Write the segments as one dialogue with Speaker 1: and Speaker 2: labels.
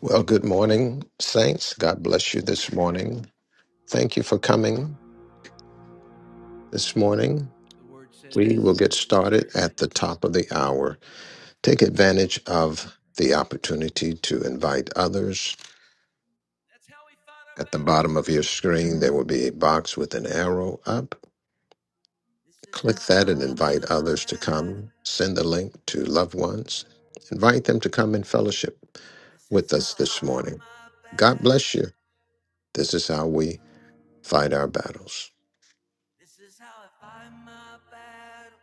Speaker 1: Well, good morning, saints. God bless you this morning. Thank you for coming this morning. We will get started at the top of the hour. Take advantage of the opportunity to invite others. At the bottom of your screen, there will be a box with an arrow up. Click that and invite others to come. Send the link to loved ones. Invite them to come in fellowship
Speaker 2: This is
Speaker 1: with
Speaker 2: how
Speaker 1: us
Speaker 2: I
Speaker 1: this
Speaker 2: fight
Speaker 1: morning.
Speaker 2: my
Speaker 1: God bless
Speaker 2: battle.
Speaker 1: you. This is how we fight our battles.
Speaker 2: This is how I fight my battle.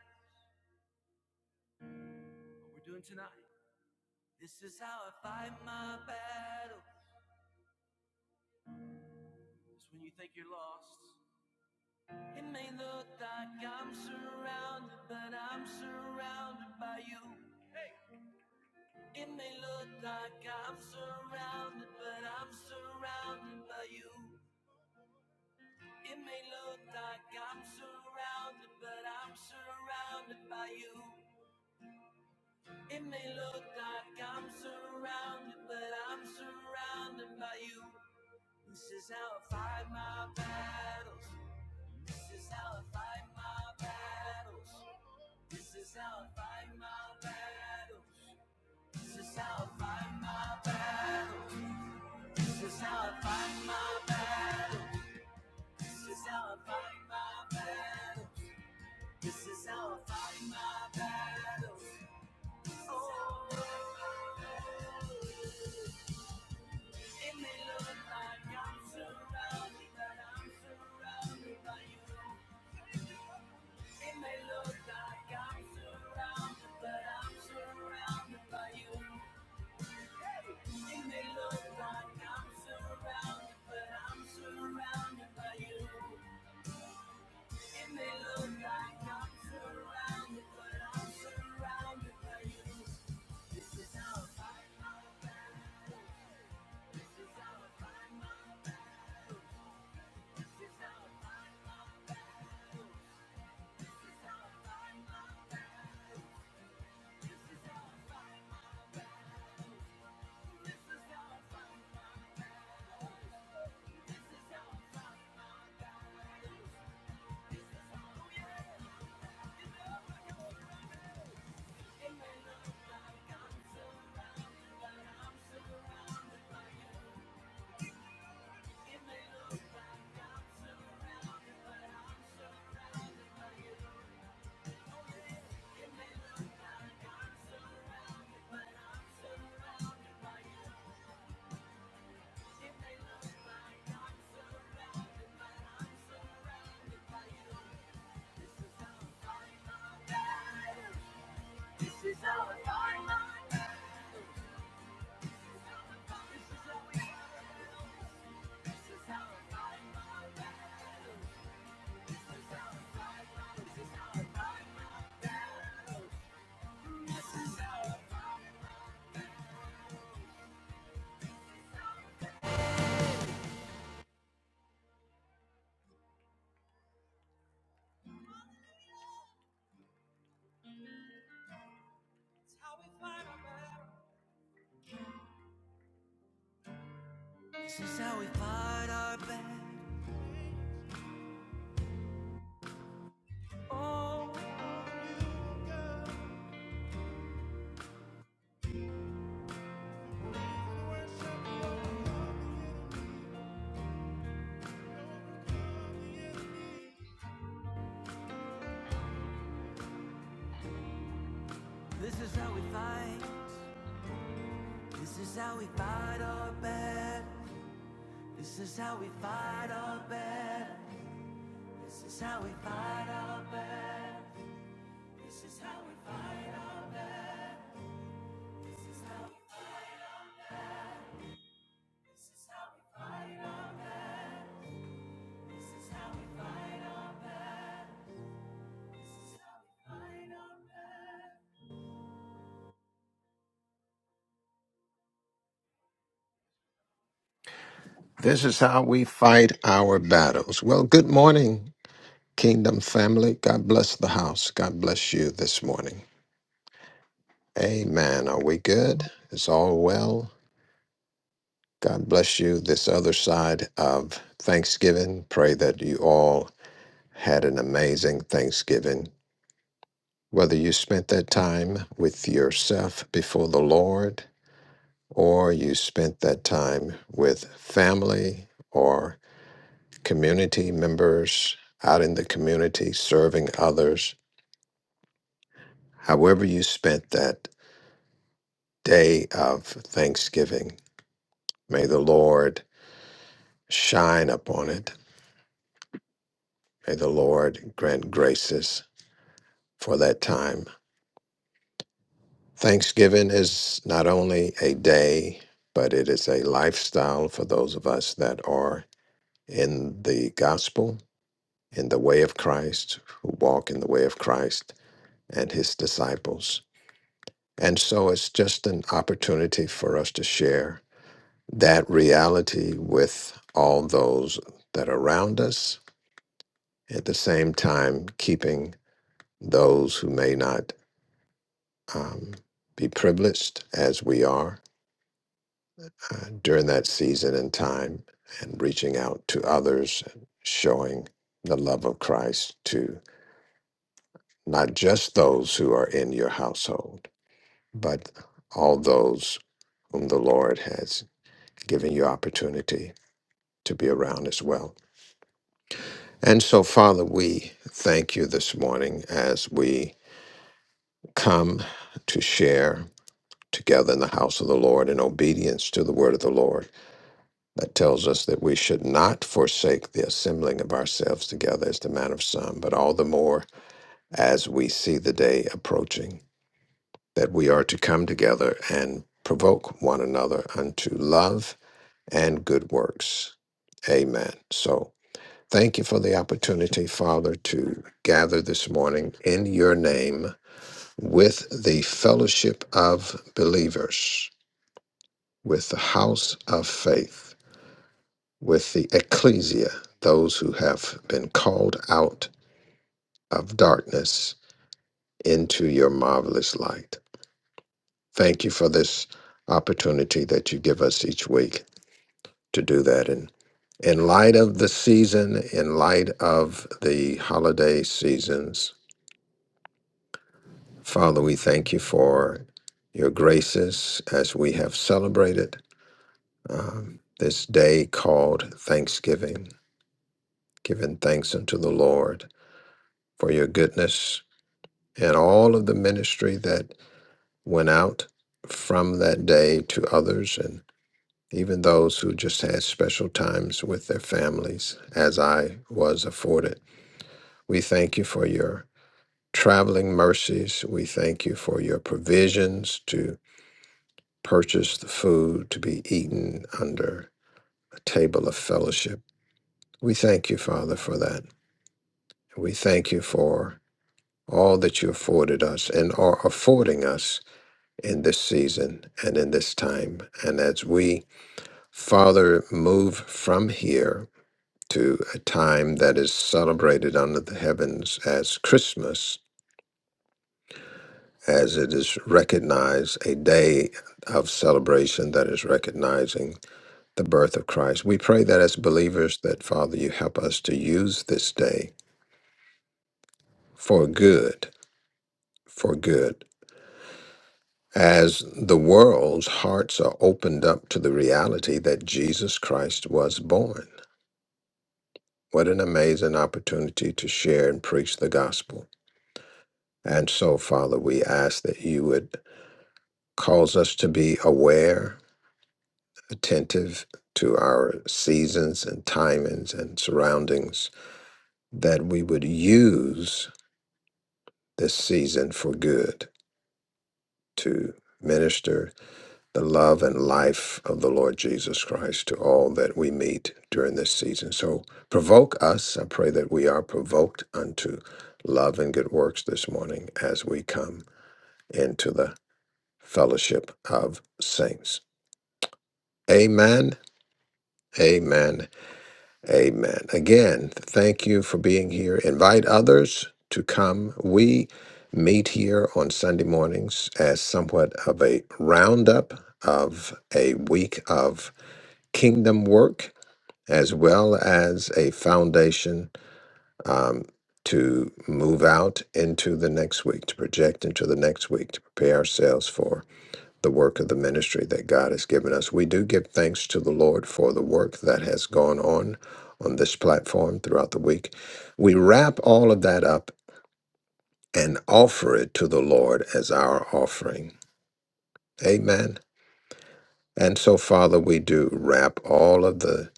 Speaker 2: What we're doing tonight. This is how I fight my battle. It's when you think you're lost. It may look like I- This is how we fight. This is how we fight our battle. This is how we fight our battle. This is how we fight our battle. This is how we fight.
Speaker 1: This is how we fight our battles. Well, good morning, Kingdom family. God bless the house. God bless you this morning. Amen. Are we good? Is all well? God bless you this other side of Thanksgiving. Pray that you all had an amazing Thanksgiving. Whether you spent that time with yourself before the Lord, or you spent that time with family, or community members, out in the community, serving others. However, you spent that day of Thanksgiving, may the Lord shine upon it. May the Lord grant graces for that time. Thanksgiving is not only a day, but it is a lifestyle for those of us that are in the gospel, in the way of Christ, who walk in the way of Christ and his disciples. And so it's just an opportunity for us to share that reality with all those that are around us, at the same time, keeping those who may not um, be privileged as we are uh, during that season and time, and reaching out to others, showing the love of Christ to not just those who are in your household, but all those whom the Lord has given you opportunity to be around as well. And so, Father, we thank you this morning as we come to share together in the house of the Lord in obedience to the word of the Lord that tells us that we should not forsake the assembling of ourselves together as the man of some, but all the more as we see the day approaching, that we are to come together and provoke one another unto love and good works. Amen. So, Thank you for the opportunity, Father, to gather this morning in your name with the fellowship of believers, with the house of faith, with the ecclesia, those who have been called out of darkness into your marvelous light. Thank you for this opportunity that you give us each week to do that. And in light of the season, in light of the holiday seasons, Father, we thank you for your graces as we have celebrated um, this day called Thanksgiving, giving thanks unto the Lord for your goodness and all of the ministry that went out from that day to others and even those who just had special times with their families, as I was afforded. We thank you for your traveling mercies. We thank you for your provisions to purchase the food to be eaten under a table of fellowship. We thank you, Father, for that. We thank you for all that you afforded us and are affording us in this season and in this time. And as we, Father, move from here to a time that is celebrated under the heavens as Christmas, as it is recognized, a day of celebration that is recognizing. the birth of Christ. We pray that as believers that Father you help us to use this day for good, for good. As the world's hearts are opened up to the reality that Jesus Christ was born. What an amazing opportunity to share and preach the gospel. And so, Father, we ask that you would cause us to be aware, attentive to our seasons and timings and surroundings, that we would use this season for good to minister the love and life of the Lord Jesus Christ to all that we meet during this season. So provoke us. I pray that we are provoked unto love and good works this morning as we come into the fellowship of saints. Amen. Amen. Amen. Again, thank you for being here. Invite others to come. We meet here on Sunday mornings as somewhat of a roundup of a week of kingdom work, as well as a foundation um, to move out into the next week, to project into the next week, to prepare ourselves for the work of the ministry that God has given us. We do give thanks to the Lord for the work that has gone on on this platform throughout the week. We wrap all of that up and offer it to the Lord as our offering. Amen. And so Father, we do wrap all of the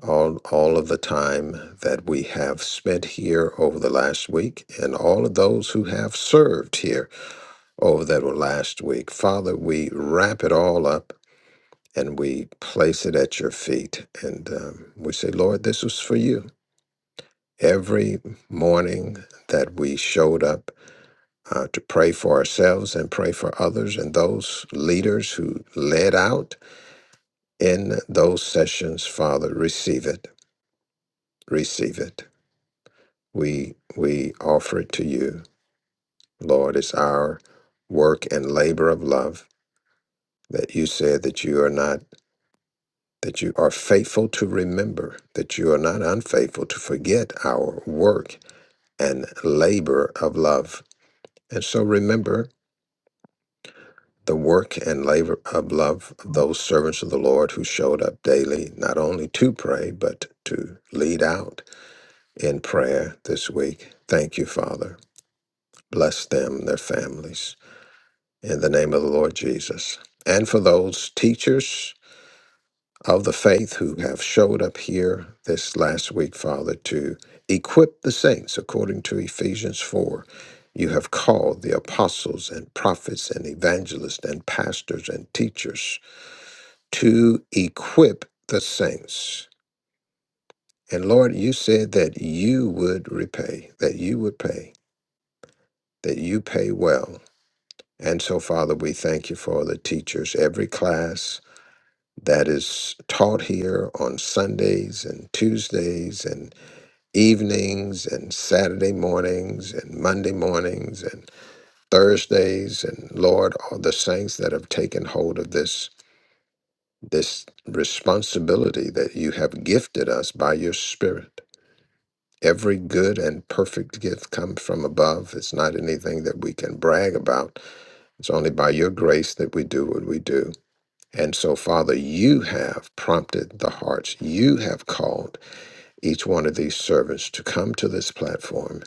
Speaker 1: all all of the time that we have spent here over the last week and all of those who have served here over that last week. Father, we wrap it all up and we place it at your feet. And um, we say, Lord, this was for you. Every morning that we showed up uh, to pray for ourselves and pray for others, and those leaders who led out in those sessions, Father, receive it, receive it. We we offer it to you, Lord. It's our work and labor of love that you said that you are not. that you are faithful to remember, that you are not unfaithful to forget our work and labor of love. And so remember the work and labor of love of those servants of the Lord who showed up daily, not only to pray, but to lead out in prayer this week. Thank you, Father. Bless them, their families, in the name of the Lord Jesus. And for those teachers, of the faith who have showed up here this last week, Father, to equip the saints according to Ephesians 4. You have called the apostles and prophets and evangelists and pastors and teachers to equip the saints. And Lord, you said that you would repay, that you would pay, that you pay well. And so, Father, we thank you for the teachers, every class that is taught here on Sundays and Tuesdays and evenings and Saturday mornings and Monday mornings and Thursdays and Lord, all the saints that have taken hold of this this responsibility that you have gifted us by your spirit. Every good and perfect gift comes from above. It's not anything that we can brag about. It's only by your grace that we do what we do. And so, Father, you have prompted the hearts. You have called each one of these servants to come to this platform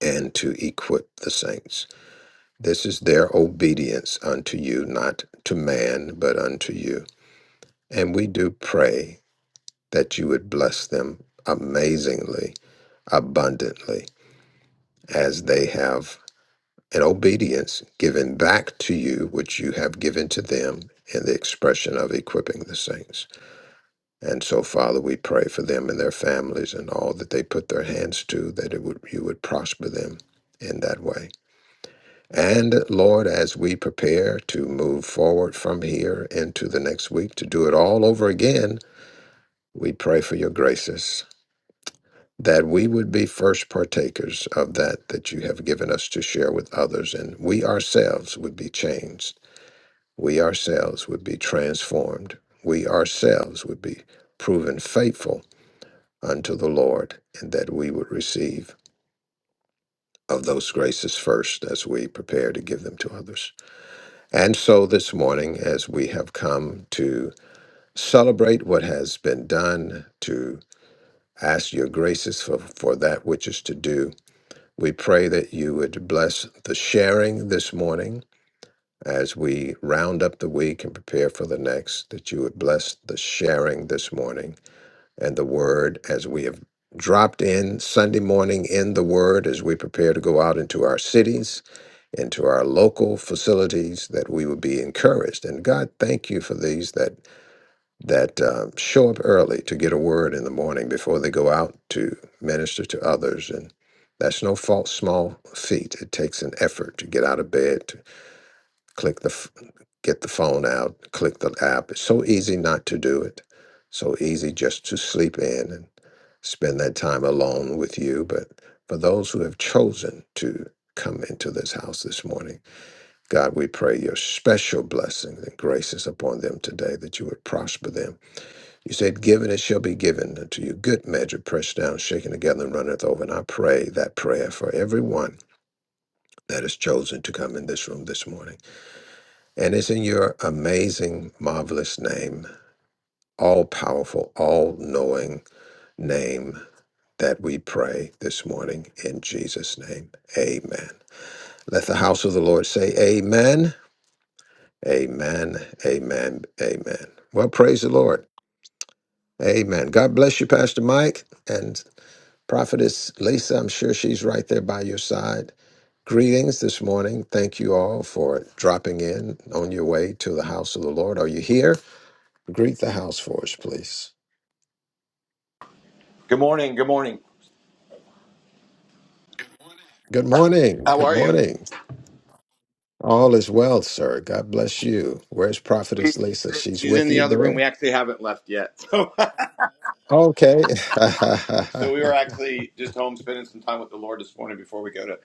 Speaker 1: and to equip the saints. This is their obedience unto you, not to man, but unto you. And we do pray that you would bless them amazingly, abundantly, as they have in obedience given back to you, which you have given to them in the expression of equipping the saints. And so, Father, we pray for them and their families and all that they put their hands to, that it would, you would prosper them in that way. And Lord, as we prepare to move forward from here into the next week to do it all over again, we pray for your graces that we would be first partakers of that that you have given us to share with others, and we ourselves would be changed. We ourselves would be transformed. We ourselves would be proven faithful unto the Lord, and that we would receive of those graces first as we prepare to give them to others. And so this morning, as we have come to celebrate what has been done, to ask your graces for, for that which is to do, we pray that you would bless the sharing this morning as we round up the week and prepare for the next, that you would bless the sharing this morning and the word as we have dropped in Sunday morning in the word as we prepare to go out into our cities into our local facilities that we would be encouraged and god thank you for these that that uh, show up early to get a word in the morning before they go out to minister to others and that's no false small feat it takes an effort to get out of bed to click the f- get the phone out click the app it's so easy not to do it so easy just to sleep in and spend that time alone with you but for those who have chosen to come into this house this morning God, we pray your special blessings and graces upon them today, that you would prosper them. You said, Given it shall be given unto you. Good measure, pressed down, shaken together, and runneth over. And I pray that prayer for everyone that is chosen to come in this room this morning. And it's in your amazing, marvelous name, all powerful, all knowing name that we pray this morning in Jesus' name. Amen. Let the house of the Lord say, Amen. Amen. Amen. Amen. Well, praise the Lord. Amen. God bless you, Pastor Mike and Prophetess Lisa. I'm sure she's right there by your side. Greetings this morning. Thank you all for dropping in on your way to the house of the Lord. Are you here? Greet the house for us, please.
Speaker 3: Good morning. Good morning.
Speaker 1: Good morning.
Speaker 3: How
Speaker 1: Good
Speaker 3: are you?
Speaker 1: morning. All is well, sir. God bless you. Where's Prophetess
Speaker 3: We-
Speaker 1: Lisa? She's
Speaker 3: She's
Speaker 1: with
Speaker 3: in the
Speaker 1: you
Speaker 3: other room.
Speaker 1: there.
Speaker 3: We actually haven't left yet. So,
Speaker 1: Okay.
Speaker 3: so we were actually just home spending some time with the Lord this morning before we go to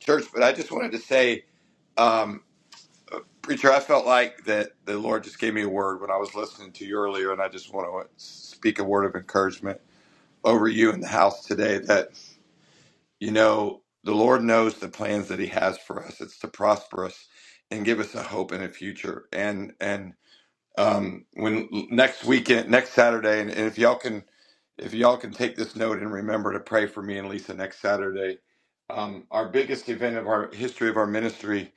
Speaker 3: church. But I just wanted to say, um, preacher, I felt like that the Lord just gave me a word when I was listening to you earlier, and I just want to speak a word of encouragement over you in the house today. That you know, the Lord knows the plans that He has for us. It's to prosper us and give us a hope and a future. And and um, when next weekend, next Saturday, and, and if y'all can, if y'all can take this note and remember to pray for me and Lisa next Saturday. Um, our biggest event of our history of our ministry,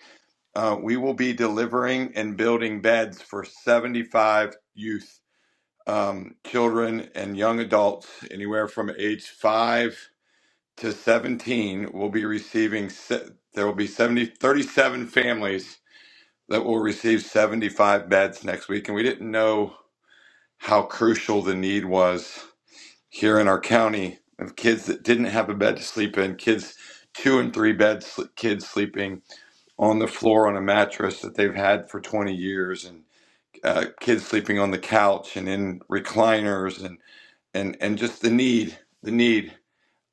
Speaker 3: uh, we will be delivering and building beds for 75 youth, um, children, and young adults, anywhere from age five to 17. Will be receiving. se- There will be 70 37 families that will receive 75 beds next week, and we didn't know how crucial the need was here in our county of kids that didn't have a bed to sleep in, kids two and three bed sl- kids sleeping on the floor on a mattress that they've had for 20 years, and uh, kids sleeping on the couch and in recliners, and and and just the need, the need.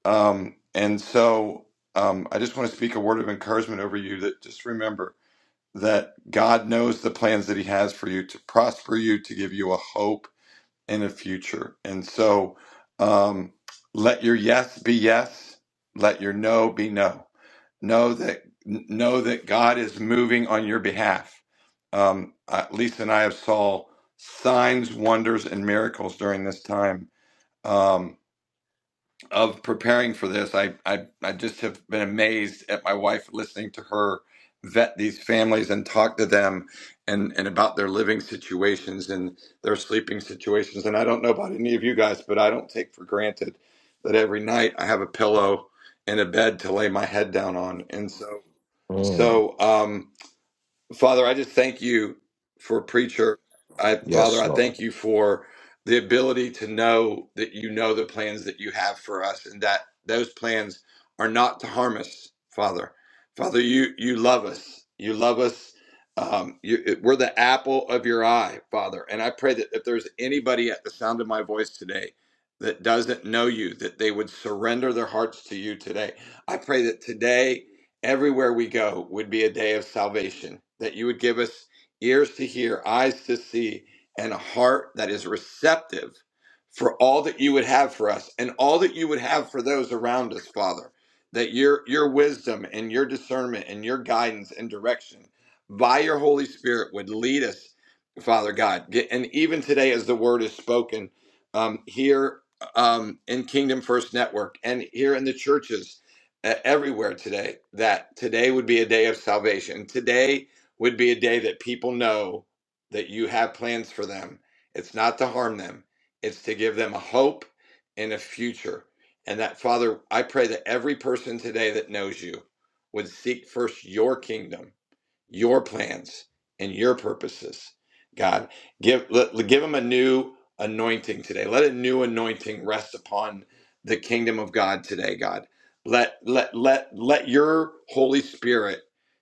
Speaker 3: Um, and so um, I just want to speak a word of encouragement over you that just remember that God knows the plans that He has for you to prosper you, to give you a hope in the future. And so um, let your yes be yes, let your no be no. Know that know that God is moving on your behalf. Um, uh, Lisa and I have saw signs, wonders, and miracles during this time. Um, of preparing for this, I, I I just have been amazed at my wife listening to her vet these families and talk to them and and about their living situations and their sleeping situations. And I don't know about any of you guys, but I don't take for granted that every night I have a pillow and a bed to lay my head down on. And so
Speaker 1: Mm.
Speaker 3: so um, Father, I just thank you for preacher. I Father,
Speaker 1: Yes,
Speaker 3: I
Speaker 1: Lord.
Speaker 3: thank you for the ability to know that you know the plans that you have for us and that those plans are not to harm us, Father. Father, you you love us. You love us. Um, you, it- we're the apple of your eye, Father. And I pray that if there's anybody at the sound of my voice today that doesn't know you, that they would surrender their hearts to you today. I pray that today everywhere we go would be a day of salvation, that you would give us ears to hear, eyes to see, and a heart that is receptive for all that you would have for us and all that you would have for those around us, Father. That your your wisdom and your discernment and your guidance and direction by your Holy Spirit would lead us, Father God. Get- And even today, as the word is spoken um, here um, in Kingdom First Network and here in the churches, uh, everywhere today that today would be a day of salvation. Today would be a day that people know that you have plans for them. It's not to harm them, it's to give them a hope and a future. And that, Father, I pray that every person today that knows you would seek first your kingdom your plans and your purposes. God, give let, give them a new anointing today. Let a new anointing rest upon the kingdom of God today, God. Let let let let your Holy Spirit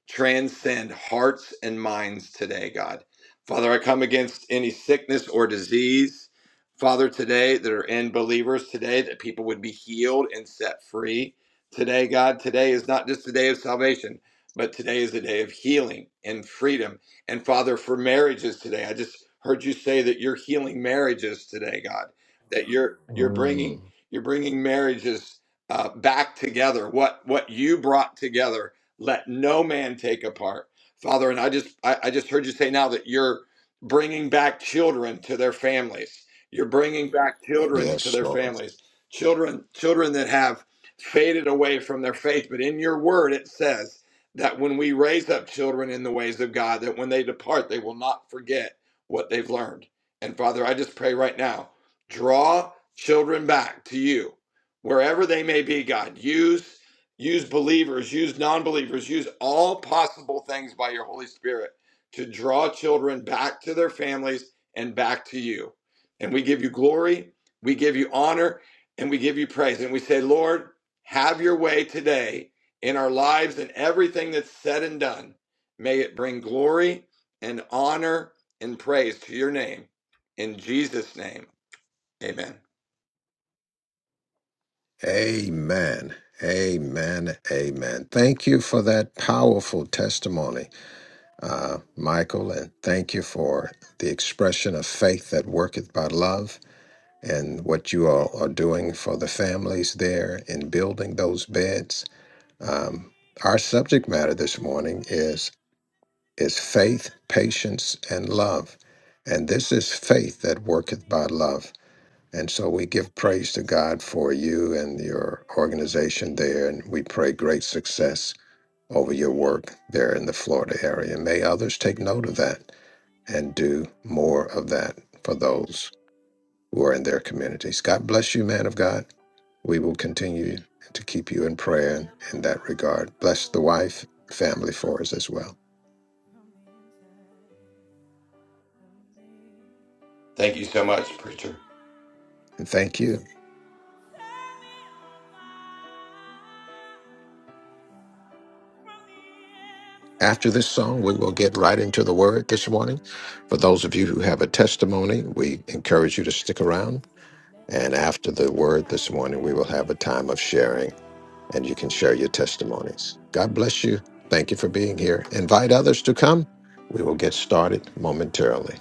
Speaker 3: transcend hearts and minds today, God. Father, I come against any sickness or disease, Father, today that are in believers today, that people would be healed and set free today, God. Today is not just a day of salvation but today is a day of healing and freedom. And Father, for marriages today, I just heard you say that you're healing marriages today, God. That you're you're
Speaker 1: Mm.
Speaker 3: bringing you're bringing marriages uh, back together. What what you brought together, let no man take apart, Father. And I just I, I just heard you say now that you're bringing back children to their families. You're bringing back children to
Speaker 1: Yes,
Speaker 3: their
Speaker 1: Lord.
Speaker 3: families. Children children that have faded away from their faith, but in your word it says that when we raise up children in the ways of God, that when they depart, they will not forget what they've learned. And Father, I just pray right now, draw children back to you, wherever they may be, God. Use use believers, use non-believers, use all possible things by your Holy Spirit to draw children back to their families and back to you. And we give you glory, we give you honor, and we give you praise. And we say, Lord, have your way today in our lives and everything that's said and done. May it bring glory and honor and praise to your name. In Jesus' name, amen.
Speaker 1: Amen. Amen. Amen. Thank you for that powerful testimony, uh, Michael, and thank you for the expression of faith that worketh by love and what you all are doing for the families there in building those beds. Um, our subject matter this morning is is faith, patience, and love. And this is faith that worketh by love. And so we give praise to God for you and your organization there, and we pray great success over your work there in the Florida area. May others take note of that and do more of that for those who are in their communities. God bless you, man of God. We will continue to keep you in prayer in that regard. Bless the wife, family for us as well.
Speaker 3: Thank you so much, preacher.
Speaker 1: And thank you. After this song, we will get right into the word this morning. For those of you who have a testimony, we encourage you to stick around. And after the word this morning, we will have a time of sharing and you can share your testimonies. God bless you. Thank you for being here. Invite others to come. We will get started momentarily.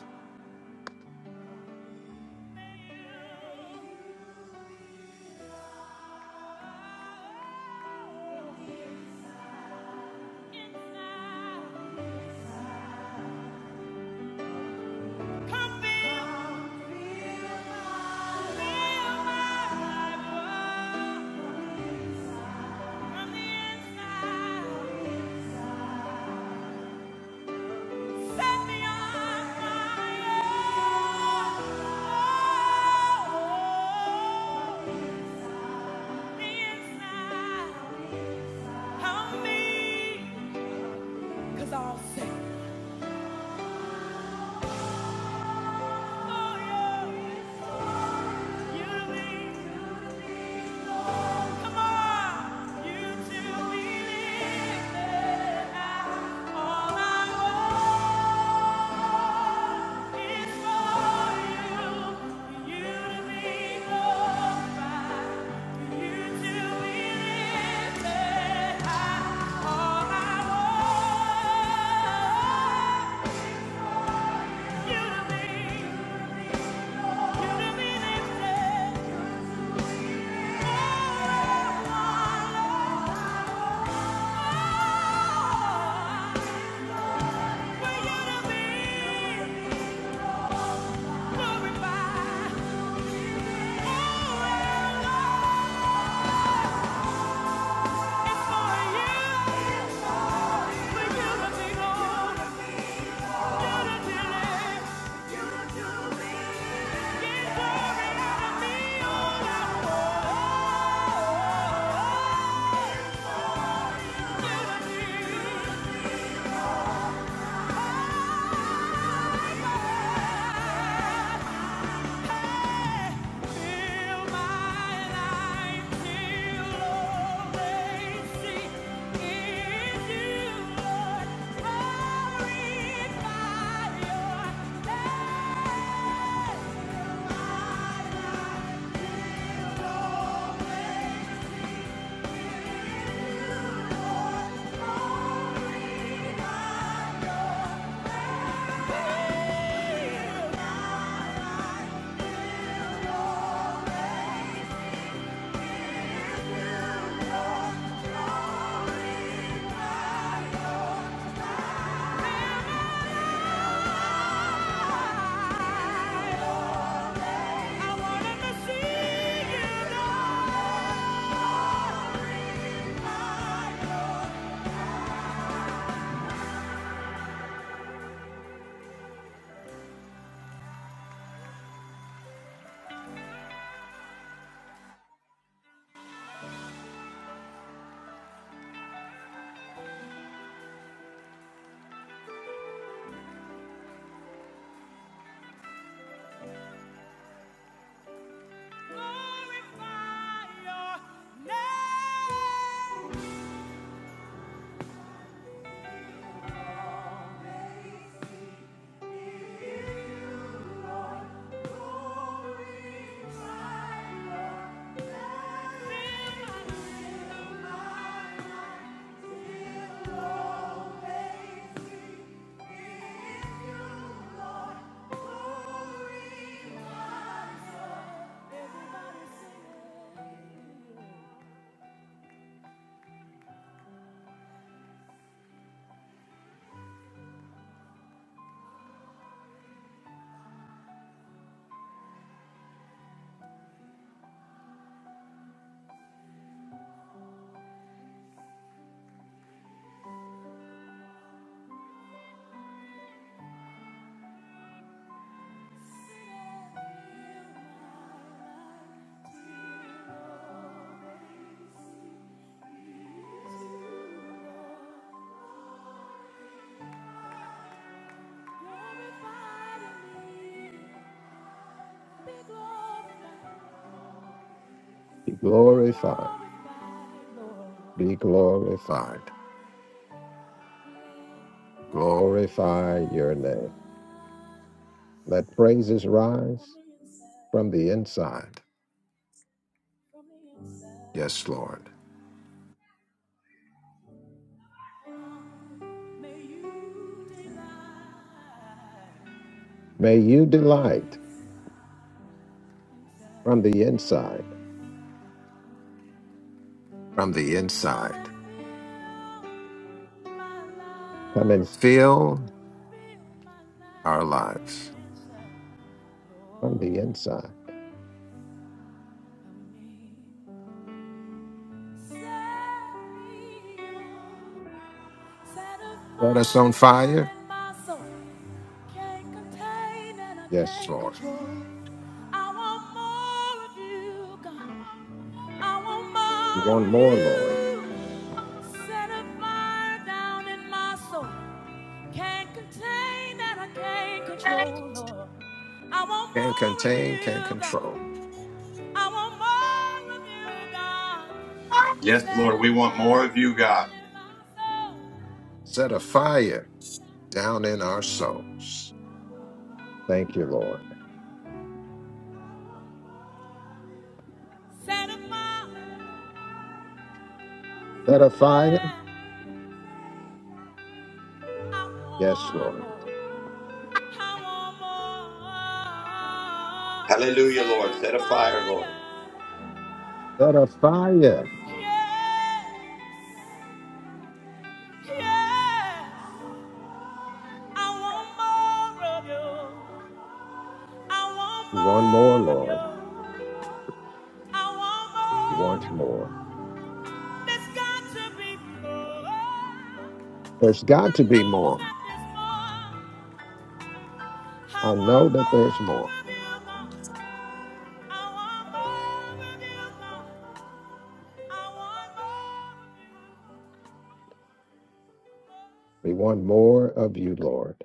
Speaker 1: Be glorified. Be glorified. Glorify your name. Let praises rise from the inside. Yes, Lord. May you delight from the inside. from the inside. Come and Fill our lives. from the inside. Set us on fire, Yes. Lord. We want more, Lord. Can contain, can control.
Speaker 3: Yes, Lord, we want more of you, God.
Speaker 1: Set a fire down in our souls. Thank you, Lord. Set a fire. Yes, Lord.
Speaker 3: Hallelujah, Lord. Set a fire, Lord.
Speaker 1: Set a fire. We want more, Lord. We want more. There's got to be Be more. I know that there's more. We want more of you, Lord.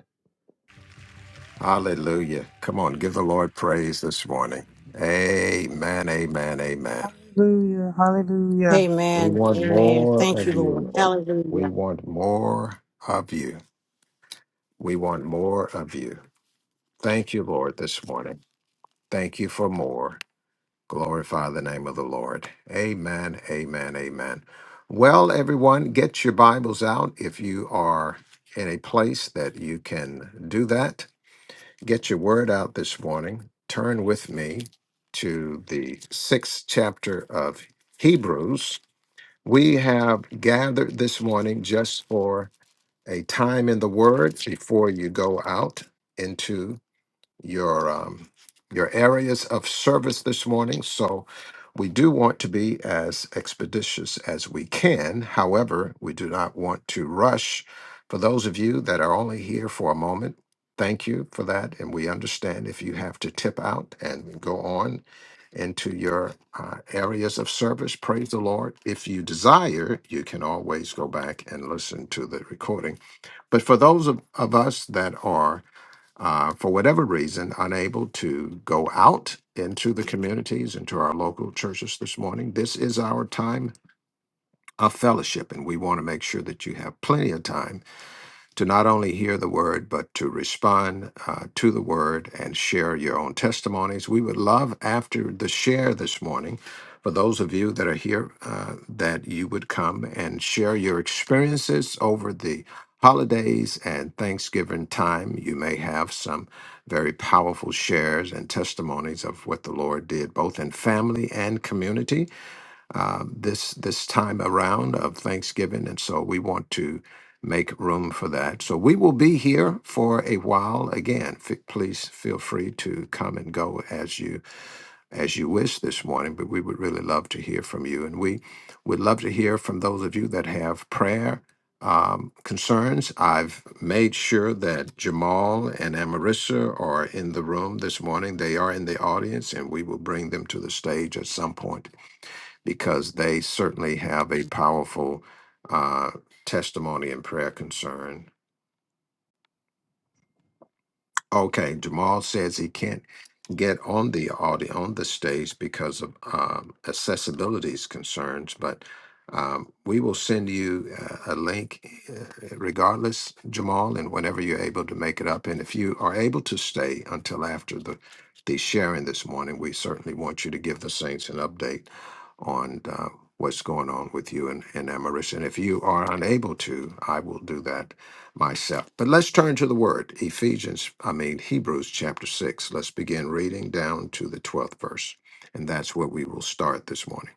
Speaker 1: Hallelujah. Come on, give the Lord praise this morning. Amen, amen, amen.
Speaker 4: Hallelujah. Hallelujah.
Speaker 1: We
Speaker 5: Amen.
Speaker 1: want
Speaker 5: Amen.
Speaker 1: more
Speaker 5: Thank you,
Speaker 1: of
Speaker 5: Lord.
Speaker 1: you. Lord.
Speaker 5: Hallelujah.
Speaker 1: We want more of you. We want more of you. Thank you, Lord, this morning. Thank you for more. Glorify the name of the Lord. Amen, amen, amen. Well, everyone, get your Bibles out if you are in a place that you can do that get your word out this morning, turn with me to the sixth chapter of Hebrews. We have gathered this morning just for a time in the Word before you go out into your um, your areas of service this morning. So we do want to be as expeditious as we can. However, we do not want to rush. For those of you that are only here for a moment, thank you for that, and we understand if you have to tip out and go on into your uh, areas of service. Praise the Lord. If you desire, you can always go back and listen to the recording. But for those of, of us that are uh, for whatever reason, unable to go out into the communities, into our local churches this morning, this is our time of fellowship, and we want to make sure that you have plenty of time to not only hear the word, but to respond uh, to the word and share your own testimonies. We would love after the share this morning, for those of you that are here, uh, that you would come and share your experiences over the holidays and Thanksgiving time. You may have some very powerful shares and testimonies of what the Lord did, both in family and community um, this this time around of Thanksgiving, and so we want to make room for that. So we will be here for a while. Again, f- please feel free to come and go as you as you wish this morning. But we would really love to hear from you, and we would love to hear from those of you that have prayer. Um, concerns. I've made sure that Jamal and Amarissa are in the room this morning. They are in the audience, and we will bring them to the stage at some point because they certainly have a powerful uh, testimony and prayer concern Okay, Jamal says he can't get on the audio on the stage because of um, accessibility concerns, but um, we will send you uh, a link uh, regardless, Jamal, and whenever you're able to make it up. And if you are able to stay until after the, the sharing this morning, we certainly want you to give the Saints an update on uh, what's going on with you and, and Amaris. And if you are unable to, I will do that myself. But let's turn to the word, Ephesians, I mean, Hebrews chapter 6. Let's begin reading down to the 12th verse. And that's where we will start this morning.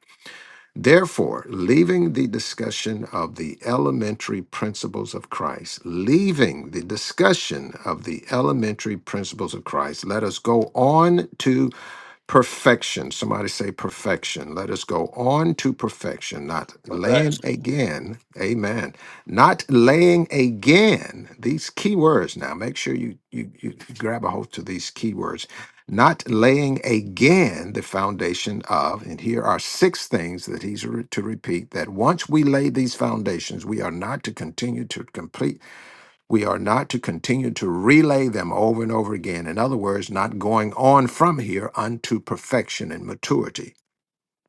Speaker 1: Therefore, leaving the discussion of the elementary principles of Christ, leaving the discussion of the elementary principles of Christ, let us go on to perfection. Somebody say perfection. Let us go on to perfection, not
Speaker 3: Perfect.
Speaker 1: laying again. Amen. Not laying again. These key words now. Make sure you you, you grab a hold to these key words not laying again the foundation of, and here are six things that he's re- to repeat that once we lay these foundations, we are not to continue to complete, we are not to continue to relay them over and over again. In other words, not going on from here unto perfection and maturity.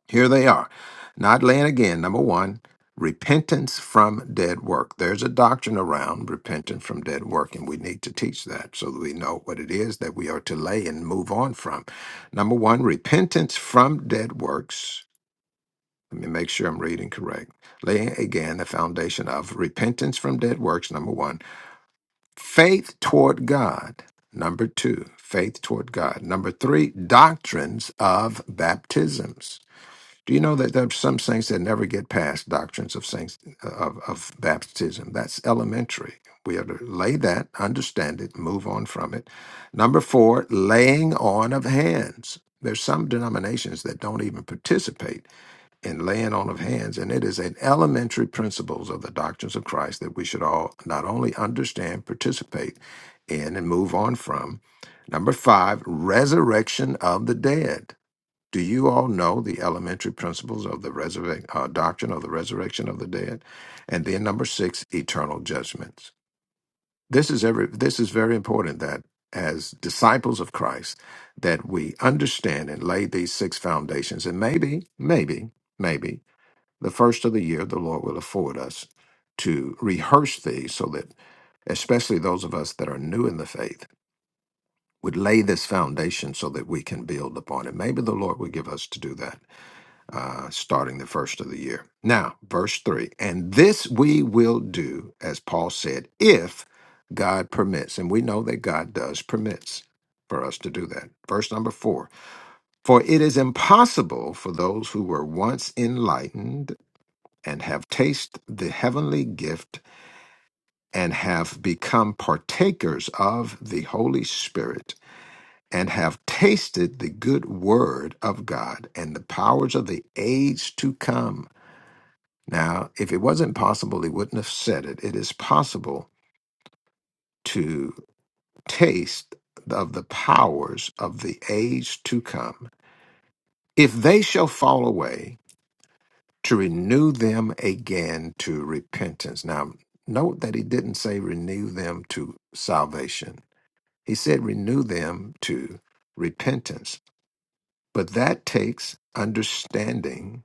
Speaker 1: Here they are. Not laying again. Number one, repentance from dead work. There's a doctrine around repentance from dead work, and we need to teach that so that we know what it is that we are to lay and move on from. Number one, repentance from dead works. Let me make sure I'm reading correct. Laying again the foundation of repentance from dead works, number one. Faith toward God, number two. Faith toward God. Number three, doctrines of baptisms. Do you know that there are some saints that never get past doctrines of saints uh, of, of baptism? That's elementary. We have to lay that, understand it, move on from it. Number four, laying on of hands. There's some denominations that don't even participate in laying on of hands, and it is an elementary principles of the doctrines of Christ that we should all not only understand, participate in, and move on from. Number five, resurrection of the dead. Do you all know the elementary principles of the resurrec- uh, doctrine of the resurrection of the dead? And then number six, eternal judgments. This is every. This is very important that as disciples of Christ, that we understand and lay these six foundations. And maybe, maybe, maybe the first of the year, the Lord will afford us to rehearse these, so that especially those of us that are new in the faith would lay this foundation so that we can build upon it. Maybe the Lord would give us to do that uh, starting the first of the year. Now, verse 3 and this we will do, as Paul said, if God permits. And we know that God does permits for us to do that. Verse number 4 For it is impossible for those who were once enlightened and have tasted the heavenly gift and have become partakers of the Holy Spirit. And have tasted the good word of God and the powers of the age to come Now, if it wasn't possible, he wouldn't have said it. It is possible to taste of the powers of the age to come. If they shall fall away, to renew them again to repentance. Now, note that he didn't say renew them to salvation, he said renew them to repentance. But that takes understanding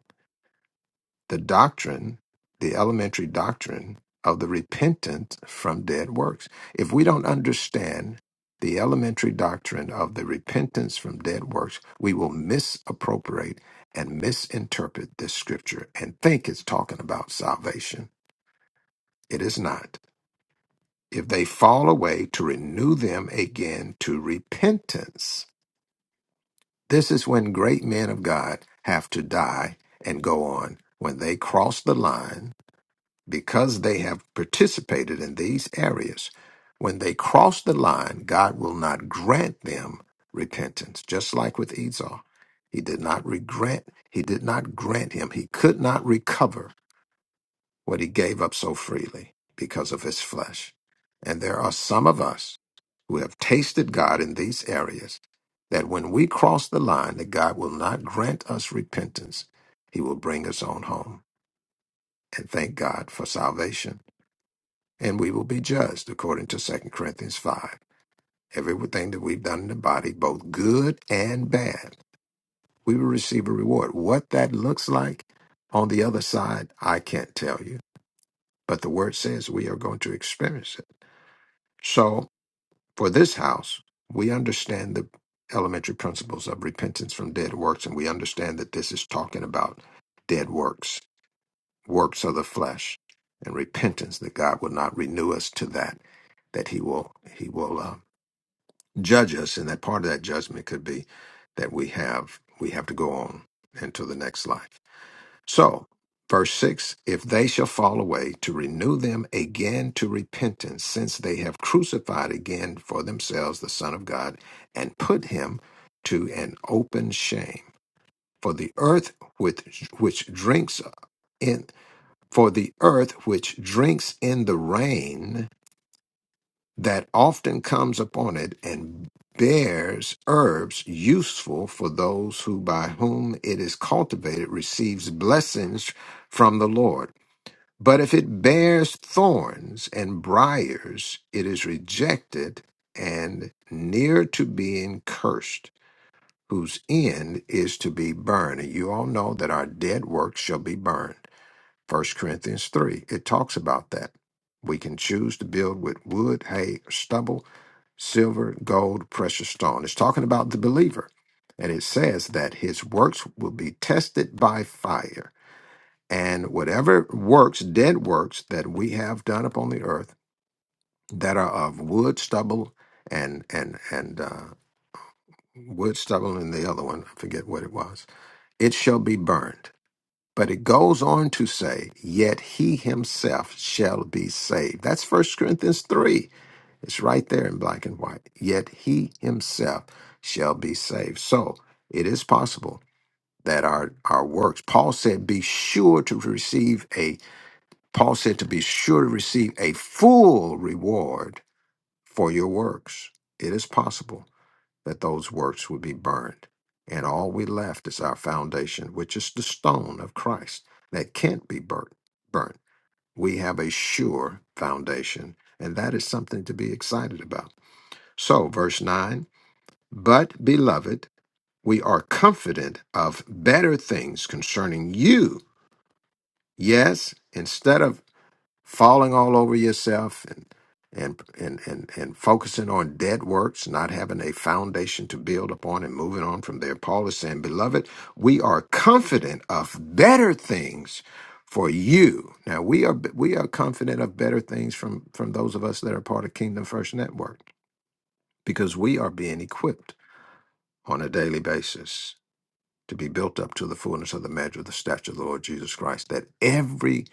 Speaker 1: the doctrine, the elementary doctrine of the repentance from dead works. If we don't understand the elementary doctrine of the repentance from dead works, we will misappropriate and misinterpret this scripture and think it's talking about salvation. It is not. If they fall away, to renew them again to repentance. This is when great men of God have to die and go on. When they cross the line, Because they have participated in these areas, when they cross the line, God will not grant them repentance. Just like with Esau, he did not regret; he did not grant him, he could not recover what he gave up so freely because of his flesh. And there are some of us who have tasted God in these areas that when we cross the line, that God will not grant us repentance. He will bring us on home. And thank God for salvation and we will be judged according to Second Corinthians 5. Everything that we've done in the body, both good and bad, we will receive a reward. What that looks like on the other side, I can't tell you, but the word says we are going to experience it. So for this house, we understand the elementary principles of repentance from dead works, and we understand that this is talking about dead works, works of the flesh, and repentance that God will not renew us to that, that He will, He will. Uh, judge us, and that part of that judgment could be that we have we have to go on into the next life. So, verse six: If they shall fall away, to renew them again to repentance, since they have crucified again for themselves the Son of God, and put him to an open shame. For the earth which which drinks in for the earth which drinks in the rain that often comes upon it and bears herbs useful for those who by whom it is cultivated receives blessings from the Lord. But if it bears thorns and briars, it is rejected and near to being cursed, whose end is to be burned. And you all know that our dead works shall be burned. First Corinthians 3, it talks about that. We can choose to build with wood, hay, or stubble silver, gold, precious stone. It's talking about the believer. And it says that his works will be tested by fire. And whatever works, dead works that we have done upon the earth that are of wood, stubble, and and and uh, wood, stubble, and the other one, I forget what it was, it shall be burned. But it goes on to say, yet he himself shall be saved. That's First Corinthians 3 It's right there in black and white. Yet he himself shall be saved. So it is possible that our, our works, Paul said, be sure to receive a, Paul said to be sure to receive a full reward for your works. It is possible that those works would be burned. And all we left is our foundation, which is the stone of Christ that can't be burnt. burnt. We have a sure foundation, and that is something to be excited about. So, verse 9, but beloved, we are confident of better things concerning you. Yes, instead of falling all over yourself and and and and, and focusing on dead works, not having a foundation to build upon and moving on from there, Paul is saying, Beloved, we are confident of better things for you. Now we are we are confident of better things from from those of us that are part of Kingdom First Network because we are being equipped. on a daily basis to be built up to the fullness of the measure of the stature of the Lord Jesus Christ, that every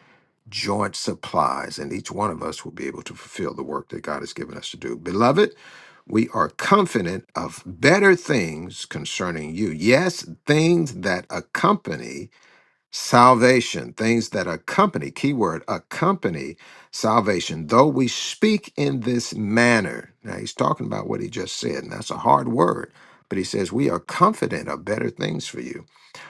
Speaker 1: joint supplies and each one of us will be able to fulfill the work that God has given us to do. Beloved, we are confident of better things concerning you. Yes, things that accompany salvation, things that accompany, keyword, accompany salvation, though we speak in this manner. Now, he's talking about what he just said, and that's a hard word, but he says, We are confident of better things for you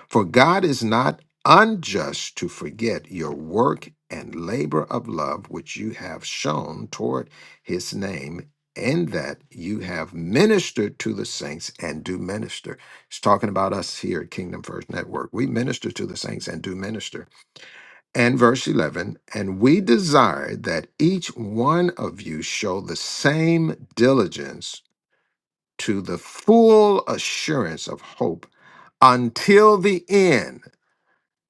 Speaker 1: for God is not unjust to forget your work and labor of love which you have shown toward his name, in that you have ministered to the saints and do minister. He's talking about us here at Kingdom First Network. We minister to the saints and do minister. And verse 11, and we desire that each one of you show the same diligence to the full assurance of hope until the end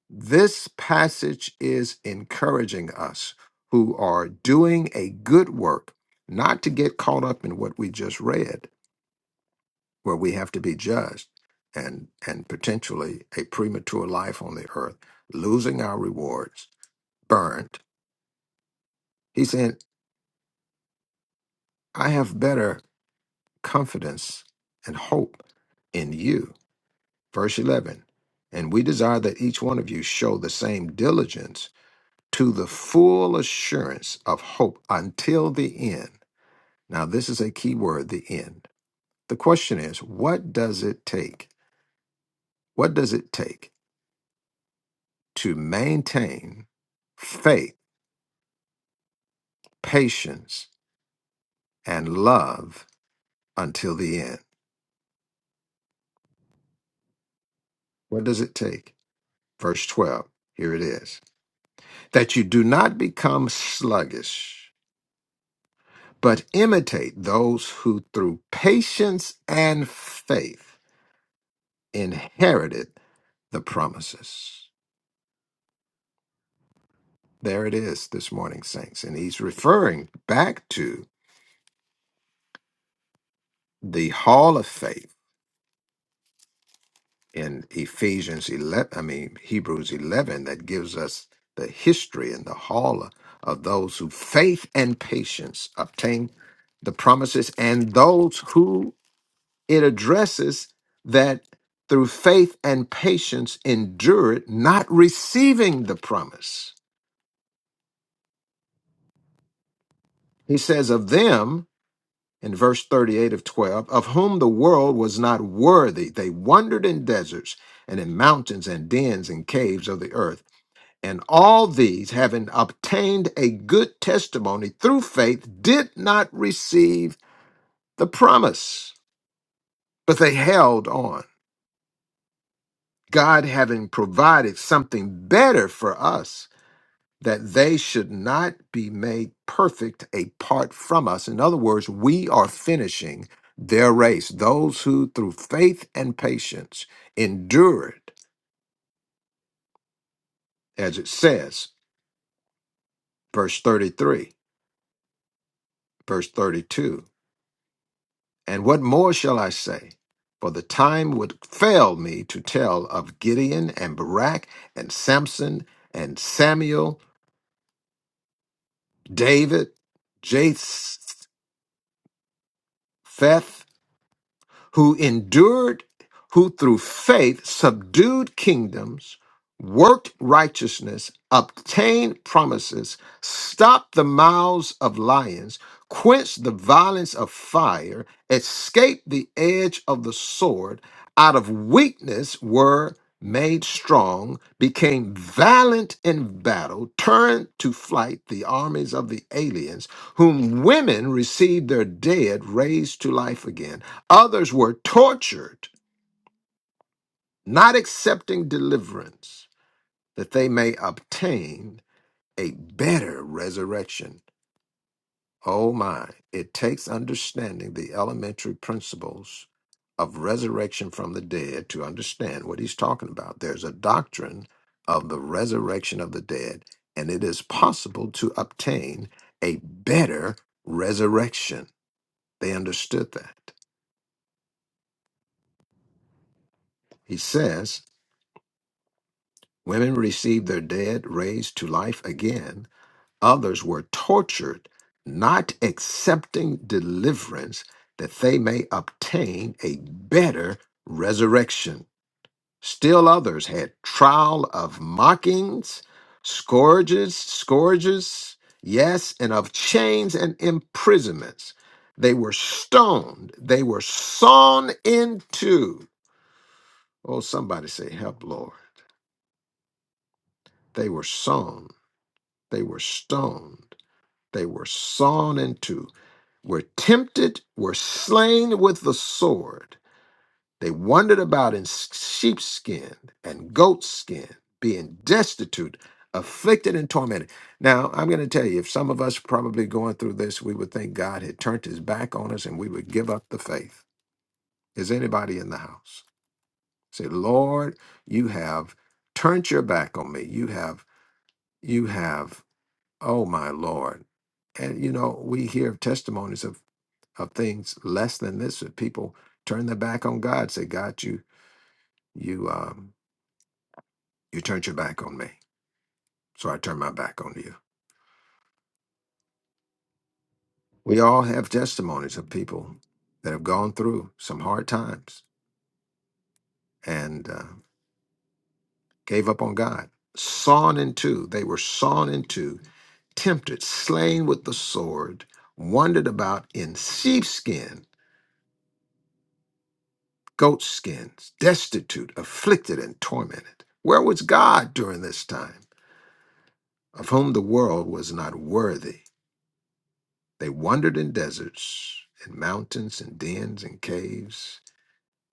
Speaker 1: this passage is encouraging us who are doing a good work not to get caught up in what we just read, where we have to be judged and, and potentially a premature life on the earth, losing our rewards, burnt. He said, I have better confidence and hope in you. Verse 11, and we desire that each one of you show the same diligence to the full assurance of hope until the end. Now, this is a key word the end. The question is what does it take? What does it take to maintain faith, patience, and love until the end? What does it take? Verse 12, here it is that you do not become sluggish, but imitate those who through patience and faith inherited the promises. There it is this morning, saints. And he's referring back to the hall of faith in Ephesians 11, I mean, Hebrews 11, that gives us the history and the hall of those who faith and patience obtain the promises and those who it addresses that through faith and patience endure it, not receiving the promise. He says of them, in verse 38 of 12, of whom the world was not worthy. They wandered in deserts and in mountains and dens and caves of the earth. And all these, having obtained a good testimony through faith, did not receive the promise, but they held on. God having provided something better for us that they should not be made perfect apart from us. In other words, we are finishing their race, those who through faith and patience endured, as it says, verse 33, verse 32. And what more shall I say? For the time would fail me to tell of Gideon and Barak and Samson and Samuel, David, Japheth, who endured, who through faith subdued kingdoms, worked righteousness, obtained promises, stopped the mouths of lions, quenched the violence of fire, escaped the edge of the sword, out of weakness were made strong, became valiant in battle, turned to flight the armies of the aliens, whom women received their dead raised to life again Others were tortured, not accepting deliverance, that they may obtain a better resurrection. Oh my, it takes understanding the elementary principles of resurrection from the dead to understand what he's talking about. There's a doctrine of the resurrection of the dead, and it is possible to obtain a better resurrection. They understood that. He says, Women received their dead raised to life again. Others were tortured, not accepting deliverance that they may obtain a better resurrection. Still others had trial of mockings, scourges, scourges, yes, and of chains and imprisonments. They were stoned, they were sawn in two. Oh, somebody say, Help, Lord. They were sawn They were stoned. They were sawn in two, were tempted, were slain with the sword. They wandered about in sheepskin and goatskin, being destitute, afflicted, and tormented. Now, I'm going to tell you, if some of us probably going through this, we would think God had turned his back on us and we would give up the faith. Is anybody in the house? Say, Lord, you have turned your back on me. You have, you have Oh my Lord. And you know, we hear of testimonies of of things less than this that people turn their back on God, say, God, you you um you turned your back on me. So I turn my back on you. We all have testimonies of people that have gone through some hard times and uh, gave up on God. Sawn in two, they were sawn in two, tempted, slain with the sword, wandered about in sheepskin goat skins, destitute, afflicted, and tormented. Where was God during this time, of whom the world was not worthy? They wandered in deserts, in mountains, in dens, and caves,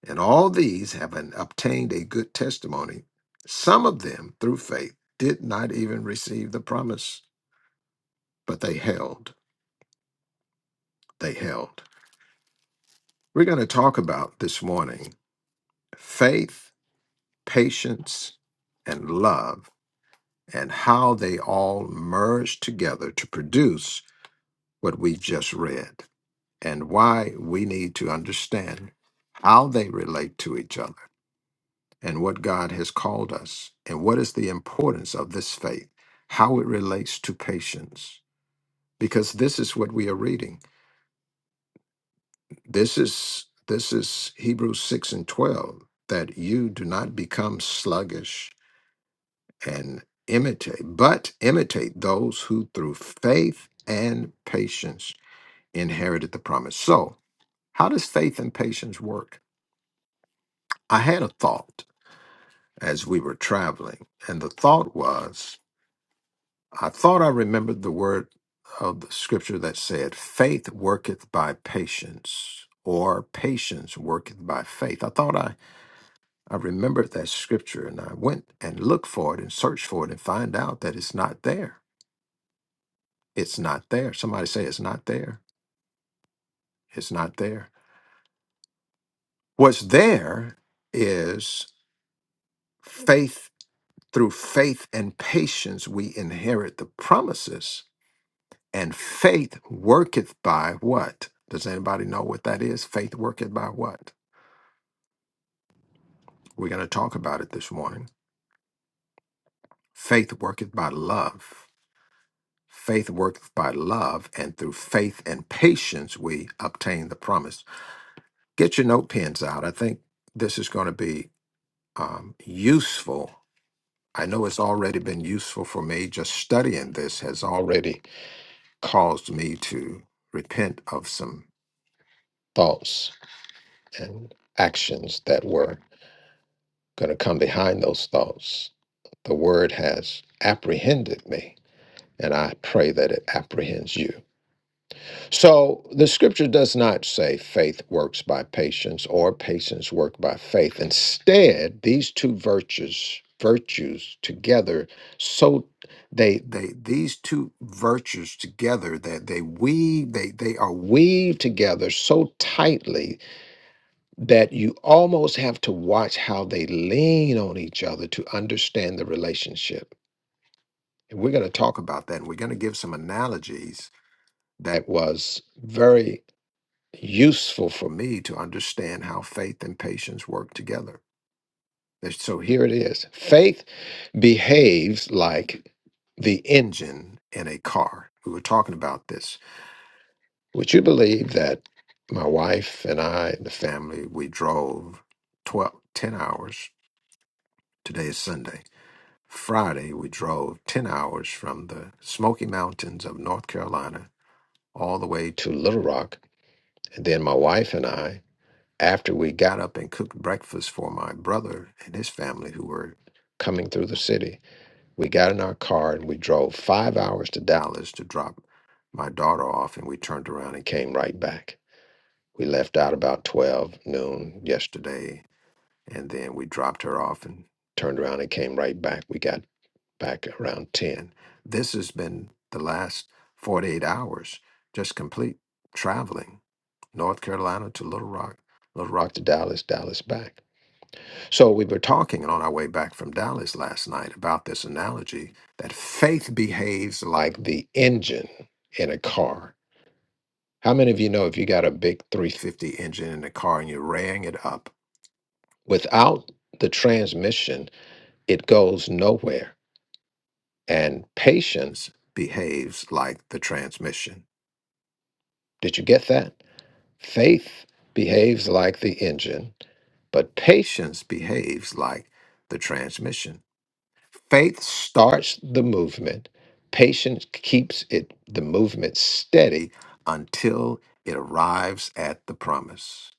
Speaker 1: and all these, having obtained a good testimony, some of them, through faith, did not even receive the promise, but they held. They held. We're going to talk about this morning faith, patience, and love and how they all merge together to produce what we've just read and why we need to understand how they relate to each other and what God has called us and what is the importance of this faith, how it relates to patience, because this is what we are reading. This is this is Hebrews 6 and 12 that you do not become sluggish and imitate, but imitate those who through faith and patience inherited the promise. So, how does faith and patience work? I had a thought as we were traveling, and the thought was I thought I remembered the word of the scripture that said, Faith worketh by patience, or patience worketh by faith. I thought I, I remembered that scripture, and I went and looked for it and searched for it and find out that it's not there. It's not there. Somebody say it's not there. It's not there. What's there is faith. Through faith and patience, we inherit the promises. And faith worketh by what? Does anybody know what that is? Faith worketh by what? We're going to talk about it this morning. Faith worketh by love. Faith worketh by love, and through faith and patience, we obtain the promise. Get your note pens out. I think this is going to be um, useful. I know it's already been useful for me. Just studying this has already caused me to repent of some thoughts and actions that were going to come behind those thoughts. The word has apprehended me, and I pray that it apprehends you. So the scripture does not say faith works by patience or patience work by faith. Instead, these two virtues virtues together so they they these two virtues together that they weave they they are weaved together so tightly that you almost have to watch how they lean on each other to understand the relationship and we're going to talk about that we're going to give some analogies that was very useful for me to understand how faith and patience work together. There's- So here it is faith behaves like the engine in a car. We were talking about this. Would you believe that my wife and I and the family, we drove 12, 10 hours? Today is Sunday. Friday, we drove 10 hours from the Smoky Mountains of North Carolina all the way to Little Rock. And then my wife and I after we got up and cooked breakfast for my brother and his family who were coming through the city, we got in our car and we drove five hours to Dallas to drop my daughter off, and we turned around and came right back. We left out about 12 noon yesterday, and then we dropped her off and turned around and came right back. We got back around 10. This has been the last 48 hours, just complete traveling North Carolina to Little Rock, Little Rock to Dallas, Dallas back. So we were talking on our way back from Dallas last night about this analogy that faith behaves like the engine in a car. How many of you know if you got a big 350 engine in a car and you're raying it up, without the transmission, it goes nowhere. And patience behaves like the transmission. Did you get that? Faith behaves like the engine But patience behaves like the transmission. Faith starts the movement, patience keeps it the movement steady until it arrives at the promise.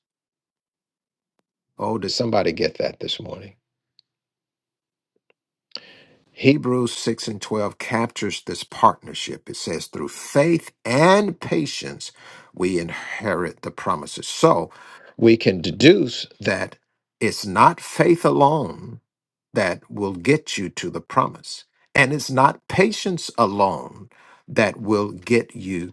Speaker 1: Oh, did somebody get that this morning? Hebrews 6 and 12 captures this partnership. It says, through faith and patience, we inherit the promises. So we can deduce that it's not faith alone that will get you to the promise, and it's not patience alone that will get you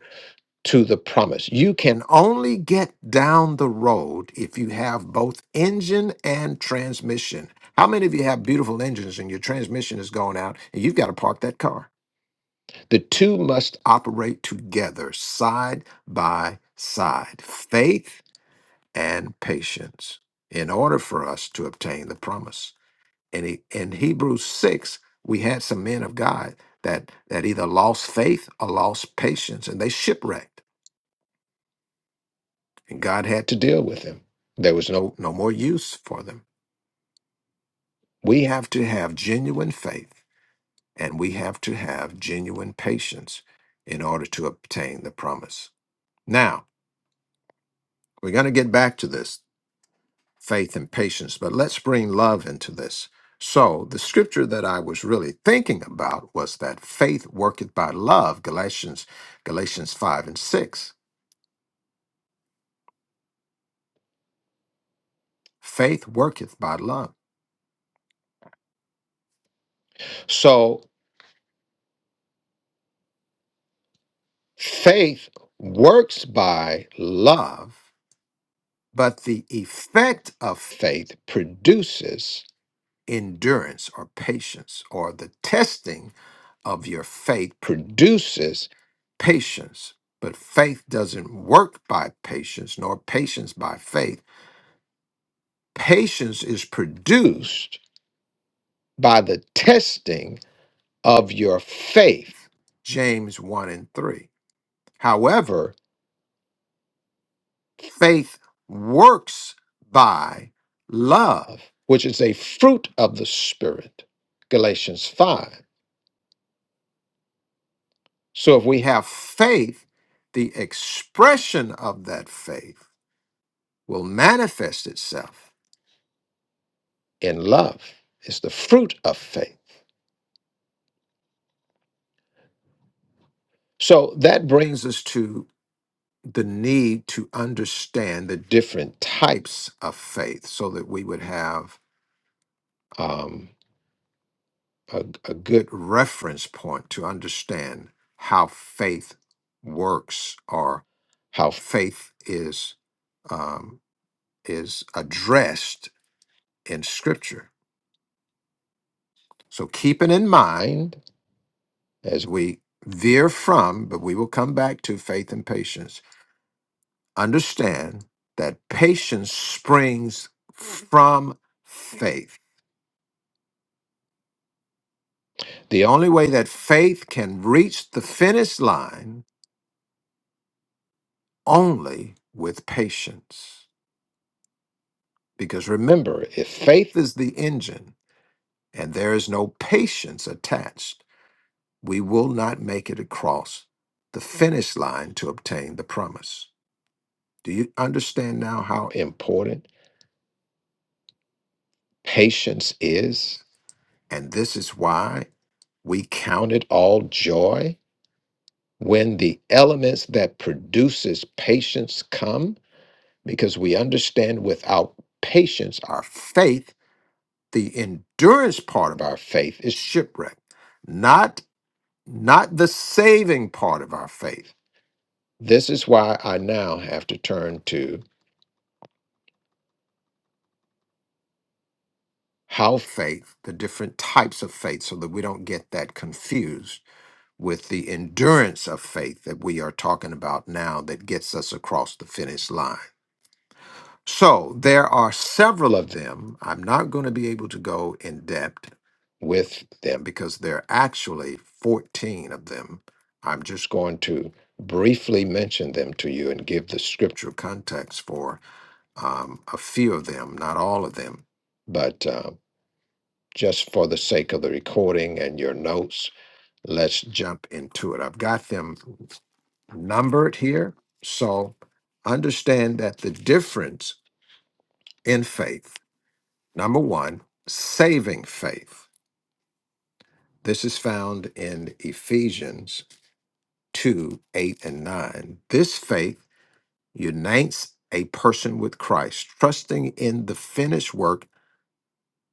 Speaker 1: to the promise. You can only get down the road if you have both engine and transmission. How many of you have beautiful engines and your transmission is going out and you've got to park that car? The two must operate together, side by side, faith and patience, in order for us to obtain the promise. And he- in Hebrews 6, we had some men of God that, that either lost faith or lost patience and they shipwrecked and God had to deal with them. There was no no more use for them. We have to have genuine faith and we have to have genuine patience in order to obtain the promise. Now, we're going to get back to this faith and patience, but let's bring love into this. So, the scripture that I was really thinking about was that faith worketh by love, Galatians Galatians 5 and 6. Faith worketh by love. So, Faith works by Love, but the effect of faith produces endurance or patience or the testing of your faith produces patience. But faith doesn't work by patience, nor patience by faith. Patience is produced, by the testing of your faith. James 1 and 3. However, Faith works by love, which is a fruit of the Spirit. Galatians 5. So if we have faith, the expression of that faith will manifest itself in love. It's the fruit of faith. So that brings us to the need to understand the different types of faith so that we would have. um, a, a good reference point to understand how faith works or how faith is um, is addressed in Scripture. So keeping in mind as we veer from, but we will come back to faith and patience. Understand that patience springs from faith. The only way that faith can reach the finish line only with patience. Because remember, if faith is the engine and there is no patience attached, we will not make it across the finish line to obtain the promise. Do you understand now how important patience is? And this is why we count it all joy when the elements that produces patience come because we understand without patience our faith the endurance part of our faith is shipwreck not not the saving part of our faith this is why i now have to turn to how faith the different types of faith so that we don't get that confused with the endurance of faith that we are talking about now that gets us across the finish line So there are several of them. I'm not going to be able to go in depth with them because there are actually 14 of them. I'm just going to briefly mention them to you and give the scriptural context for um, a few of them, not all of them. But uh, just for the sake of the recording and your notes, let's jump into it. I've got them numbered here. So understand that the difference in faith. Number one, saving faith. This is found in Ephesians 2 8 and 9. This faith unites a person with Christ, trusting in the finished work.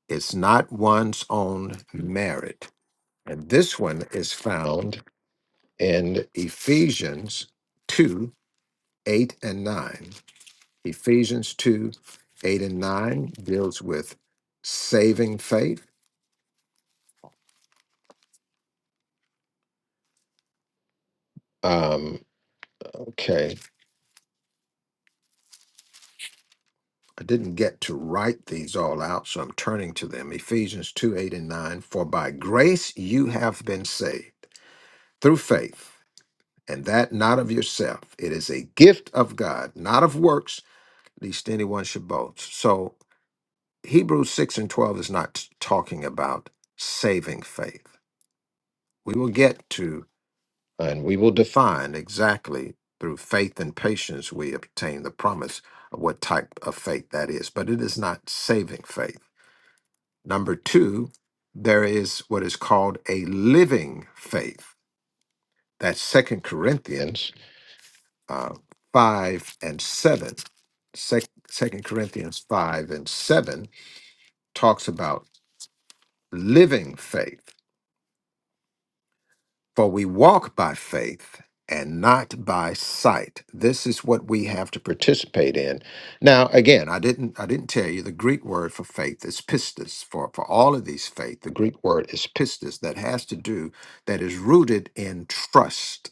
Speaker 1: It's not one's own merit. And this one is found in Ephesians 2 8 and 9. Ephesians 2 8 and 9 deals with saving faith. Um, okay. I didn't get to write these all out, so I'm turning to them. Ephesians 2 8 and 9. For by grace you have been saved through faith, and that not of yourself. It is a gift of God, not of works, lest anyone should boast. So Hebrews 6 and 12 is not talking about saving faith. We will get to and we will define exactly through faith and patience we obtain the promise of what type of faith that is, but it is not saving faith. Number two, there is what is called a living faith. That's Second Corinthians uh, 5 and 7. Sec- 2 Corinthians 5 and 7 talks about living faith. For we walk by faith and not by sight. This is what we have to participate in. Now, again, I didn't I didn't tell you the Greek word for faith is pistis. For for all of these faith, the Greek word is pistis that has to do that is rooted in trust,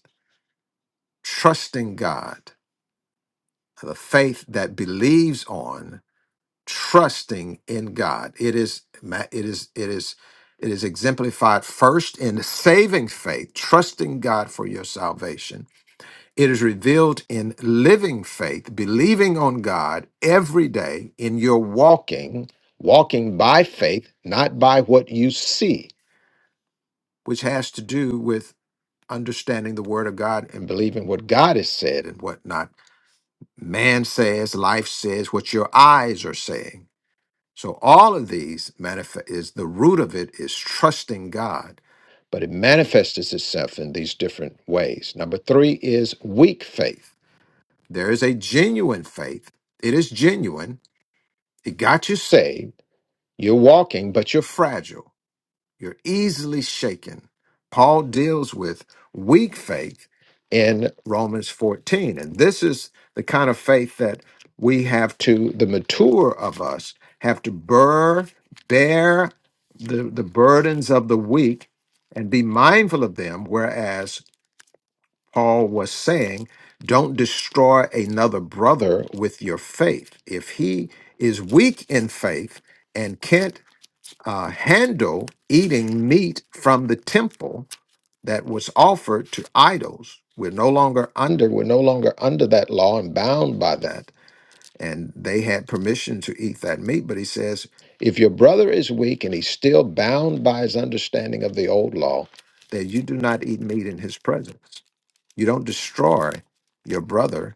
Speaker 1: trusting God. The faith that believes on trusting in God. It is ma- it is it is it is exemplified first in saving faith, trusting God for your salvation it is revealed in living faith, believing on God every day in your walking, walking by faith, not by what you see, which has to do with understanding the Word of God and believing what God has said and what not man says, life says, what your eyes are saying. So all of these manifest is the root of it is trusting God, but it manifests itself in these different ways. Number three is weak faith there is a genuine faith. It is genuine. It got you saved. You're walking, but you're fragile. You're easily shaken. Paul deals with weak faith in Romans 14. And this is the kind of faith that we have to, the mature of us, have to bear, bear the, the burdens of the weak and be mindful of them, whereas Paul was saying, don't destroy another brother with your faith. If he is weak in faith and can't uh, handle eating meat from the temple that was offered to idols, we're no longer under we're no longer under that law and bound by that. And they had permission to eat that meat, but he says, if your brother is weak and he's still bound by his understanding of the old law, then you do not eat meat in his presence. You don't destroy your brother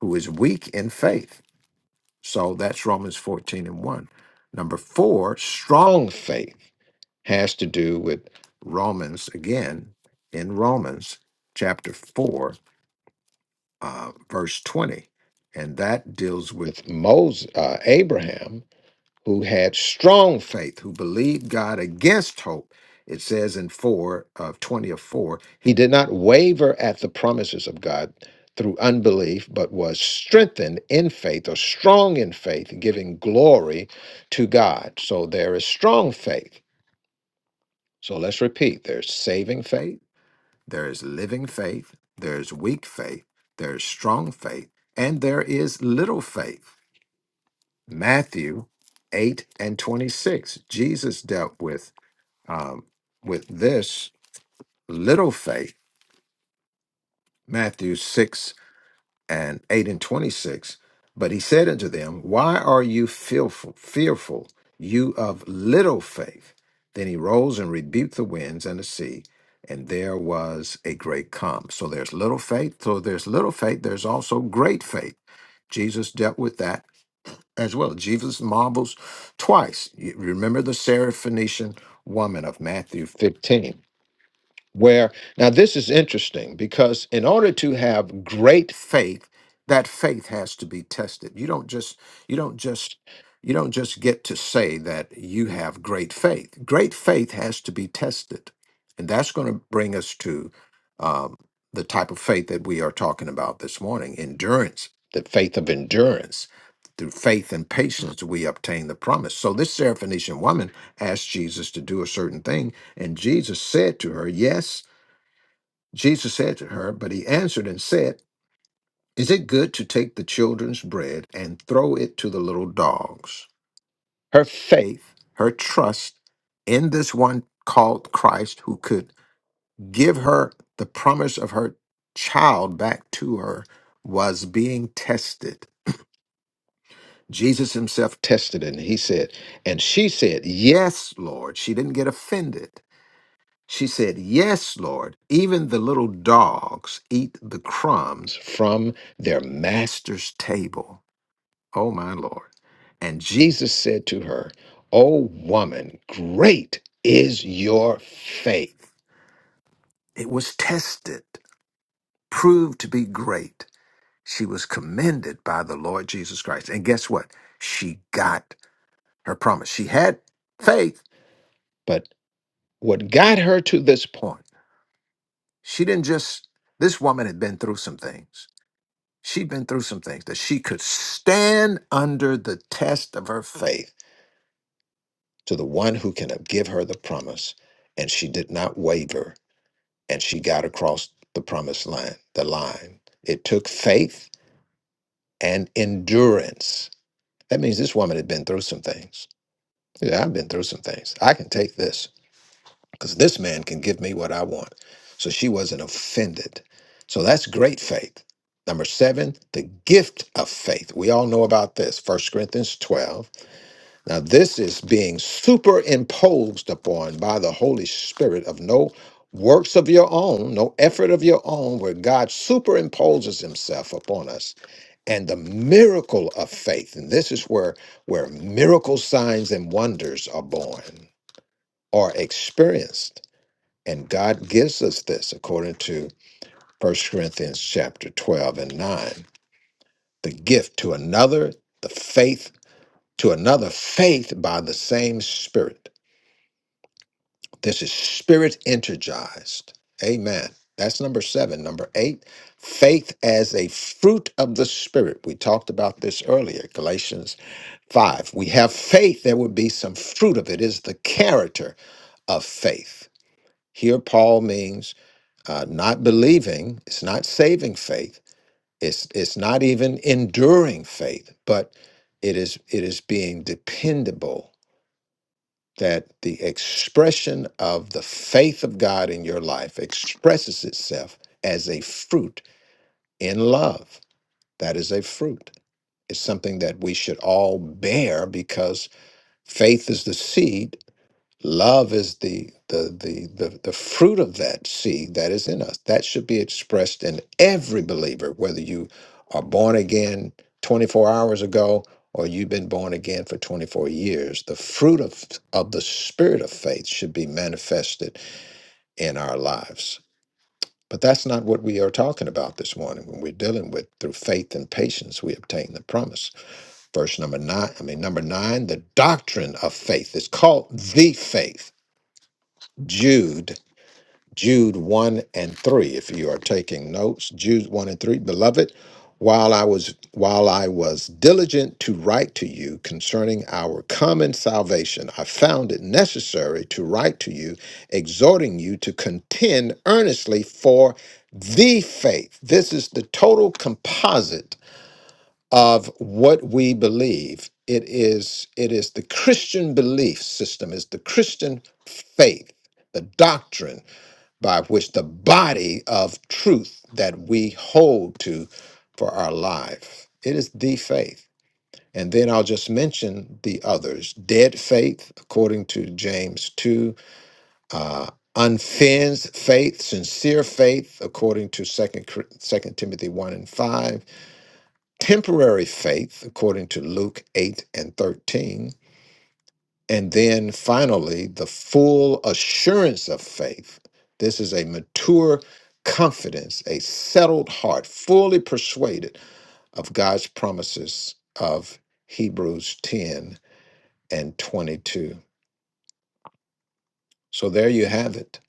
Speaker 1: who is weak in faith. So that's Romans 14 and 1. Number four, strong faith has to do with Romans again in Romans chapter 4, uh, verse 20. And that deals with Moses, uh, Abraham who had strong faith, who believed God against hope. It says in 4 of 20 of 4, he did not waver at the promises of God through unbelief, but was strengthened in faith or strong in faith, giving glory to God. So there is strong faith. So let's repeat there's saving faith, there is living faith, there's weak faith, there's strong faith, and there is little faith. Matthew 8 and 26. Jesus dealt with um, with this little faith, Matthew 6 and 8 and 26. But he said unto them, Why are you fearful, fearful, you of little faith? Then he rose and rebuked the winds and the sea, and there was a great calm. So there's little faith. So there's little faith. There's also great faith. Jesus dealt with that as well. Jesus marvels twice. You remember the Syrophoenician woman of Matthew 15 where now this is interesting because in order to have great faith that faith has to be tested you don't just you don't just you don't just get to say that you have great faith great faith has to be tested and that's going to bring us to um, the type of faith that we are talking about this morning endurance the faith of endurance through faith and patience we obtain the promise so this Seraphonician woman asked jesus to do a certain thing and Jesus said to her, Yes, Jesus said to her, but he answered and said, Is it good to take the children's bread and throw it to the little dogs? Her faith, her trust in this one called Christ who could give her the promise of her child back to her was being tested. Jesus himself tested it, and he said, and she said, Yes, Lord. She didn't get offended. She said, Yes, Lord, even the little dogs eat the crumbs from their master's table. Oh, my Lord. And Jesus said to her, O woman, great is your faith. It was tested, proved to be great. She was commended by the Lord Jesus Christ. And guess what? She got her promise. She had faith, but what got her to this point? She didn't just, this woman had been through some things. She'd been through some things that she could stand under the test of her faith to the one who can give her the promise. And she did not waver and she got across the promised line, the line. It took faith and endurance. That means this woman had been through some things. Yeah, I've been through some things. I can take this. because this man can give me what I want. So she wasn't offended. So that's great faith. Number seven, the gift of faith. We all know about this, First Corinthians 12. Now, this is being superimposed upon by the Holy Spirit of no works of your own, no effort of your own, where God superimposes himself upon us. And the miracle of faith. And this is where, where miracle signs and wonders are born or experienced. And God gives us this according to First Corinthians chapter 12 and 9. The gift to another, the faith to another, faith by the same Spirit. This is spirit energized. Amen. That's number seven. Number eight, faith as a fruit of the Spirit. We talked about this earlier, Galatians 5. We have faith, there would be some fruit of it, It is the character of faith. Here, Paul means uh, not believing. It's not saving faith. It's it's not even enduring faith. But it is it is being dependable that the expression of the faith of God in your life expresses itself as a fruit in love. That is a fruit. It's something that we should all bear because faith is the seed Love is the the the the, the fruit of that seed that is in us. That should be expressed in every believer, whether you are born again 24 hours ago or you've been born again for 24 years. The fruit of of the spirit of faith should be manifested in our lives. But that's not what we are talking about this morning when we're dealing with through faith and patience we obtain the promise. Verse number 9, I mean number 9, the doctrine of faith is called the faith. Jude Jude 1 and 3 if you are taking notes Jude 1 and 3 beloved while I was while I was diligent to write to you concerning our common salvation I found it necessary to write to you exhorting you to contend earnestly for the faith this is the total composite of what we believe it is it is the Christian belief system is the Christian faith the doctrine by which the body of truth that we hold to for our life. It is the faith. And then I'll just mention the others dead faith, according to James 2, uh, unfenced faith, sincere faith, according to Second Cor- Timothy 1 and 5, temporary faith, according to Luke 8 and 13, and then finally, the full assurance of faith. This is a mature confidence, a settled heart, fully persuaded of God's promises of Hebrews 10 and 22. So there you have it.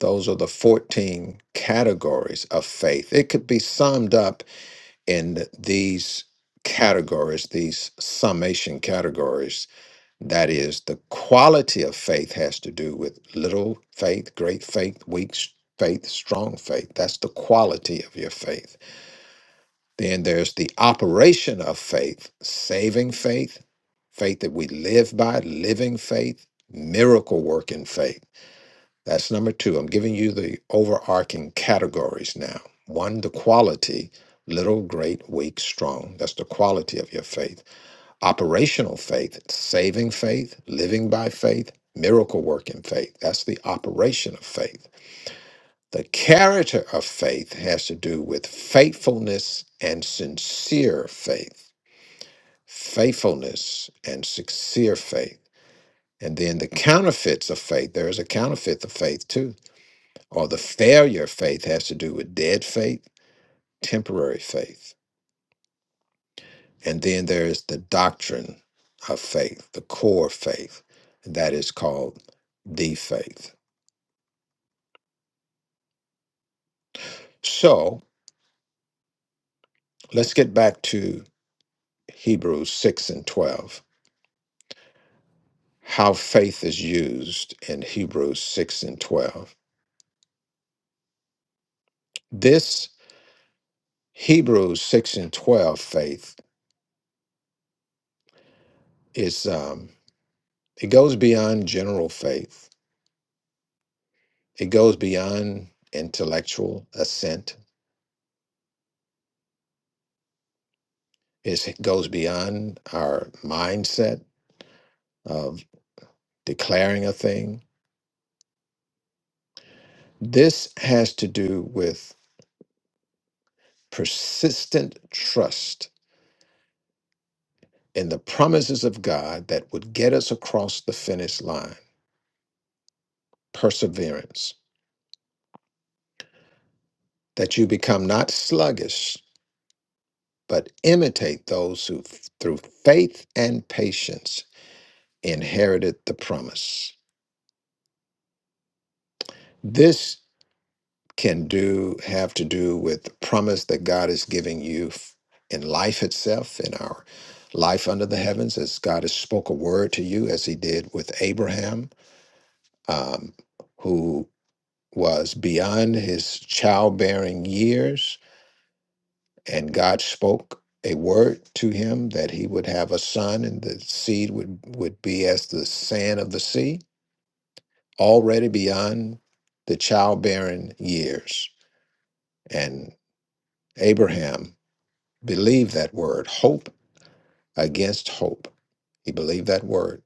Speaker 1: Those are the 14 categories of faith. It could be summed up in these categories, these summation categories That is, the quality of faith has to do with little faith, great faith, weak s- faith, strong faith. That's the quality of your faith. Then there's the operation of faith, saving faith, faith that we live by, living faith, miracle working faith. That's number two. I'm giving you the overarching categories now. One, the quality, little, great, weak, strong. That's the quality of your faith. Operational faith, saving faith, living by faith, miracle working faith. That's the operation of faith. The character of faith has to do with faithfulness and sincere faith. Faithfulness and sincere faith. And then the counterfeits of faith, there is a counterfeit of faith too. Or the failure of faith has to do with dead faith, temporary faith And then there's the doctrine of faith, the core faith, that is called the faith. So let's get back to Hebrews 6 and 12, how faith is used in Hebrews 6 and 12. This Hebrews 6 and 12 faith is, um, it goes beyond general faith, it goes beyond intellectual assent, It's- it goes beyond our mindset of. declaring a thing. This has to do with persistent trust in the promises of God that would get us across the finish line, perseverance, that you become not sluggish, but imitate those who, through faith and patience, inherited the promise. This can do have to do with the promise that God is giving you f- in life itself, in our life under the heavens, as God has spoke a word to you, as He did with Abraham, um, who was beyond his childbearing years, and God spoke a word to him that he would have a son, and the seed would would be as the sand of the sea, already beyond the childbearing years, and Abraham Believe that word, hope against hope. He believed that word.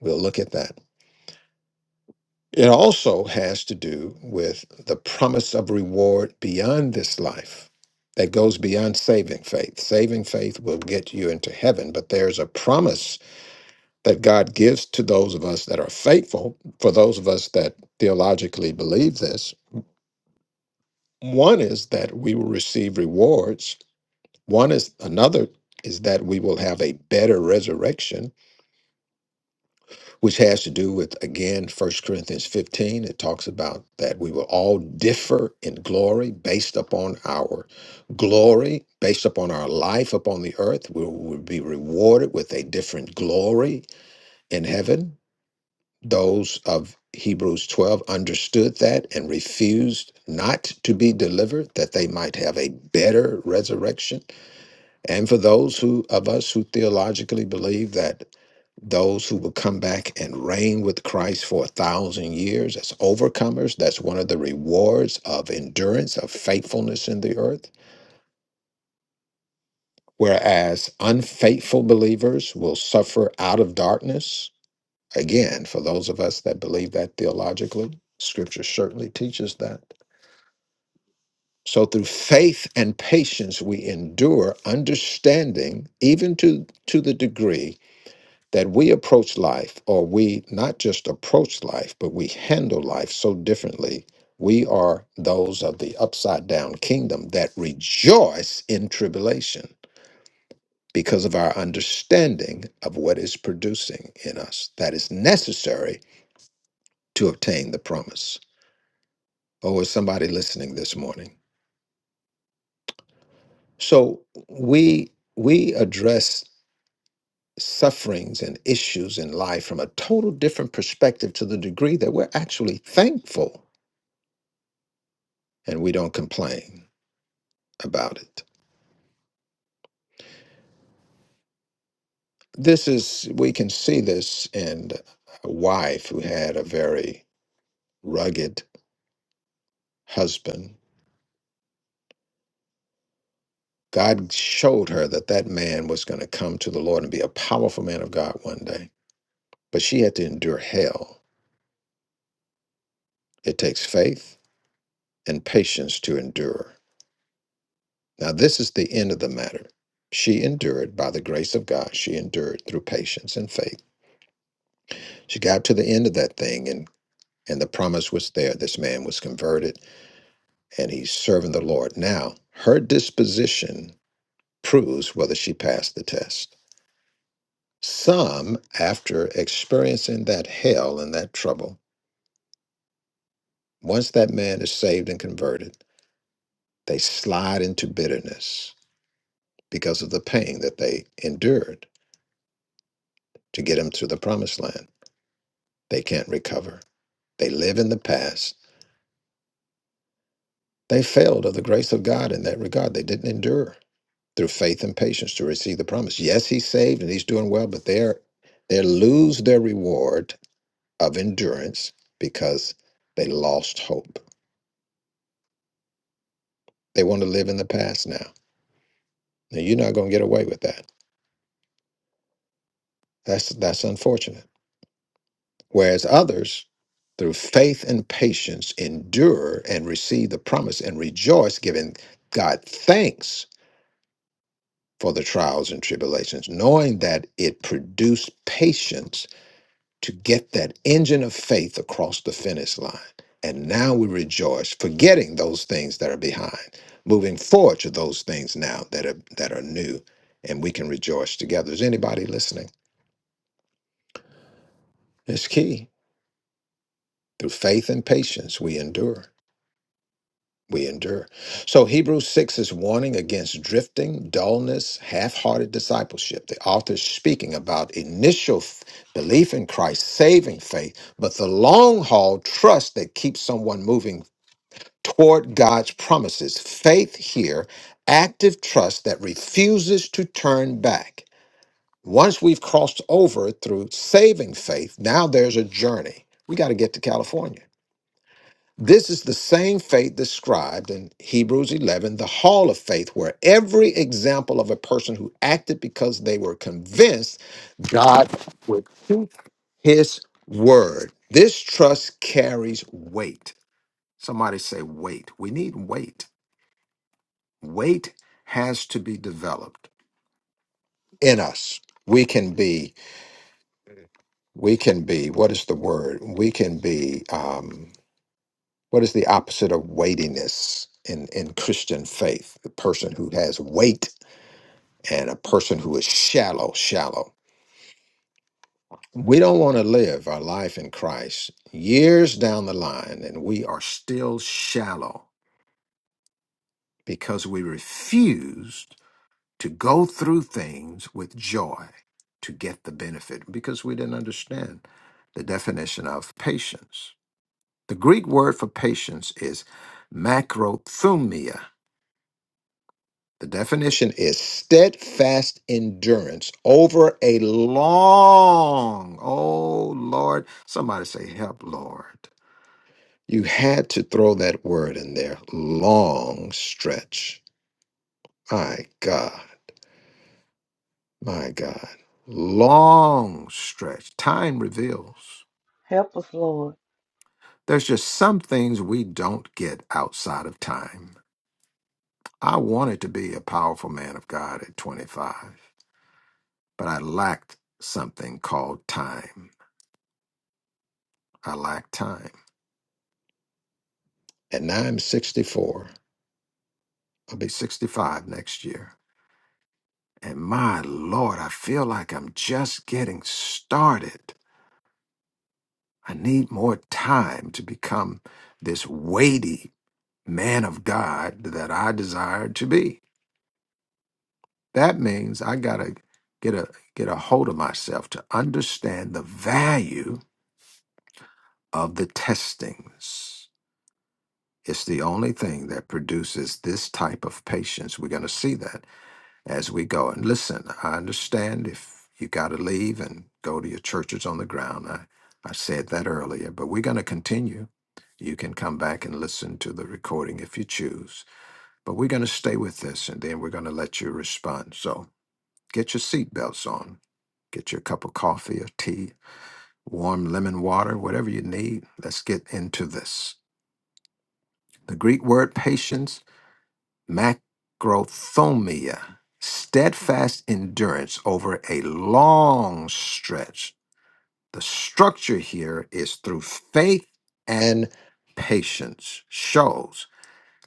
Speaker 1: We'll look at that. It also has to do with the promise of reward beyond this life that goes beyond saving faith. Saving faith will get you into heaven, but there's a promise that God gives to those of us that are faithful, for those of us that theologically believe this. One is that we will receive rewards, one is another is that we will have a better resurrection which has to do with again First corinthians 15 it talks about that we will all differ in glory based upon our glory based upon our life upon the earth we will be rewarded with a different glory in heaven those of hebrews 12 understood that and refused not to be delivered that they might have a better resurrection and for those who of us who theologically believe that those who will come back and reign with Christ for a thousand years as overcomers. That's one of the rewards of endurance, of faithfulness in the earth. Whereas unfaithful believers will suffer out of darkness. Again, for those of us that believe that theologically, scripture certainly teaches that. So, through faith and patience, we endure understanding, even to, to the degree that we approach life, or we not just approach life, but we handle life so differently. We are those of the upside down kingdom that rejoice in tribulation because of our understanding of what is producing in us that is necessary to obtain the promise. Or is somebody listening this morning? So we we address sufferings and issues in life from a total different perspective to the degree that we're actually thankful and we don't complain about it. This is, we can see this in a wife who had a very rugged husband. God showed her that that man was going to come to the Lord and be a powerful man of God one day, but she had to endure hell. It takes faith and patience to endure. Now, this is the end of the matter. She endured by the grace of God. She endured through patience and faith. She got to the end of that thing, and, and the promise was there. This man was converted and he's serving the Lord. Now, her disposition proves whether she passed the test. Some, after experiencing that hell and that trouble, once that man is saved and converted, they slide into bitterness because of the pain that they endured to get him to the promised land. They can't recover. They live in the past. They failed of the grace of God in that regard. They didn't endure. through faith and patience to receive the promise. Yes, he's saved and he's doing well, but they're they lose their reward of endurance because they lost hope. They want to live in the past now. Now you're not going to get away with that. That's that's unfortunate. Whereas others, through faith and patience, endure and receive the promise and rejoice, giving God thanks for the trials and tribulations, knowing that it produced patience to get that engine of faith across the finish line. And now we rejoice, forgetting those things that are behind, moving forward to those things now that are that are new, and we can rejoice together. Is anybody listening? It's key. Through faith and patience, we endure. We endure. So Hebrews 6 is warning against drifting, dullness, half-hearted discipleship. The author is speaking about initial f- belief in Christ, saving faith, but the long haul trust that keeps someone moving toward God's promises. Faith here, active trust that refuses to turn back. Once we've crossed over through saving faith, now there's a journey. We got to get to California. This is the same faith described in Hebrews 11, the hall of faith, where every example of a person who acted because they were convinced God would keep his word. This trust carries weight. Somebody say, weight. We need weight. Weight has to be developed in us. We can be, we can be, what is the word? We can be, um, what is the opposite of weightiness in, in Christian faith? The person who has weight and a person who is shallow, shallow. We don't want to live our life in Christ years down the line and we are still shallow because we refuse. to go through things with joy to get the benefit because we didn't understand the definition of patience. The Greek word for patience is macrothumia. The definition is steadfast endurance over a long, oh Lord, somebody say, help, Lord. You had to throw that word in there, long stretch. My God. My God. Long stretch. Time reveals.
Speaker 6: Help us, Lord.
Speaker 1: There's just some things we don't get outside of time. I wanted to be a powerful man of God at 25, but I lacked something called time. I lacked time. And now I'm 64. I'll be 65 next year. And my Lord, I feel like I'm just getting started. I need more time to become this weighty man of God that I desire to be. That means I gotta get a get a hold of myself to understand the value of the testings. It's the only thing that produces this type of patience. We're gonna see that as we go. And listen, I understand if you gotta leave and go to your churches on the ground. I, I said that earlier, but we're gonna continue. You can come back and listen to the recording if you choose But we're going to stay with this and then we're going to let you respond. So get your seatbelts on, get your cup of coffee or tea, warm lemon water, whatever you need. Let's get into this. The Greek word patience, macrothomia, steadfast endurance over a long stretch. The structure here is through faith and patience shows.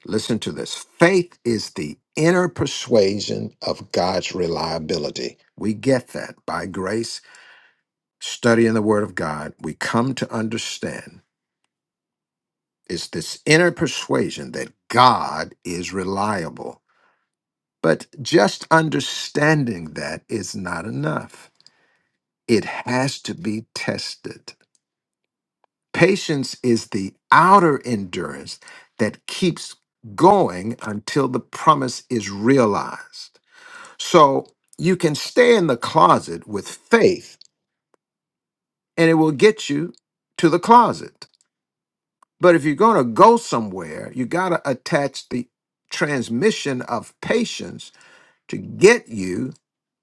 Speaker 1: Listen to this. Faith is the inner persuasion of God's reliability. We get that by grace, studying the Word of God. We come to understand it's this inner persuasion that God is reliable. But just understanding that is not enough, it has to be tested. Patience is the outer endurance that keeps going until the promise is realized. So you can stay in the closet with faith and it will get you to the closet. But if you're going to go somewhere, you got to attach the transmission of patience to get you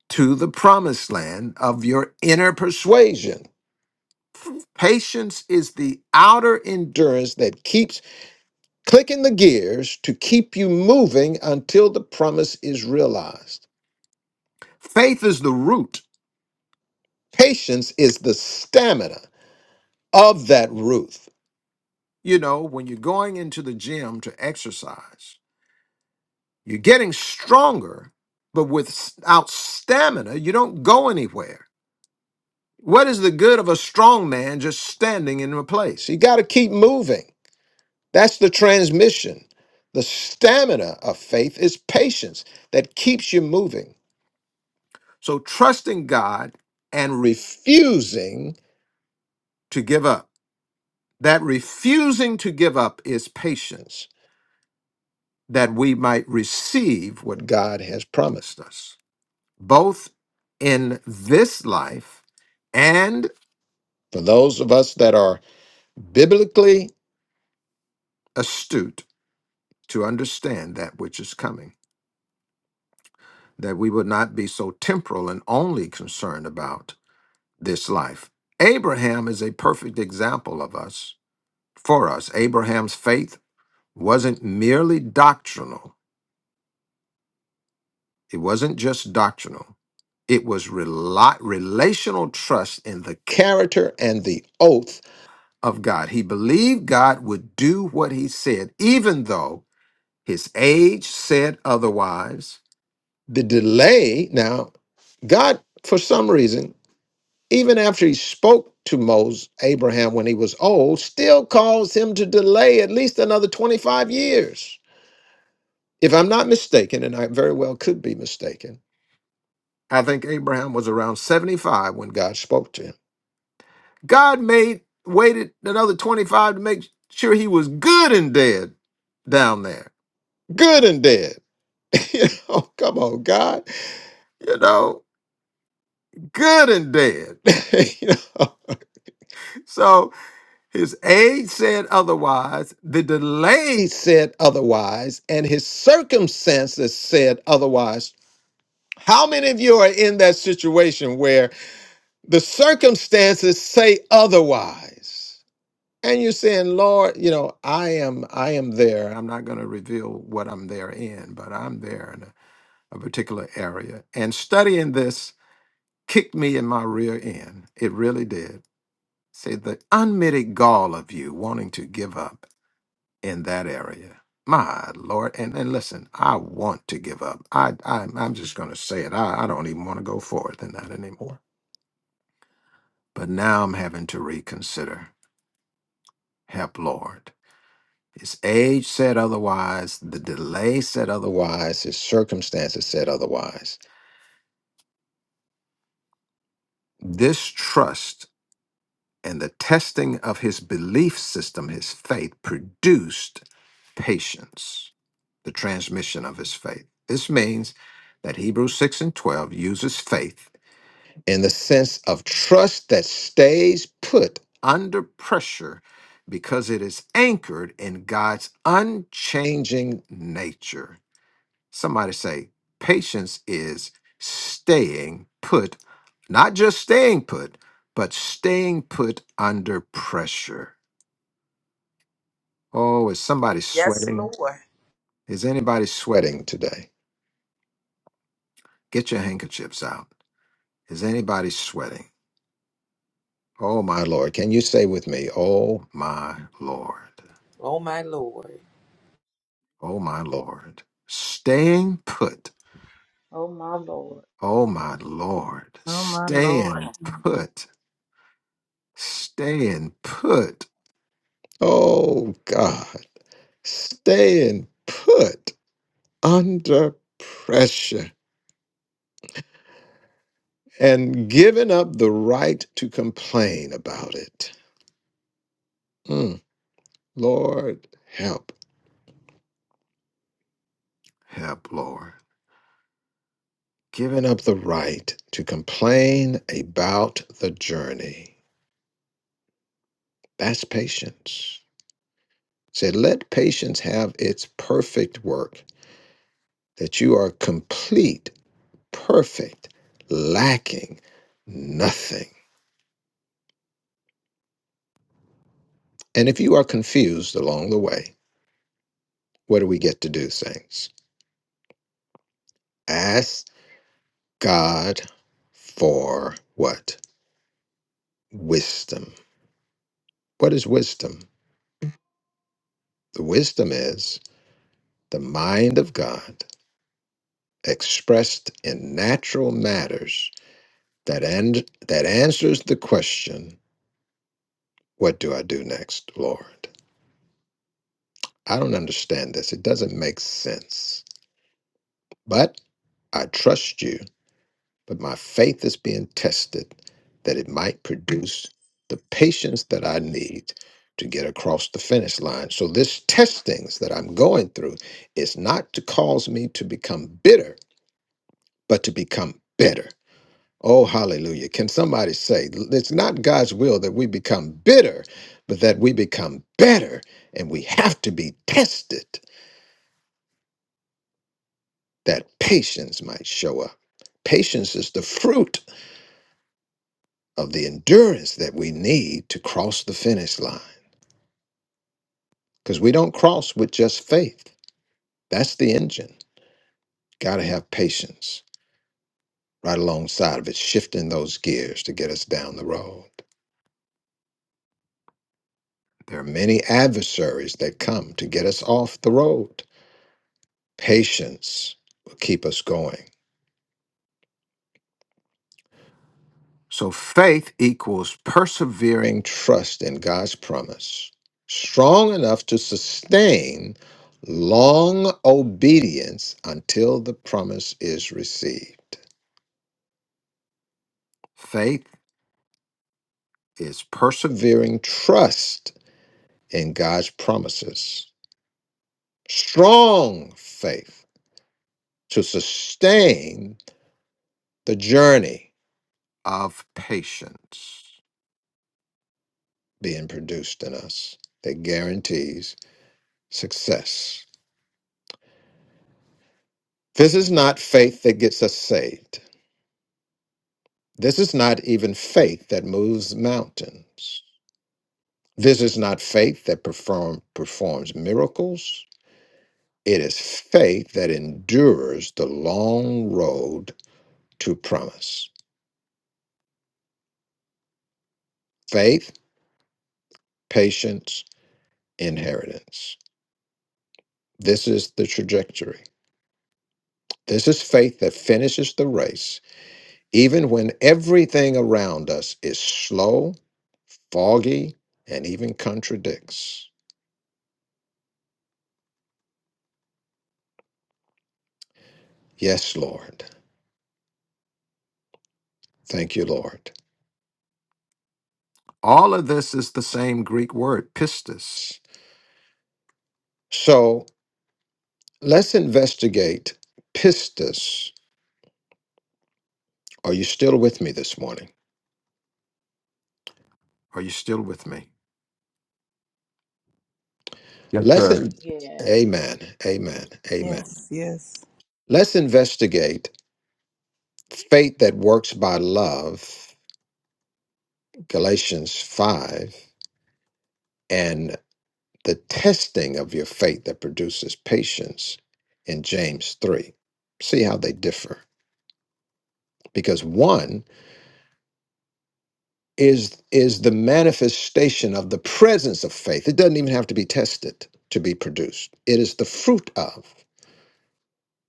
Speaker 1: to the promised land of your inner persuasion. Patience is the outer endurance that keeps clicking the gears to keep you moving until the promise is realized. Faith is the root, patience is the stamina. of that Ruth. You know, when you're going into the gym to exercise, you're getting stronger, but without stamina, you don't go anywhere. What is the good of a strong man just standing in a place? So you got to keep moving. That's the transmission. The stamina of faith is patience that keeps you moving, So trusting God and refusing to give up. That refusing to give up is patience. that we might receive what God has promised us, both in this life and for those of us that are biblically astute to understand that which is coming, that we would not be so temporal and only concerned about this life. Abraham is a perfect example of us, for us. Abraham's faith wasn't merely doctrinal, it wasn't just doctrinal. It was rela- relational trust in the character and the oath of God. He believed God would do what he said, even though his age said otherwise. The delay, now, God, for some reason, even after he spoke to Moses, Abraham, when he was old, still caused him to delay at least another 25 years. If I'm not mistaken, and I very well could be mistaken, I think Abraham was around 75 when God spoke to him. God made waited another 25 to make sure he was good and dead down there. Good and dead. you know, come on, God. You know, good and dead. you know. So his age said otherwise, the delay said otherwise, and his circumstances said otherwise. How many of you are in that situation where the circumstances say otherwise? and you're saying lord you know i am i am there i'm not going to reveal what i'm there in but i'm there in a, a particular area and studying this kicked me in my rear end it really did say the unmitted gall of you wanting to give up in that area my lord and, and listen i want to give up i, I i'm just going to say it I, I don't even want to go forward in that anymore but now i'm having to reconsider help lord His age said otherwise, the delay said otherwise, his circumstances said otherwise. This trust and the testing of his belief system, his faith, produced patience, the transmission of his faith. This means that Hebrews 6 and 12 uses faith in the sense of trust that stays put under pressure because it is anchored in God's unchanging nature Somebody say, patience is staying put, not just staying put, but staying put under pressure. Oh, is somebody
Speaker 7: Yes,
Speaker 1: sweating?
Speaker 7: Lord.
Speaker 1: Is anybody sweating today? Get your handkerchiefs out. Is anybody sweating? Oh, my Lord. Can you say with me, Oh, my Lord?
Speaker 7: Oh, my Lord.
Speaker 1: Oh, my Lord. Staying put.
Speaker 6: Oh, my Lord.
Speaker 1: Oh, my Lord.
Speaker 4: Oh, my Lord.
Speaker 1: Staying put. Staying put Oh God, staying put under pressure and giving up the right to complain about it. Mm, Lord, help, help, Lord. Giving up the right to complain about the journey. That's patience. Said, let patience have its perfect work, that you are complete, perfect, lacking nothing. And if you are confused along the way, what do we get to do, saints? Ask God for what? Wisdom. What is wisdom? The wisdom is the mind of God expressed in natural matters that and that answers the question, what do I do next, Lord? I don't understand this. It doesn't make sense. But I trust you but my faith is being tested that it might produce the patience that I need to get across the finish line. So, this testings that I'm going through is not to cause me to become bitter, but to become better. Oh, hallelujah. Can somebody say, it's not God's will that we become bitter, but that we become better, and we have to be tested that patience might show up. Patience is the fruit of the endurance that we need to cross the finish line. Because we don't cross with just faith. That's the engine. Got to have patience right alongside of it, shifting those gears to get us down the road. There are many adversaries that come to get us off the road. Patience will keep us going So faith equals persevering trust in God's promise, strong enough to sustain long obedience until the promise is received. Faith is persevering trust in God's promises, strong faith to sustain the journey of patience being produced in us that guarantees success This is not faith that gets us saved. This is not even faith that moves mountains. This is not faith that perform, performs miracles. It is faith that endures the long road to promise. Faith, patience, inheritance. This is the trajectory. This is faith that finishes the race, even when everything around us is slow, foggy, and even contradicts. Yes, Lord. Thank you, Lord. All of this is the same Greek word, pistis. So let's investigate pistis. Are you still with me this morning? Are you still with me?
Speaker 8: Yes,
Speaker 1: Let's,
Speaker 8: sir.
Speaker 1: in-
Speaker 6: Yes.
Speaker 1: amen, amen, amen.
Speaker 4: Yes, yes.
Speaker 1: Let's investigate faith that works by love, Galatians 5, and the testing of your faith that produces patience in James 3. See how they differ. Because one is is the manifestation of the presence of faith. It doesn't even have to be tested to be produced. It is the fruit of.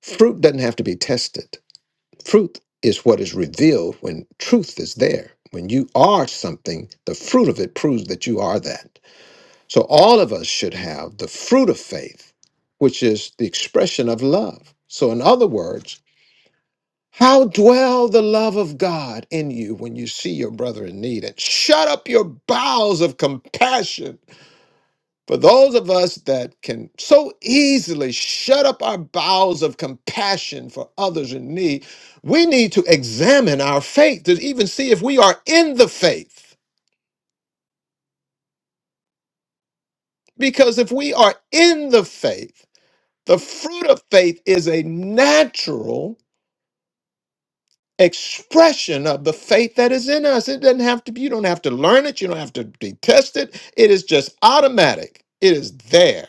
Speaker 1: Fruit doesn't have to be tested. Fruit is what is revealed when truth is there. When you are something, the fruit of it proves that you are that. So all of us should have the fruit of faith, which is the expression of love. So in other words, how dwell the love of God in you when you see your brother in need? And shut up your bowels of compassion. For those of us that can so easily shut up our bowels of compassion for others in need, we need to examine our faith to even see if we are in the faith. Because if we are in the faith, the fruit of faith is a natural expression of the faith that is in us. It doesn't have to be, you don't have to learn it, you don't have to be tested. It is just automatic, it is there.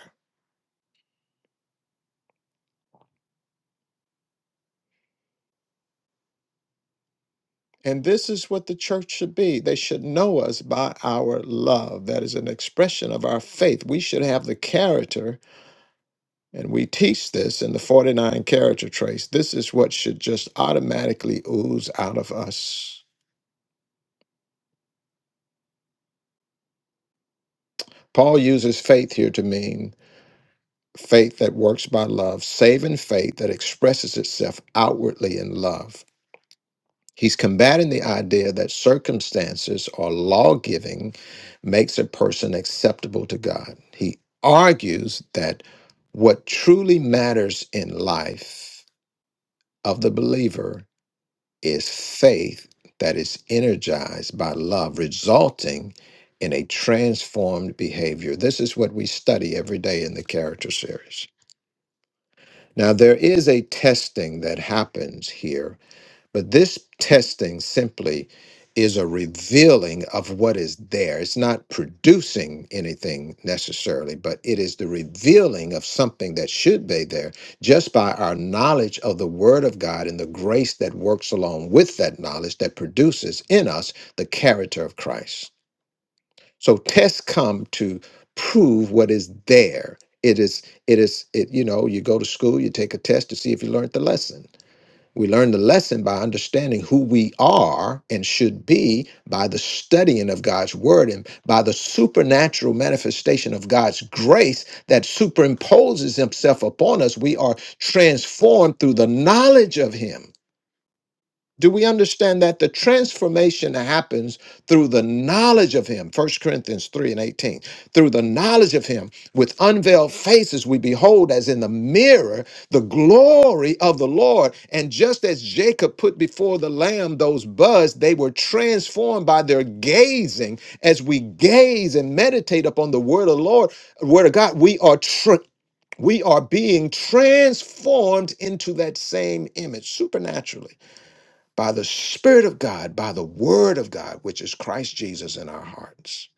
Speaker 1: And this is what the church should be. They should know us by our love. That is an expression of our faith. We should have the character, and we teach this in the 49 character traits. This is what should just automatically ooze out of us. Paul uses faith here to mean faith that works by love, saving faith that expresses itself outwardly in love. He's combating the idea that circumstances or law giving makes a person acceptable to God. He argues that what truly matters in life of the believer is faith that is energized by love, resulting in a transformed behavior. This is what we study every day in the character series. Now, there is a testing that happens here, but this testing simply is a revealing of what is there. It's not producing anything necessarily, but it is the revealing of something that should be there just by our knowledge of the Word of God and the grace that works along with that knowledge that produces in us the character of Christ. So tests come to prove what is there. It is, it is, it, you know, you go to school, you take a test to see if you learned the lesson. We learn the lesson by understanding who we are and should be by the studying of God's word and by the supernatural manifestation of God's grace that superimposes himself upon us. We are transformed through the knowledge of him do we understand that the transformation happens through the knowledge of him First corinthians 3 and 18 through the knowledge of him with unveiled faces we behold as in the mirror the glory of the lord and just as jacob put before the lamb those buds they were transformed by their gazing as we gaze and meditate upon the word of the lord word of god we are tr- we are being transformed into that same image supernaturally by the Spirit of God, by the Word of God, which is Christ Jesus in our hearts.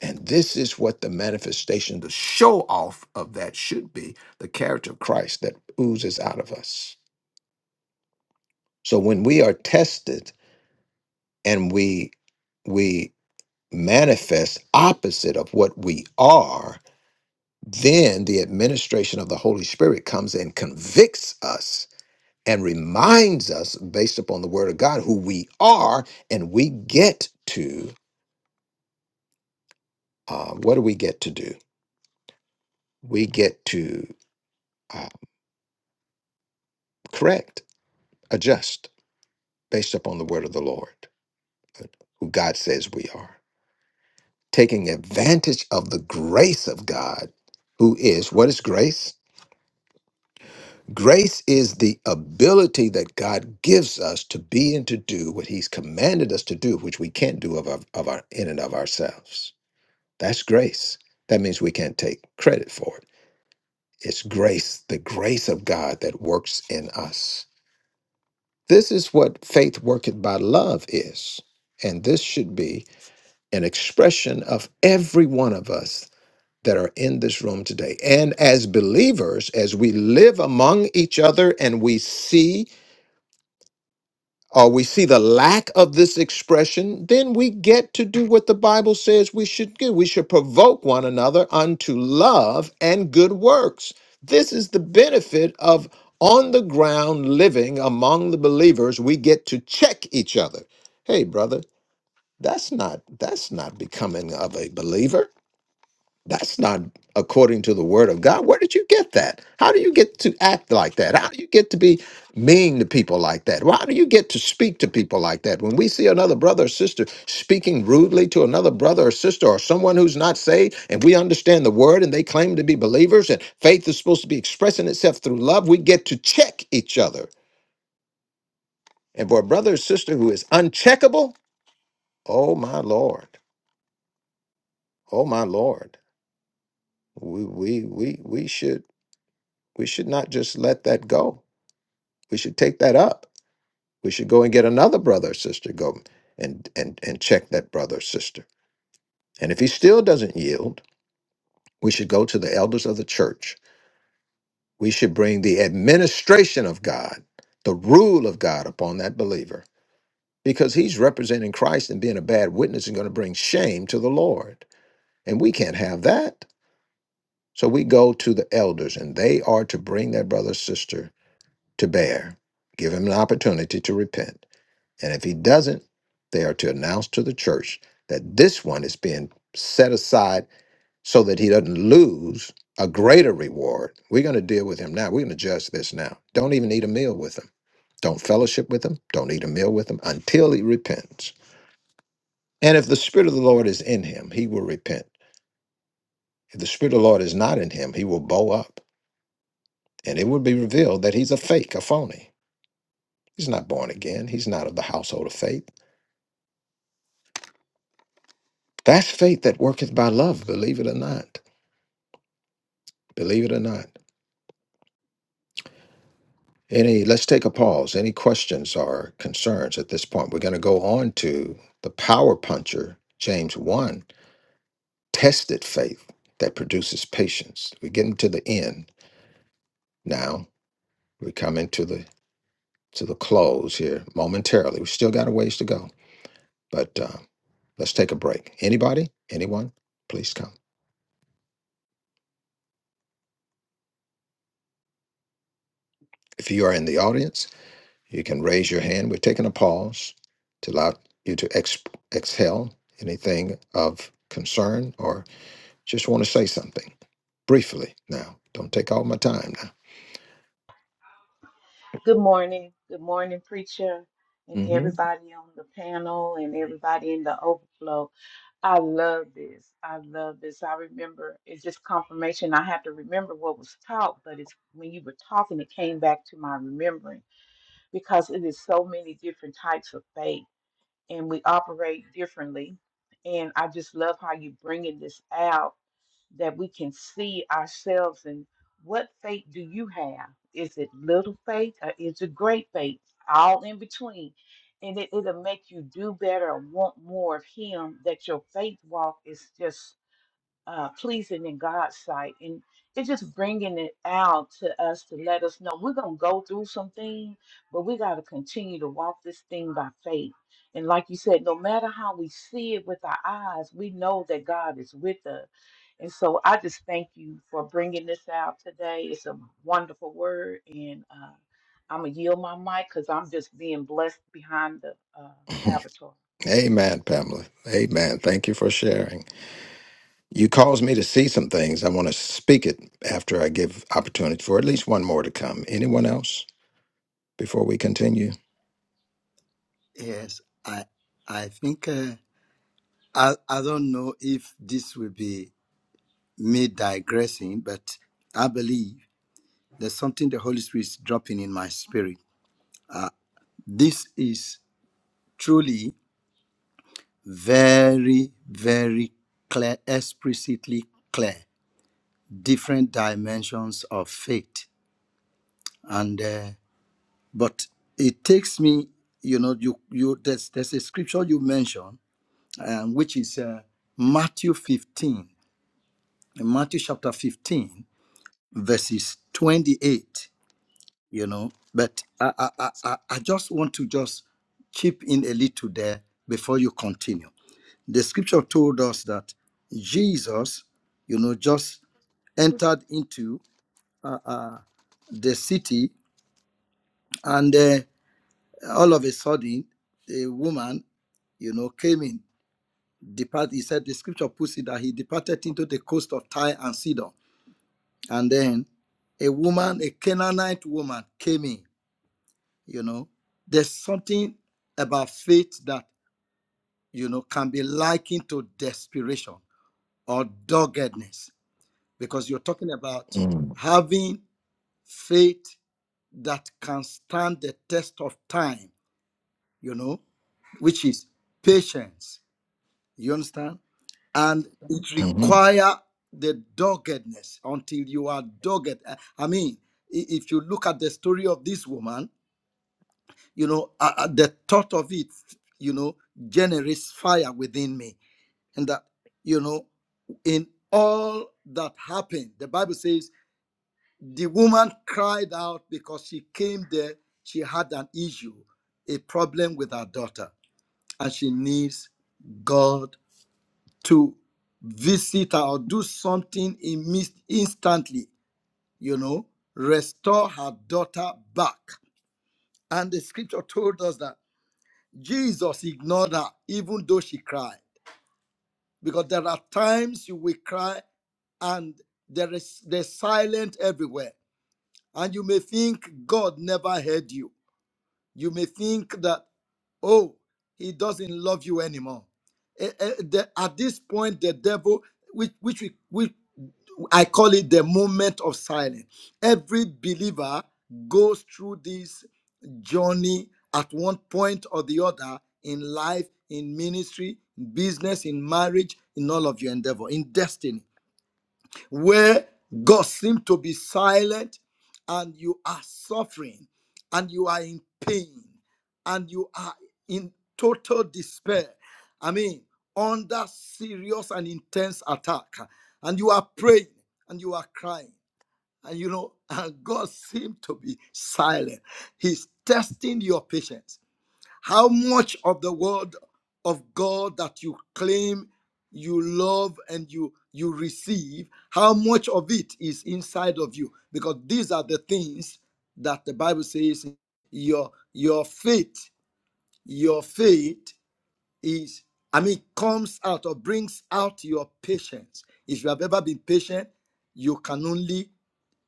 Speaker 1: And this is what the manifestation, the show off of that should be the character of Christ that oozes out of us. So when we are tested and we we manifest opposite of what we are, then the administration of the Holy Spirit comes and convicts us and reminds us based upon the word of God who we are and we get to uh, what do we get to do? We get to uh, correct, adjust based upon the word of the Lord, uh, who God says we are. Taking advantage of the grace of God, who is what is grace? Grace is the ability that God gives us to be and to do what He's commanded us to do, which we can't do of our, of our in and of ourselves. That's grace. That means we can't take credit for it. It's grace, the grace of God that works in us This is what faith worketh by love is. And this should be an expression of every one of us that are in this room today. And as believers, as we live among each other and we see or we see the lack of this expression, then we get to do what the Bible says we should do. We should provoke one another unto love and good works. This is the benefit of on the ground living among the believers. We get to check each other. Hey, brother, that's not that's not becoming of a believer that's not according to the word of God. Where did you get that? How do you get to act like that? How do you get to be mean to people like that? Why do you get to speak to people like that? When we see another brother or sister speaking rudely to another brother or sister or someone who's not saved, and we understand the word and they claim to be believers and faith is supposed to be expressing itself through love, we get to check each other. And for a brother or sister who is uncheckable, oh my Lord, oh my Lord, we we we we should We should not just let that go. We should take that up. We should go and get another brother or sister, go and, and, and check that brother or sister. And if he still doesn't yield, we should go to the elders of the church. We should bring the administration of God, the rule of God upon that believer, because he's representing Christ and being a bad witness is going to bring shame to the Lord. And we can't have that. So we go to the elders, and they are to bring that brother or sister to bear, give him an opportunity to repent And if he doesn't, they are to announce to the church that this one is being set aside so that he doesn't lose a greater reward. We're going to deal with him now. We're going to judge this now. Don't even eat a meal with him. Don't fellowship with him. Don't eat a meal with him until he repents. And if the Spirit of the Lord is in him, he will repent. If the Spirit of the Lord is not in him, he will bow up. And it will be revealed that he's a fake, a phony. He's not born again. He's not of the household of faith. That's faith that worketh by love, believe it or not. believe it or not. Any, let's take a pause. Any questions or concerns at this point? We're going to go on to the power puncher, James 1, tested faith that produces patience. We're getting to the end now. We're coming to the to the close here momentarily. We still got a ways to go, but uh, let's take a break. Anybody, anyone, please come. If you are in the audience, You can raise your hand. We're taking a pause to allow you to ex- exhale anything of concern or just want to say something briefly now. Don't take all my time
Speaker 6: Good morning. Good morning, preacher,
Speaker 1: now.
Speaker 6: and
Speaker 1: hmm
Speaker 6: everybody on the panel and everybody in the overflow. I love this. I love this. I remember it's just confirmation. I have to remember what was taught, but it's when you were talking, it came back to my remembering because it is so many different types of faith and we operate differently. And I just love how you're bringing this out that we can see ourselves and what faith do you have? Is it little faith or is it great faith? All in between. And it, it'll make you do better or want more of Him, that your faith walk is just uh, pleasing in God's sight. And it's just bringing it out to us to let us know we're going to go through some things, but we got to continue to walk this thing by faith. And like you said, no matter how we see it with our eyes, we know that God is with us. And so I just thank you for bringing this out today. It's a wonderful word. And uh, I'm going to yield my mic because I'm just being blessed behind the uh, avatar.
Speaker 1: Amen, Pamela. Amen. Thank you for sharing. You caused me to see some things. I want to speak it after I give opportunity for at least one more to come. Anyone else before we continue?
Speaker 9: Yes, I I think uh, I I don't know if this will be me digressing, but I believe there's something the Holy Spirit is dropping in my spirit. This is truly very very clear, explicitly clear, different dimensions of faith, and uh, but it takes me, you know, you you there's there's a scripture you mentioned, um, which is uh, Matthew 15 in Matthew chapter 15, verses 28, you know. But I, I, I, I I just want to just chip in a little there before you continue. The scripture told us that Jesus, you know, just entered into uh, uh, the city and uh, all of a sudden, a woman, you know, came in. Depart, he said, the scripture puts it that he departed into the coast of Tyre and Sidon And then a woman, a Canaanite woman, came in. You know, there's something about faith that, you know, can be likened to desperation or doggedness because you're talking about
Speaker 1: Mm,
Speaker 9: having faith that can stand the test of time, you know, which is patience You understand? And it
Speaker 1: mhm,
Speaker 9: require the doggedness until you are dogged. I I mean, i- if you look at the story of this woman, you know, uh, uh, the thought of it, you know, generates fire within me. And that, you know, in all that happened, the Bible says the woman cried out because she came there, she had an issue, a problem with her daughter, and she needs God to visit her or do something in mis- instantly, you know, restore her daughter back. And the scripture told us that Jesus ignored her even though she cried. Because there are times you will cry and there is there's silence everywhere. And you may think God never heard you. You may think that, oh, he doesn't love you anymore. Eh, eh, the- at this point, the devil, which, which, we, which I call it the moment of silence. Every believer goes through this journey at one point or the other in life, in ministry, in business, in marriage, in all of your endeavor, in destiny where God seems to be silent and you are suffering and you are in pain and you are in total despair. I mean, under serious and intense attack, and you are praying and you are crying, and you know, and God seems to be silent. He's testing your patience. How much of the word of God that you claim you love and you you receive, how much of it is inside of you? Because these are the things that the Bible says your your faith, your faith is I mean comes out or brings out your patience. If you have ever been patient, you can only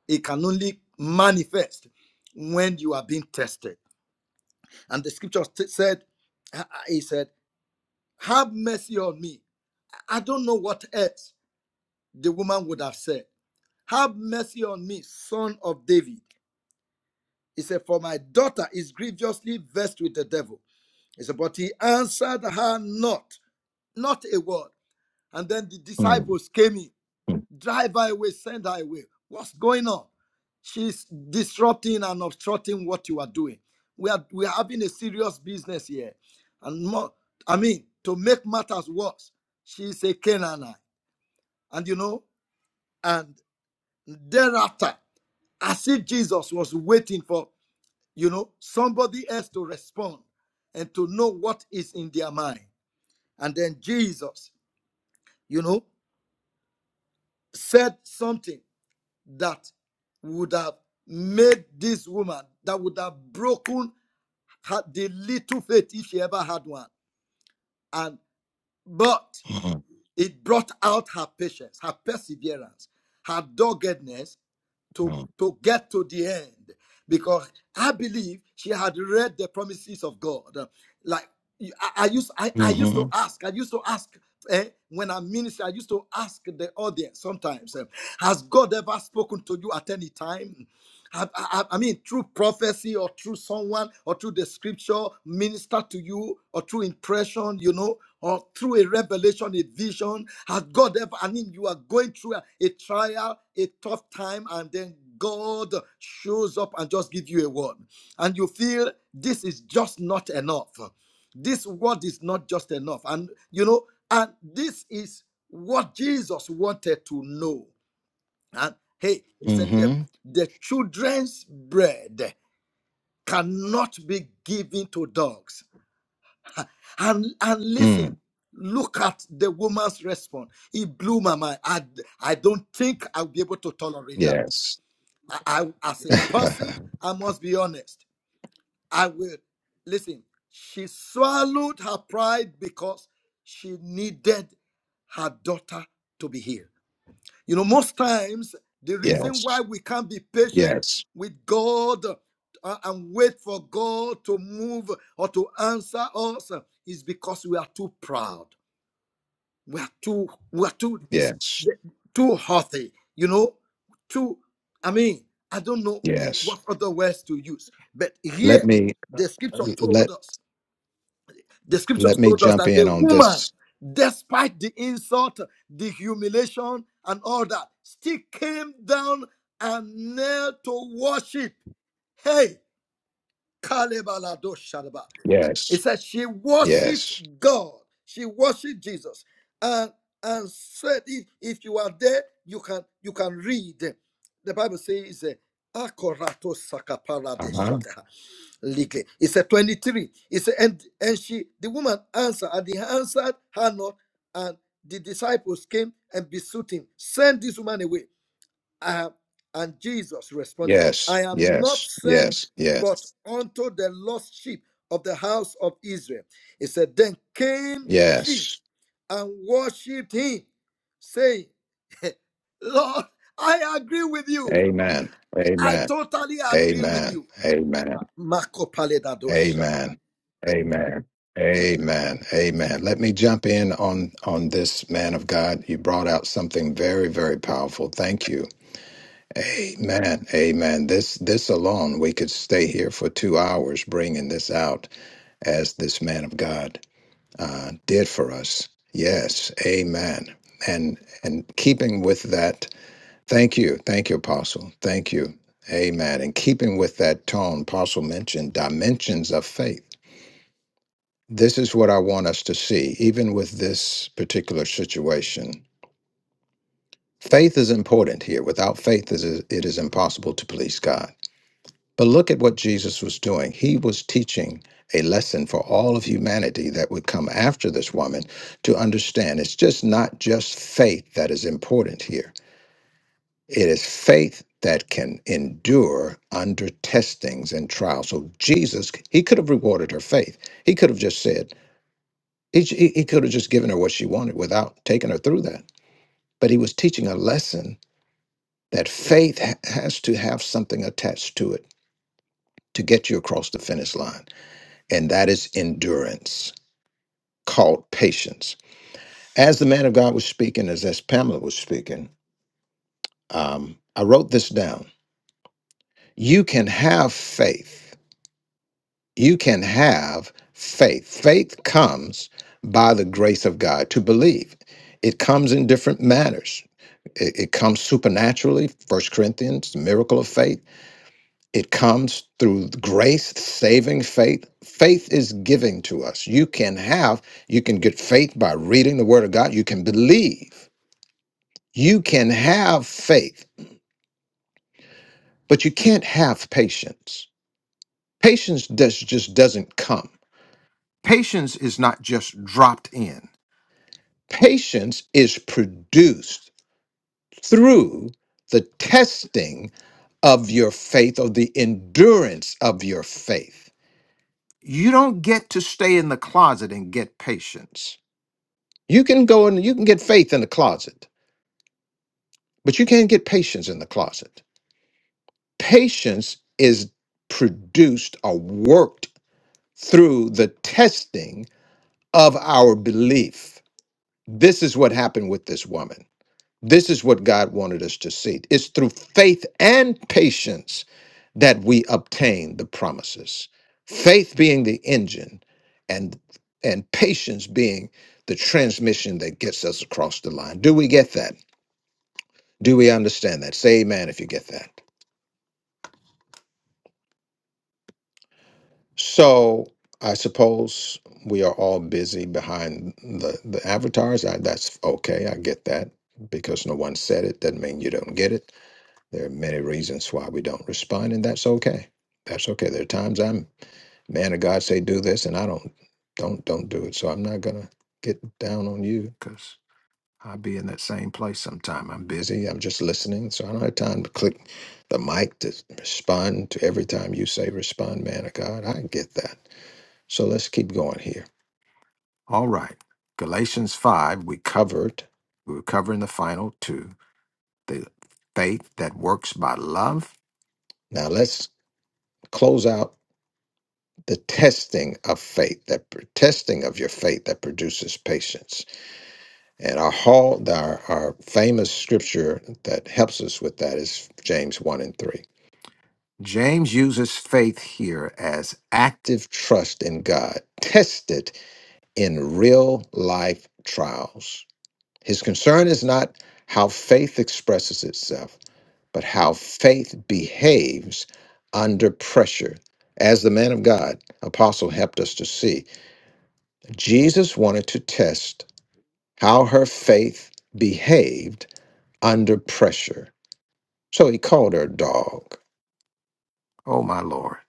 Speaker 9: it can only manifest when you are being tested. And the scripture said, uh, uh, he said, have mercy on me. I don't know what else the woman would have said. Have mercy on me, son of David. He said, For my daughter is grievously vexed with the devil. He said, But he answered her not, not a word. And then the
Speaker 1: mm,
Speaker 9: disciples came in,
Speaker 1: mm,
Speaker 9: drive her away, send her away. What's going on? She's disrupting and obstructing what you are doing. We are we are having a serious business here. And more, I mean, to make matters worse, she's a Canaanite. and you know, and thereafter, as if Jesus was waiting for, you know, somebody else to respond and to know what is in their mind. And then Jesus, you know, said something that would have made this woman, that would have broken her, the little faith if she ever had one. And but
Speaker 1: mhm,
Speaker 9: It brought out her patience, her perseverance, her doggedness to,
Speaker 1: mm,
Speaker 9: to get to the end. Because I believe she had read the promises of God. Like I, I used, I, I used to
Speaker 1: mhm,
Speaker 9: ask, I used to ask eh, when I minister, I used to ask the audience sometimes, eh, has God ever spoken to you at any time? I, I, I mean, through prophecy or through someone or through the scripture minister to you or through impression, you know, or through a revelation, a vision. Has God ever, I mean, you are going through a, a trial, a tough time, and then God shows up and just gives you a word. And you feel this is just not enough. This word is not just enough. And, you know, and this is what Jesus wanted to know. Uh, hey, he said the,
Speaker 1: mhm,
Speaker 9: the children's bread cannot be given to dogs. And and listen,
Speaker 1: mm.
Speaker 9: look at the woman's response. It blew my mind. I, I don't think I'll be able to tolerate that.
Speaker 1: Yes.
Speaker 9: I, I as a person, I must be honest. I will listen. She swallowed her pride because she needed her daughter to be healed. You know, most times the reason why
Speaker 1: Yes.
Speaker 9: we can't be patient
Speaker 1: Yes.
Speaker 9: with God uh, and wait for God to move or to answer us is because we are too proud. We are too, we are too, this,
Speaker 1: Yes.
Speaker 9: too haughty. You know, too. I mean, I don't know
Speaker 1: Yes.
Speaker 9: what other words to use, but
Speaker 1: Let
Speaker 9: here
Speaker 1: me
Speaker 9: the scripture told
Speaker 1: let
Speaker 9: us the
Speaker 1: let
Speaker 9: scriptures
Speaker 1: me
Speaker 9: told us
Speaker 1: jump
Speaker 9: that
Speaker 1: in
Speaker 9: the
Speaker 1: on
Speaker 9: woman,
Speaker 1: this.
Speaker 9: despite the insult, the humiliation, and all that, still came down and knelt to worship. Hey, Kalebalado Shadaba.
Speaker 1: Yes.
Speaker 9: It says she worshiped
Speaker 1: Yes.
Speaker 9: God. She worshiped Jesus. And and said, if, if you are there, you can you can read. The Bible says, uh, Akorato Sakapara
Speaker 1: Uh-huh.
Speaker 9: League. He said 23. He said, and, and she, the woman answered, and he answered her not. And the disciples came and besought him, send this woman away. I have, and Jesus responded,
Speaker 1: Yes,
Speaker 9: I am not
Speaker 1: yes,
Speaker 9: sent
Speaker 1: yes,
Speaker 9: but
Speaker 1: yes,
Speaker 9: unto the lost sheep of the house of Israel. He said, Then came she
Speaker 1: yes.
Speaker 9: and worshipped him, saying, Lord, I agree with you.
Speaker 1: Amen.
Speaker 9: I
Speaker 1: Amen.
Speaker 9: totally agree with
Speaker 1: Amen.
Speaker 9: you.
Speaker 1: Amen.
Speaker 9: Marco
Speaker 1: Amen.
Speaker 9: Paledadoshata.
Speaker 1: Amen. Amen. Amen. Let me jump in on on this man of God. You brought out something very, very powerful. Thank you. Amen. Amen. This this alone, we could stay here for two hours bringing this out as this man of God uh, did for us. Yes. Amen. And and keeping with that Thank you. Thank you, Apostle. Thank you. Amen. In keeping with that tone, Apostle mentioned dimensions of faith. This is what I want us to see, even with this particular situation. Faith is important here. Without faith, it is it is impossible to please God. But look at what Jesus was doing. He was teaching a lesson for all of humanity that would come after this woman to understand it's just not just faith that is important here It is faith that can endure under testings and trials. So Jesus, he could have rewarded her faith. He could have just said, he, he he could have just given her what she wanted without taking her through that. But he was teaching a lesson that faith ha- has to have something attached to it to get you across the finish line. And that is endurance, called patience. As the man of God was speaking, as, as Pamela was speaking, um, I wrote this down. You can have faith you can have faith. Faith comes by the grace of God to believe. It comes in different manners. It, it comes supernaturally, First Corinthians, the miracle of faith. It comes through grace, saving faith. Faith is giving to us. You can have, you can get faith by reading the Word of God. You can believe. You can have faith, but you can't have patience. Patience does, just doesn't come. Patience is not just dropped in. Patience is produced through the testing of your faith or the endurance of your faith. You don't get to stay in the closet and get patience. You can go and you can get faith in the closet, but you can't get patience in the closet. Patience is produced or worked through the testing of our belief. This is what happened with this woman. This is what God wanted us to see. It's through faith and patience that we obtain the promises. Faith being the engine and and patience being the transmission that gets us across the line. Do we get that? Do we understand that? Say amen if you get that. So I suppose we are all busy behind the, the avatars. I, that's okay. I get that because no one said it. Doesn't mean you don't get it There are many reasons why we don't respond, and that's okay. That's okay. There are times I'm man of God say do this, and I don't don't don't do it. So I'm not gonna get down on you because I'll be in that same place sometime. I'm busy. I'm just listening, so I don't have time to click the mic to respond to every time you say respond, man of God. I get that. So let's keep going here. All right, Galatians five. We covered. We were covering the final two. The faith that works by love. Now let's close out the testing of faith, that pr- testing of your faith that produces patience. And our hall, our, our famous scripture that helps us with that is James 1 and 3. James uses faith here as active trust in God, tested in real life trials. His concern is not how faith expresses itself but how faith behaves under pressure. As the man of God, Apostle, helped us to see, Jesus wanted to test how her faith behaved under pressure. So he called her a dog. Oh, my Lord.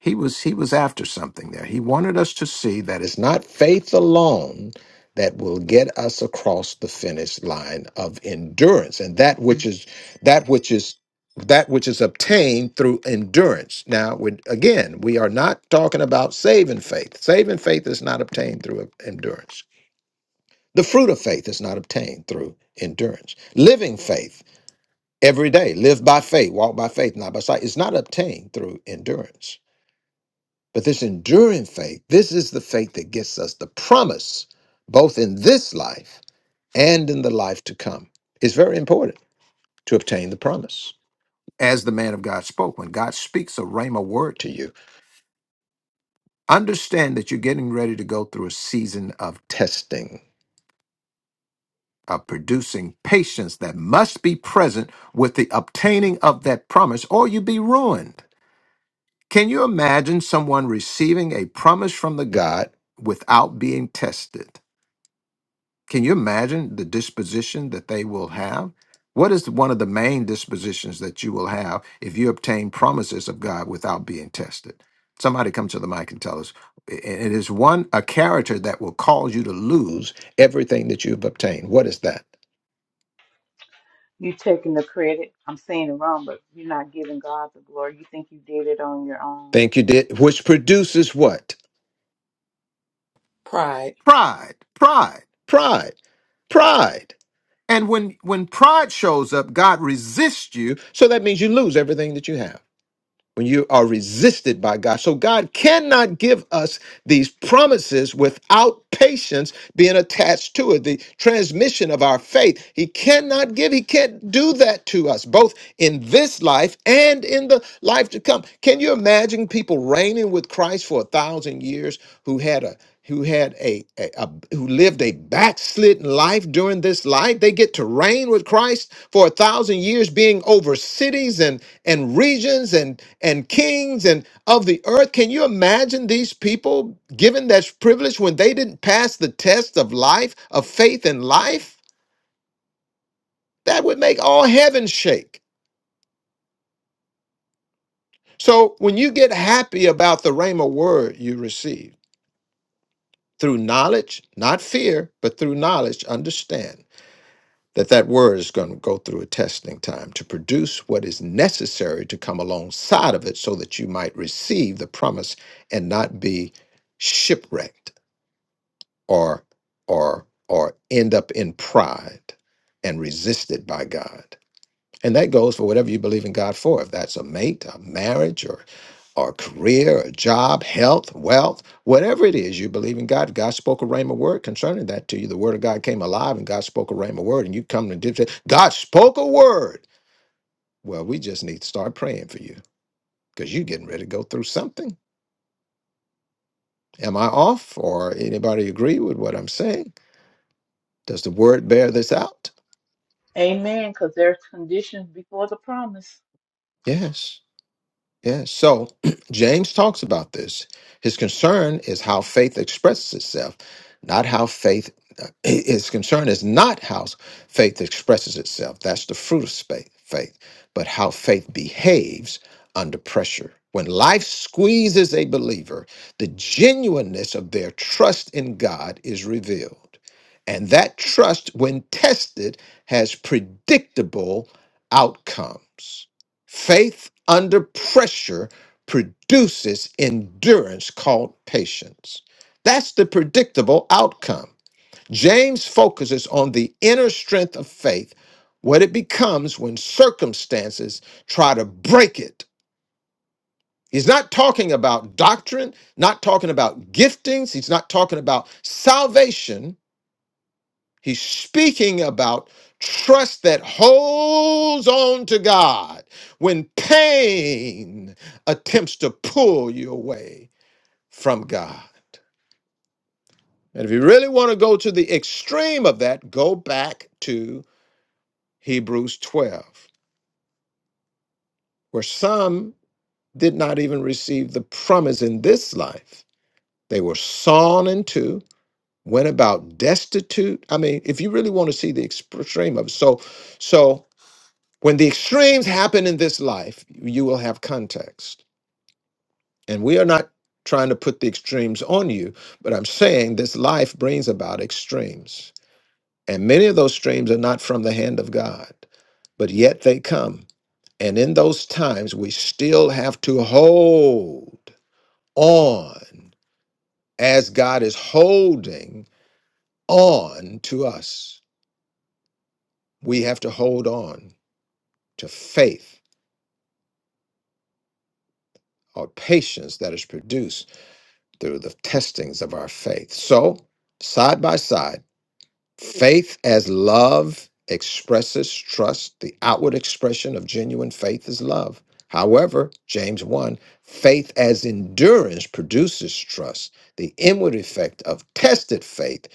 Speaker 1: He was he was after something there. He wanted us to see that it's not faith alone that will get us across the finish line of endurance and that which is that which is that which is obtained through endurance. Now, when- again, we are not talking about saving faith. Saving faith is not obtained through endurance. The fruit of faith is not obtained through endurance. Living faith every day, live by faith, walk by faith, not by sight, is not obtained through endurance. But this enduring faith, this is the faith that gets us the promise, both in this life and in the life to come. It's very important to obtain the promise. As the man of God spoke, when God speaks a rhema word to you, understand that you're getting ready to go through a season of testing, of producing patience that must be present with the obtaining of that promise, or you be ruined. Can you imagine someone receiving a promise from the God without being tested? Can you imagine the disposition that they will have? What is one of the main dispositions that you will have if you obtain promises of God without being tested? Somebody come to the mic and tell us. I- It is one, a character that will cause you to lose everything that you've obtained. What is that?
Speaker 6: You taking the credit. I'm saying it wrong, but you're not giving God the glory. You think you did it on your own.
Speaker 1: Think you did, which produces what?
Speaker 7: Pride.
Speaker 1: Pride, pride, pride, pride. And when, when pride shows up, God resists you. So that means you lose everything that you have. when you are resisted by God. So God cannot give us these promises without patience being attached to it, the transmission of our faith. He cannot give, he can't do that to us, both in this life and in the life to come. Can you imagine people reigning with Christ for a thousand years who had a who had a, a, a- who lived a backslidden? slit life during this life. They get to reign with Christ for a thousand years, being over cities and, and regions and, and kings and of the earth. Can you imagine these people given that privilege when they didn't pass the test of life, of faith and life? That would make all heaven shake. So when you get happy about the Rhema word you receive, through knowledge, not fear, but through knowledge, understand that that word is going to go through a testing time to produce what is necessary to come alongside of it so that you might receive the promise and not be shipwrecked or or or end up in pride and resisted by God and that goes for whatever you believe in God for. If that's a mate, a marriage, or or a career, a job, health, wealth, whatever it is you believe in God. God spoke a rhema word concerning that to you. The word of God came alive and God spoke a rhema word. And you come and dip- say, God spoke a word. Well, we just need to start praying for you because you're getting ready to go through something. Am I off or anybody agree with what I'm saying? Does the word bear this out?
Speaker 6: Amen. Because there's conditions before the promise.
Speaker 1: Yes. Yeah, so James talks about this. His concern is how faith expresses itself, not how faith. uh, His concern is not how faith expresses itself. That's the fruit of faith, faith, but how faith behaves under pressure. When life squeezes a believer, the genuineness of their trust in God is revealed. And that trust, when tested, has predictable outcomes. Faith under pressure produces endurance called patience. That's the predictable outcome. James focuses on the inner strength of faith, what it becomes when circumstances try to break it. He's not talking about doctrine, not talking about giftings, he's not talking about salvation. He's speaking about trust that holds on to God when pain attempts to pull you away from God. And if you really want to go to the extreme of that, go back to Hebrews 12, where some did not even receive the promise in this life. They were sawn in two, went about destitute. I mean, if you really want to see the extreme of it. So, so When the extremes happen in this life, you will have context. And we are not trying to put the extremes on you, but I'm saying this life brings about extremes. And many of those streams are not from the hand of God, but yet they come. And in those times, we still have to hold on as God is holding on to us. We have to hold on to faith or patience that is produced. through the testings of our faith. So, side by side, faith as love expresses trust. The outward expression of genuine faith is love. However, James 1, faith as endurance produces trust. The inward effect of tested faith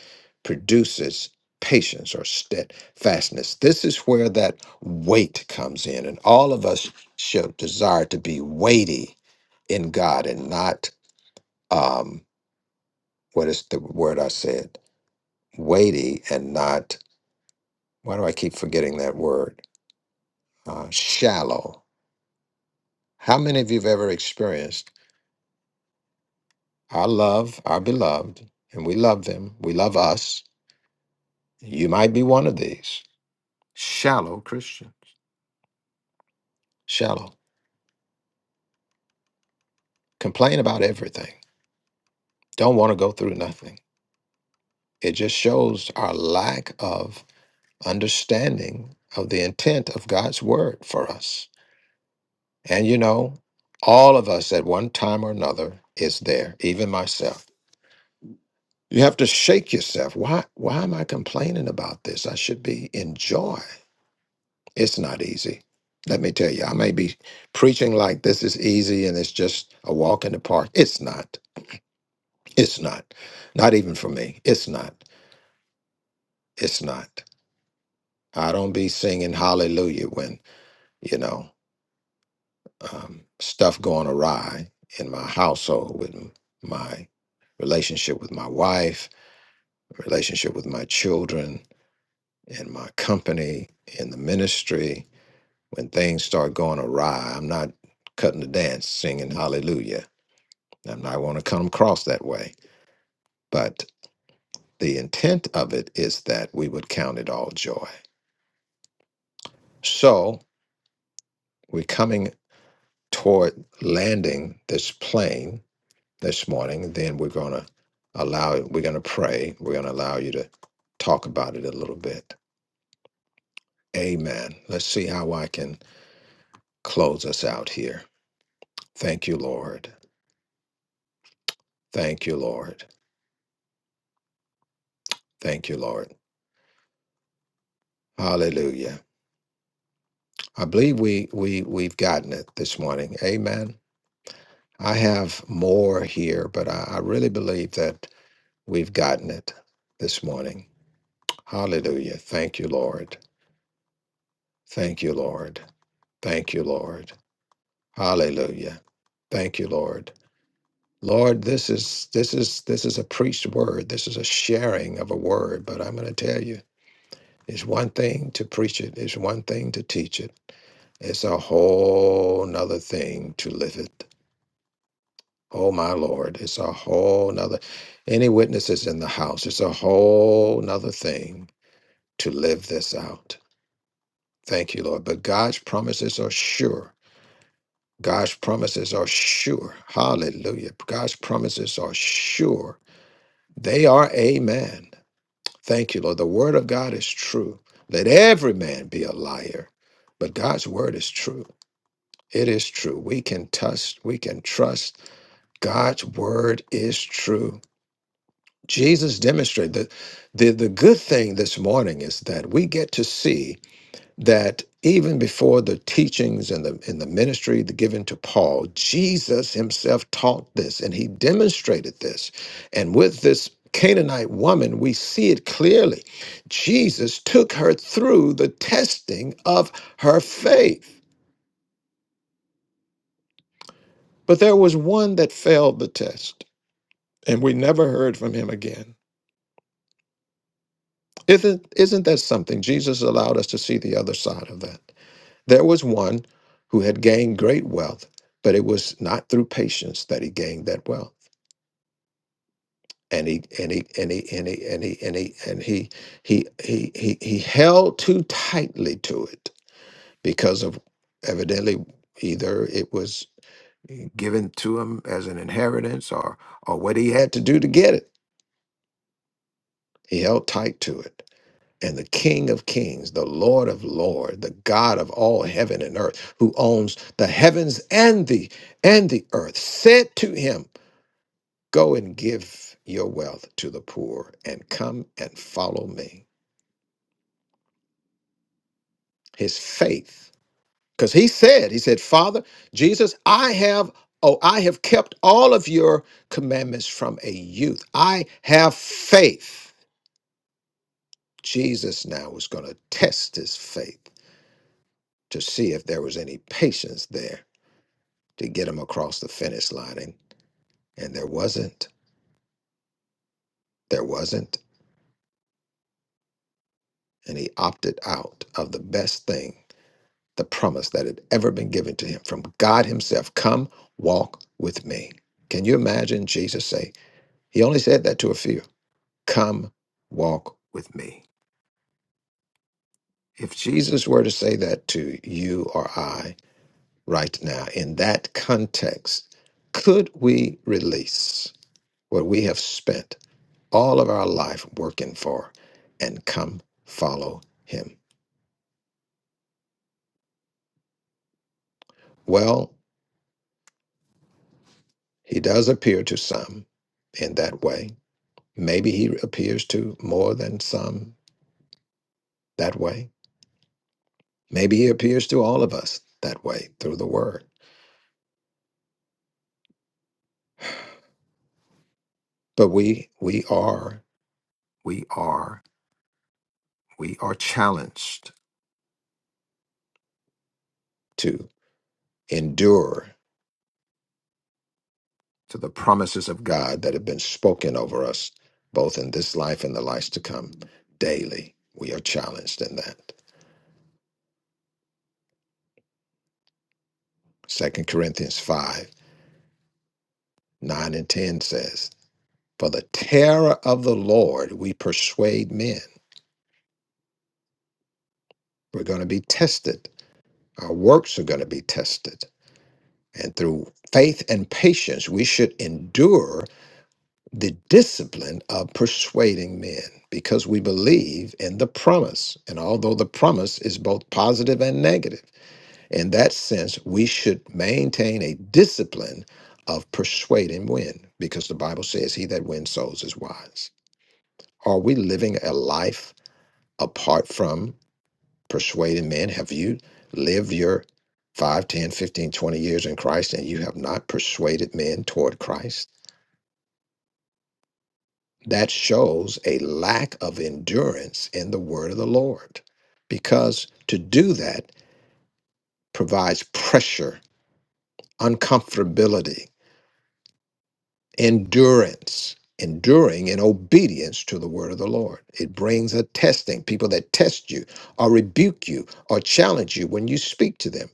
Speaker 1: produces patience or steadfastness. This is where that weight comes in, and all of us should desire to be weighty in God and not. Um, what is the word I said? Weighty and not, why do I keep forgetting that word? Uh, shallow. How many of you have ever experienced our love, our beloved, and we love them, we love us? You might be one of these shallow Christians, shallow, complain about everything, don't want to go through nothing. It just shows our lack of understanding of the intent of God's word for us And you know, all of us at one time or another is there, even myself. You have to shake yourself. Why why am I complaining about this? I should be in joy. It's not easy. Let me tell you, I may be preaching like this is easy and it's just a walk in the park. It's not. It's not. Not even for me. It's not. It's not. I don't be singing hallelujah when, you know. um, stuff going awry in my household with m- my relationship with my wife, relationship with my children, and my company, in the ministry. When things start going awry, I'm not cutting the dance singing hallelujah. I'm not going to come across that way. But the intent of it is that we would count it all joy. So we're coming toward landing this plane this morning, then we're going to allow it, we're going to pray. We're going to allow you to talk about it a little bit. Amen. Let's see how I can close us out here. Thank you, Lord. Thank you, Lord. Thank you, Lord. Hallelujah. I believe we we we've gotten it this morning. Amen. I have more here, but I, I really believe that we've gotten it this morning. Hallelujah. Thank you, Lord. Thank you, Lord. Thank you, Lord. Hallelujah. Thank you, Lord. Lord, this is this is this is a preached word. This is a sharing of a word, but I'm going to tell you, it's one thing to preach it, it's one thing to teach it. It's a whole nother thing to live it. Oh my Lord, it's a whole nother any witnesses in the house, it's a whole nother thing to live this out. Thank you, Lord. But God's promises are sure. God's promises are sure. Hallelujah. God's promises are sure. They are amen. Thank you, Lord. The word of God is true. Let every man be a liar, but God's word is true. It is true. We can trust, we can trust. God's word is true. Jesus demonstrated that the, the good thing this morning is that we get to see that even before the teachings and the in the ministry given to Paul, Jesus himself taught this and he demonstrated this. And with this Canaanite woman, we see it clearly. Jesus took her through the testing of her faith. But there was one that failed the test, and we never heard from him again. Isn't, isn't that something? Jesus allowed us to see the other side of that. There was one who had gained great wealth, but it was not through patience that he gained that wealth. And he and he and he and he and he and he and he he he he, he held too tightly to it because of evidently either it was given to him as an inheritance or or what he had to do to get it. He held tight to it and the King of Kings, the Lord of Lords, the God of all heaven and earth, who owns the heavens and the and the earth, said to him, Go and give your wealth to the poor and come and follow me. His faith. Because he said, He said, Father, Jesus, I have oh, I have kept all of your commandments from a youth. I have faith. Jesus now was going to test his faith to see if there was any patience there to get him across the finish line. And, and there wasn't. There wasn't. And he opted out of the best thing, the promise that had ever been given to him from God Himself Come, walk with me. Can you imagine Jesus say, He only said that to a few Come, walk with me. If Jesus were to say that to you or I right now, in that context, could we release what we have spent? all of our life working for and come follow him. Well, he does appear to some in that way. Maybe he appears to more than some that way. Maybe he appears to all of us that way through the word. But we we are we are we are challenged to endure to the promises of God that have been spoken over us both in this life and the lives to come daily. We are challenged in that. Second Corinthians 5 9 and 10 says, For the terror of the Lord we persuade men. We're going to be tested, our works are going to be tested. And through faith and patience, we should endure the discipline of persuading men because we believe in the promise. And although the promise is both positive and negative, in that sense, we should maintain a discipline of persuading men, because the Bible says, He that wins souls is wise. Are we living a life apart from persuading men? Have you lived your 5, 10, 15, 20 years in Christ and you have not persuaded men toward Christ? That shows a lack of endurance in the word of the Lord because to do that provides pressure, uncomfortability endurance, enduring in obedience to the word of the Lord. It brings a testing. People that test you or rebuke you or challenge you when you speak to them.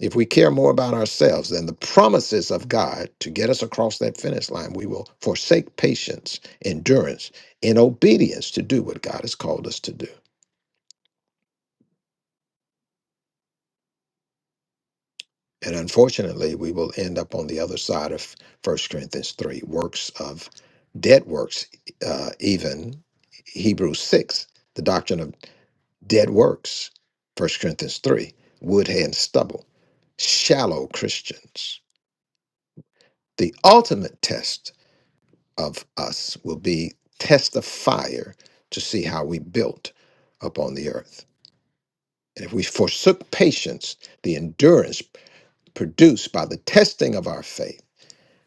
Speaker 1: If we care more about ourselves than the promises of God to get us across that finish line, we will forsake patience, endurance, and obedience to do what God has called us to do. And unfortunately, we will end up on the other side of First Corinthians 3, works of dead works, uh, even Hebrews 6, the doctrine of dead works, First Corinthians 3, wood, hay, and stubble, shallow Christians. The ultimate test of us will be test of fire to see how we built upon the earth. And if we forsook patience, the endurance produced by the testing of our faith,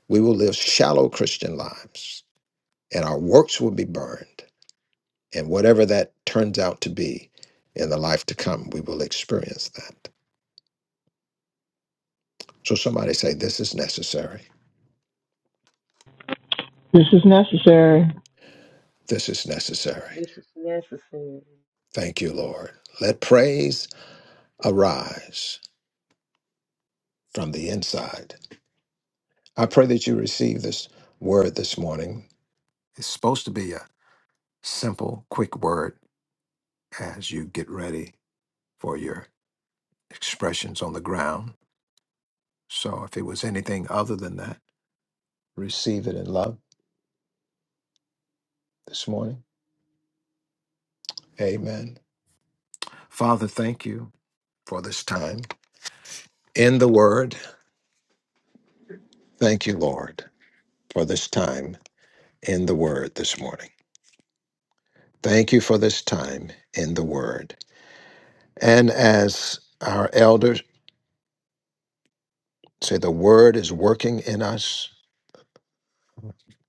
Speaker 1: We will live shallow Christian lives, and our works will be burned. And whatever that turns out to be in the life to come, we will experience that. So somebody say, This is necessary.
Speaker 4: This is necessary.
Speaker 1: This is necessary.
Speaker 6: This is necessary.
Speaker 1: Thank you, Lord. Let praise arise from the inside. I pray that you receive this word this morning. It's supposed to be a simple, quick word as you get ready for your expressions on the ground. So if it was anything other than that, receive it in love this morning. Amen. Father, thank you for this time in the Word. Thank you, Lord, for this time in the Word this morning. Thank you for this time in the Word. And as our elders say, the Word is working in us.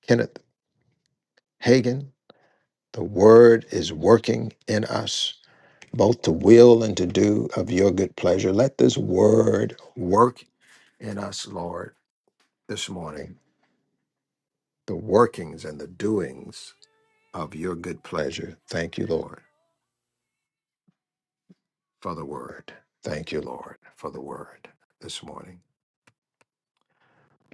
Speaker 1: Kenneth Hagan, the Word is working in us, both to will and to do of your good pleasure. Let this Word work in us, Lord, this morning the workings and the doings of your good pleasure. Thank you, Lord, for the word. Thank you, Lord, for the word this morning.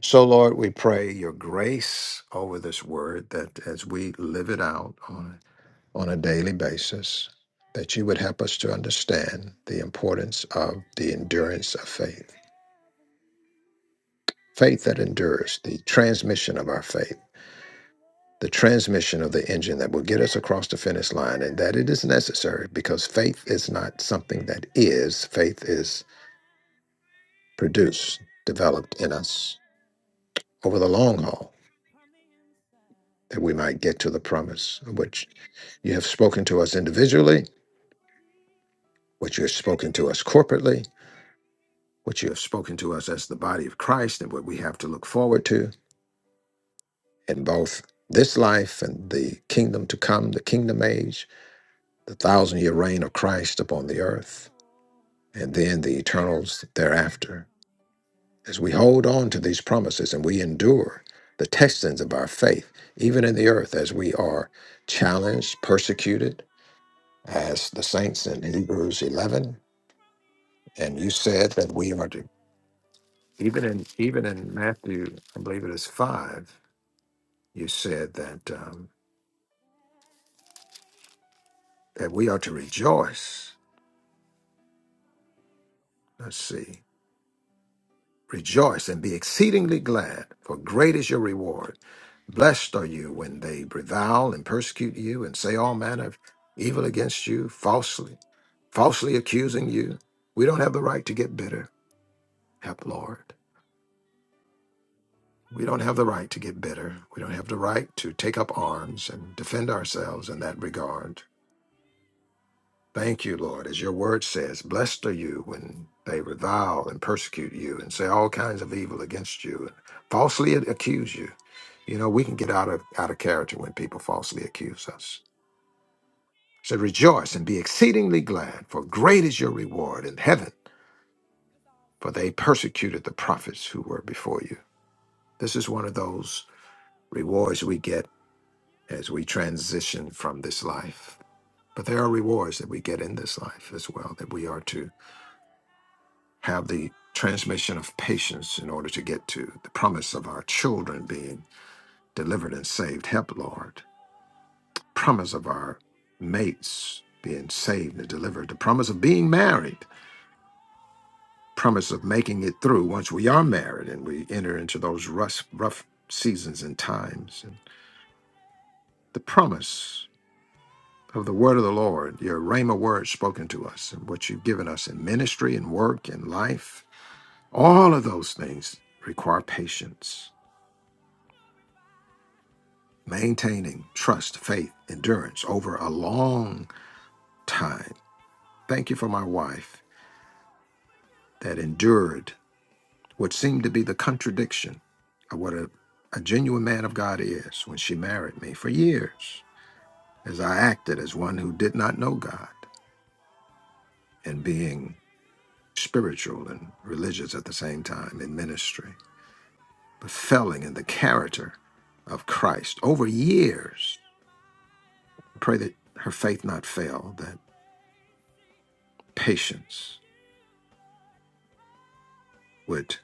Speaker 1: So, Lord, we pray your grace over this word that as we live it out on, on a daily basis, that you would help us to understand the importance of the endurance of faith, faith that endures, the transmission of our faith the transmission of the engine that will get us across the finish line and that it is necessary because faith is not something that is faith is produced developed in us over the long haul that we might get to the promise which you have spoken to us individually which you have spoken to us corporately which you have spoken to us as the body of christ and what we have to look forward to in both this life and the kingdom to come the kingdom age the thousand year reign of christ upon the earth and then the eternals thereafter. As we hold on to these promises and we endure the testings of our faith, even in the earth, as we are challenged, persecuted, as the saints in Hebrews 11, and you said that we are to, even in even in Matthew, I believe it is five, you said that um, that we are to rejoice. Let's see. Rejoice and be exceedingly glad, for great is your reward. Blessed are you when they revile and persecute you and say all manner of evil against you falsely, falsely accusing you. We don't have the right to get bitter. Help, Lord. We don't have the right to get bitter. We don't have the right to take up arms and defend ourselves in that regard. Thank you, Lord. As your word says, blessed are you when they revile and persecute you and say all kinds of evil against you and falsely accuse you. You know, we can get out of out of character when people falsely accuse us. So rejoice and be exceedingly glad, for great is your reward in heaven, for they persecuted the prophets who were before you. This is one of those rewards we get as we transition from this life. But there are rewards that we get in this life as well that we are to have the transmission of patience in order to get to the promise of our children being delivered and saved. Help, Lord. Promise of our mates being saved and delivered. The promise of being married. Promise of making it through once we are married and we enter into those rough, rough seasons and times. And the promise of the word of the Lord, your Rhema word spoken to us, and what you've given us in ministry and work and life. All of those things require patience maintaining trust, faith, endurance over a long time. Thank you for my wife that endured what seemed to be the contradiction of what a, a genuine man of God is when she married me for years, as I acted as one who did not know God and being spiritual and religious at the same time in ministry, but failing in the character of Christ over years. I pray that her faith not fail, that patience would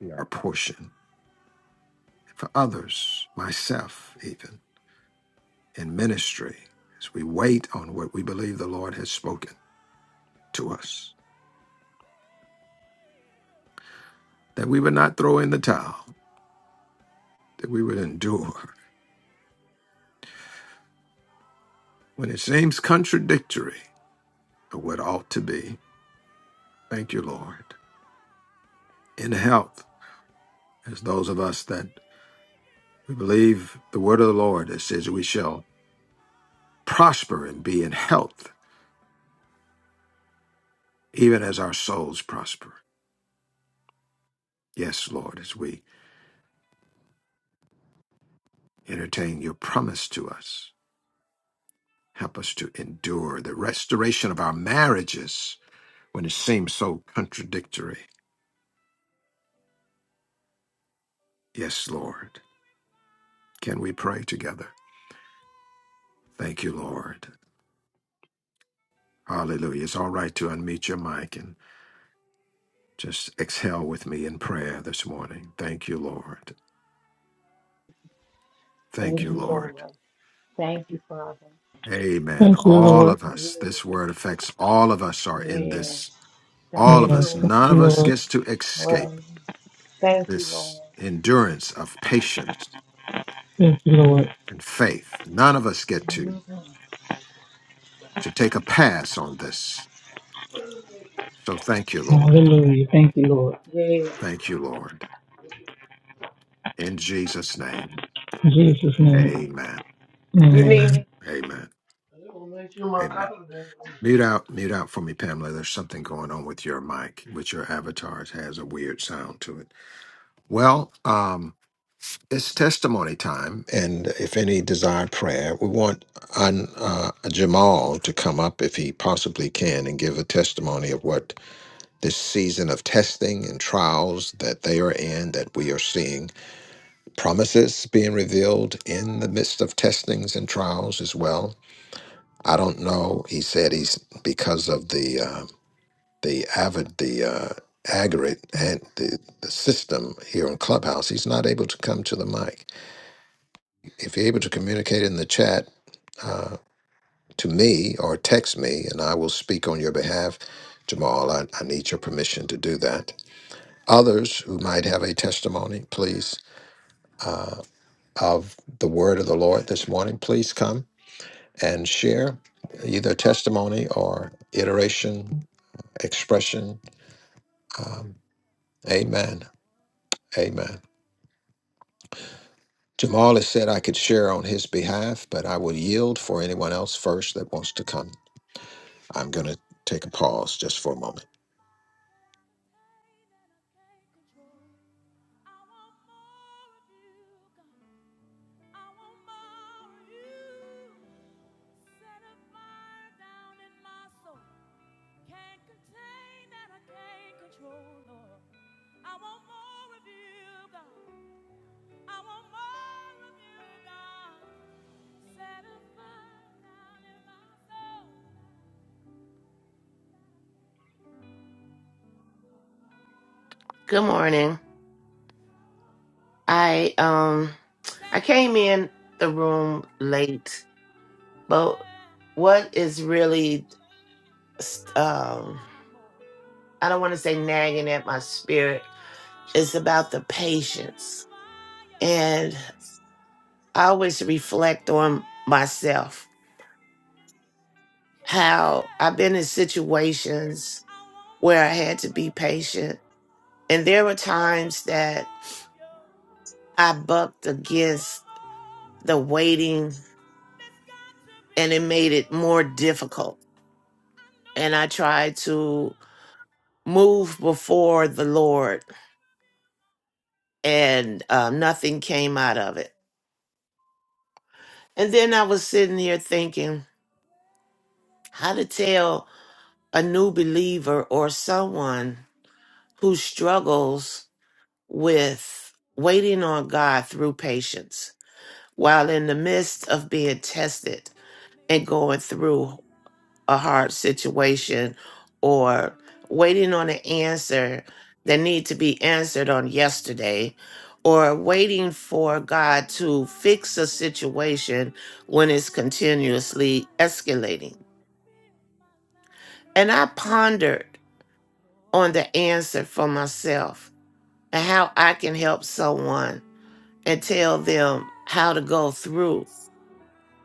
Speaker 1: yeah. our portion for others, myself even, in ministry, as we wait on what we believe the Lord has spoken to us, that we would not throw in the towel, that we would endure when it seems contradictory to what ought to be. Thank you, Lord. In health, as those of us that we believe the word of the Lord that says we shall prosper and be in health, even as our souls prosper. Yes, Lord, as we entertain your promise to us Help us to endure the restoration of our marriages when it seems so contradictory. Yes, Lord. Can we pray together? Thank you, Lord. Hallelujah. It's all right to unmute your mic and just exhale with me in prayer this morning. Thank you, Lord. Thank you,
Speaker 6: Thank you,
Speaker 1: Lord.
Speaker 6: Lord. Thank you, Father.
Speaker 1: Amen.
Speaker 4: Thank
Speaker 6: Thank
Speaker 4: you,
Speaker 6: you.
Speaker 1: All
Speaker 4: Lord.
Speaker 1: of us, this
Speaker 6: Yes.
Speaker 1: word affects all of us are in this.
Speaker 6: Yes.
Speaker 1: All
Speaker 6: Thank
Speaker 1: of
Speaker 6: you,
Speaker 4: Yes,
Speaker 1: us,
Speaker 6: Lord
Speaker 4: thank
Speaker 1: none
Speaker 4: you,
Speaker 1: of
Speaker 6: Jesus.
Speaker 1: us
Speaker 4: Lord.
Speaker 1: gets to escape
Speaker 6: Lord, Thank you,
Speaker 1: this
Speaker 6: Lord.
Speaker 1: endurance of patience and faith. None of us get to.
Speaker 6: Mhm.
Speaker 1: to take a pass on this. So thank you, Lord.
Speaker 4: Lord.
Speaker 6: Yeah.
Speaker 1: Thank you, Lord. In Jesus' name, amen.
Speaker 6: You
Speaker 1: Amen.
Speaker 6: need
Speaker 4: Amen.
Speaker 1: Amen.
Speaker 6: me?
Speaker 1: Amen. Mute out, mute out for me, Pamela. There's something going on with your mic, with your avatar. It has a weird sound to it. Well, um, it's testimony time, and if any desired prayer, we want uh, Jamal to come up if he possibly can and give a testimony of what this season of testing and trials that they are in, that we are seeing promises being revealed in the midst of testings and trials as well. I don't know. He said he's because of the uh, the avid the uh, aggregate and the, the system here in Clubhouse. He's not able to come to the mic. If you're able to communicate in the chat to me or text me, and I will speak on your behalf. Jamal, I, I need your permission to do that. Others who might have a testimony, please uh, of the word of the Lord this morning, please come and share either testimony or iteration, expression. Um, amen. Amen. Jamal has said I could share on his behalf, but I will yield for anyone else first that wants to come. I'm going to take a pause just for a moment.
Speaker 10: Good morning. I um I came in the room late, but what is really um I don't want to say nagging at my spirit is about the patience. And I always reflect on myself how I've been in situations where I had to be patient. And there were times that I bucked against the waiting and it made it more difficult and I tried to move before the Lord, and uh, nothing came out of it. And then I was sitting here thinking how to tell a new believer or someone who struggles with waiting on God through patience while in the midst of being tested and going through a hard situation or waiting on an answer that need to be answered on yesterday or waiting for God to fix a situation when it's continuously escalating. And I pondered on the answer for myself and how I can help someone and tell them how to go through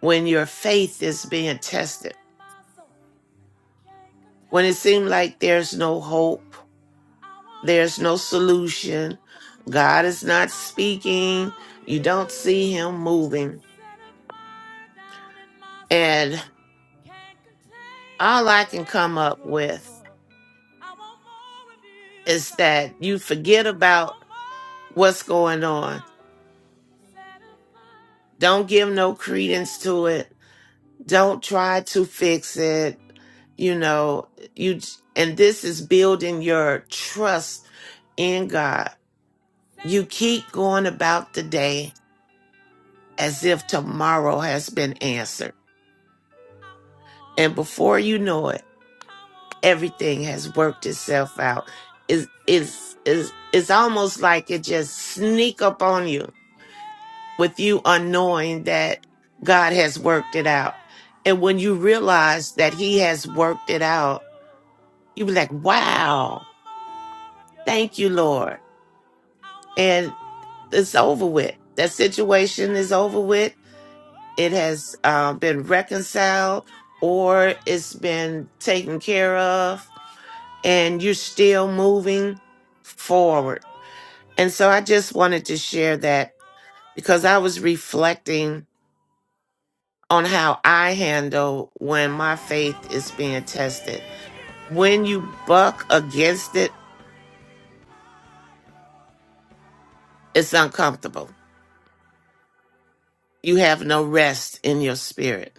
Speaker 10: when your faith is being tested, when it seems like there's no hope There's no solution. God is not speaking. You don't see him moving. And all I can come up with is that you forget about what's going on. Don't give no credence to it. Don't try to fix it. You know, you and this is building your trust in God. You keep going about the day as if tomorrow has been answered. And before you know it, everything has worked itself out. Is is is it's almost like it just sneak up on you with you unknowing that God has worked it out. And when you realize that He has worked it out, you be like, Wow, thank you, Lord. And it's over with. That situation is over with. It has uh, been reconciled or it's been taken care of, and you're still moving forward And so I just wanted to share that because I was reflecting on how I handle when my faith is being tested. When you buck against it, it's uncomfortable. You have no rest in your spirit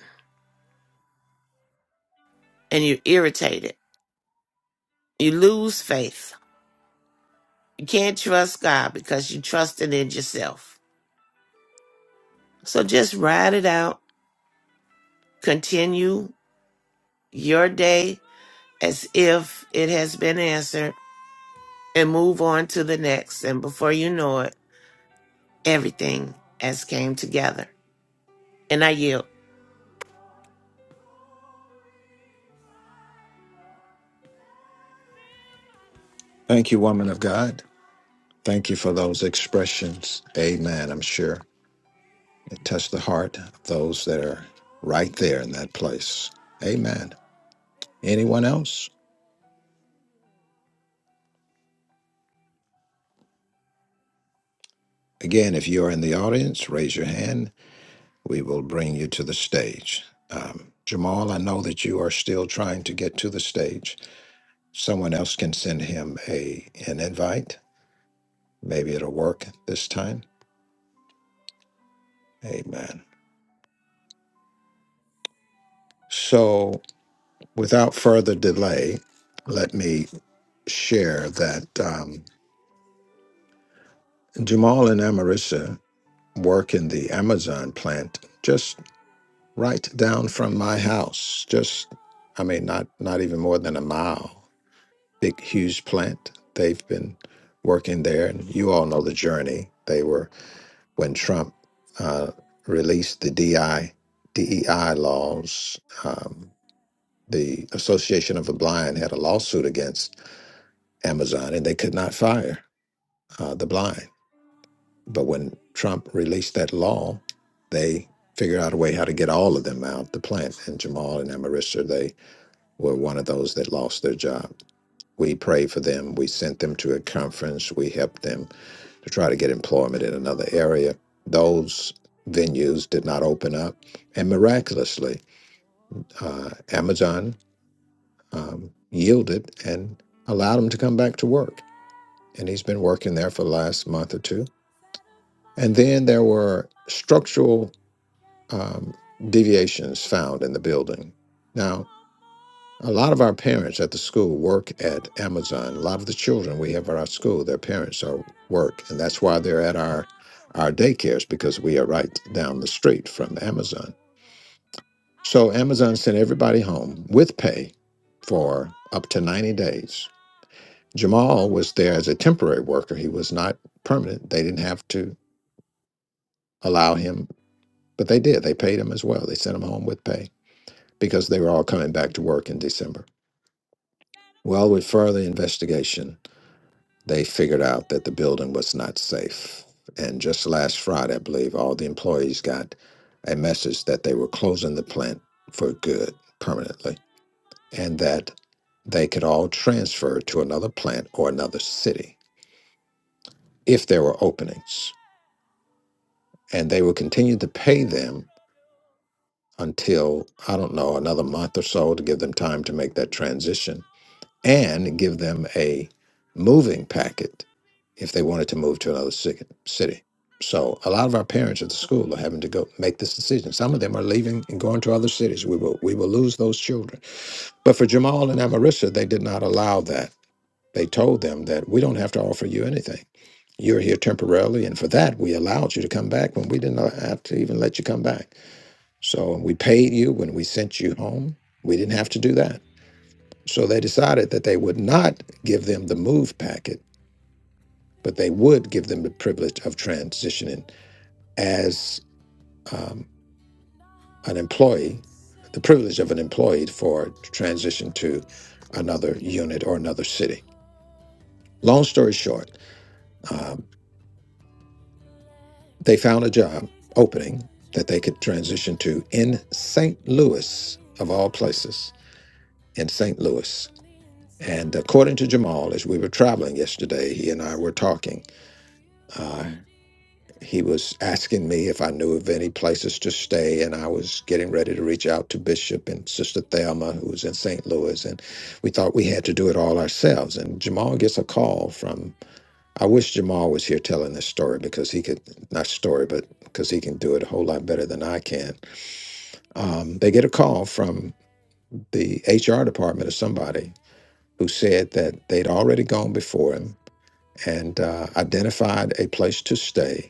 Speaker 10: and you're irritated. You lose faith. You can't trust God because you trusted in yourself. So just ride it out. Continue your day as if it has been answered and move on to the next. And before you know it, everything as came together. And I yield.
Speaker 1: Thank you, woman of God. Thank you for those expressions. Amen. I'm sure it touched the heart of those that are right there in that place. Amen. Anyone else? Again, if you're in the audience, raise your hand. We will bring you to the stage. Um, Jamal, I know that you are still trying to get to the stage. Someone else can send him a an invite. Maybe it'll work this time. Amen. So, without further delay, let me share that um, Jamal and Amarissa work in the Amazon plant just right down from my house. Just, I mean, not not even more than a mile. Big, huge plant. They've been working there, and you all know the journey. They were when Trump uh, released the DI DEI laws. Um, the Association of the Blind had a lawsuit against Amazon, and they could not fire uh, the blind But when Trump released that law, they figured out a way how to get all of them out the plant. And Jamal and Amarissa, they were one of those that lost their job. We prayed for them. We sent them to a conference. We helped them to try to get employment in another area. Those venues did not open up. And miraculously, uh, Amazon um, yielded and allowed him to come back to work. And he's been working there for the last month or two. And then there were structural um, deviations found in the building. Now, a lot of our parents at the school work at Amazon. A lot of the children we have at our school, their parents are work, and that's why they're at our our daycares because we are right down the street from Amazon. So Amazon sent everybody home with pay for up to 90 days. Jamal was there as a temporary worker. He was not permanent. They didn't have to allow him, but they did. They paid him as well. They sent him home with pay. because they were all coming back to work in December. Well, with further investigation, they figured out that the building was not safe. And just last Friday, I believe, all the employees got a message that they were closing the plant for good permanently and that they could all transfer to another plant or another city if there were openings. And they would continue to pay them until, I don't know, another month or so to give them time to make that transition and give them a moving packet if they wanted to move to another ci- city. So a lot of our parents at the school are having to go make this decision. Some of them are leaving and going to other cities. We will we will lose those children. But for Jamal and Amarissa, they did not allow that. They told them that we don't have to offer you anything. You're here temporarily, and for that we allowed you to come back when we didn't have to even let you come back. So we paid you when we sent you home. We didn't have to do that. So they decided that they would not give them the move packet, but they would give them the privilege of transitioning as um, an employee, the privilege of an employee for transition to another unit or another city. Long story short, um, they found a job opening that they could transition to in St. Louis, of all places, in St. Louis. And according to Jamal, as we were traveling yesterday, he and I were talking. uh, he was asking me if I knew of any places to stay, and I was getting ready to reach out to Bishop and Sister Thelma, who was in St. Louis, and we thought we had to do it all ourselves. And Jamal gets a call from. I wish Jamal was here telling this story because he could not story, but because he can do it a whole lot better than I can. Um, they get a call from the HR department of somebody who said that they'd already gone before him and uh, identified a place to stay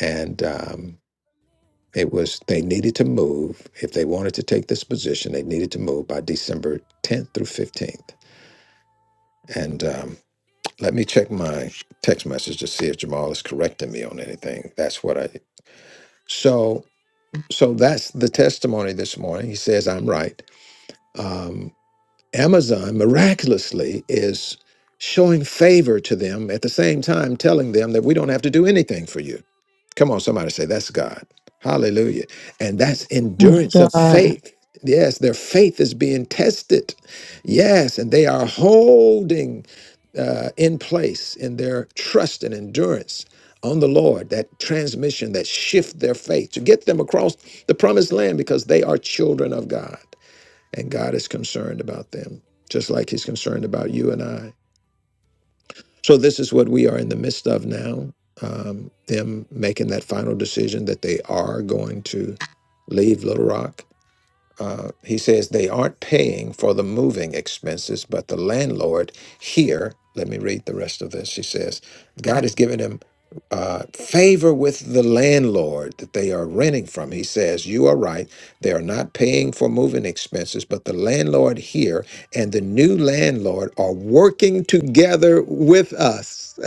Speaker 1: and. Um, It was they needed to move if they wanted to take this position. They needed to move by December 10th through 15th. And um, let me check my text message to see if Jamal is correcting me on anything. That's what I. So so that's the testimony this morning. He says I'm right. Um, Amazon miraculously is showing favor to them at the same time telling them that we don't have to do anything for you. Come on, somebody say that's God. Hallelujah. And that's
Speaker 4: Yes,
Speaker 1: endurance of
Speaker 4: God.
Speaker 1: faith. Yes, their faith is being tested. Yes, and they are holding uh, in place in their trust and endurance on the Lord, that transmission, that shift their faith to get them across the promised land because they are children of God and God is concerned about them, just like He's concerned about you and I. So this is what we are in the midst of now. Um, them making that final decision that they are going to leave Little Rock uh, he says they aren't paying for the moving expenses, but the landlord here, let me read the rest of this. She says, God has given him uh, favor with the landlord that they are renting from. He says, You are right. They are not paying for moving expenses, but the landlord here and the new landlord are working together with us.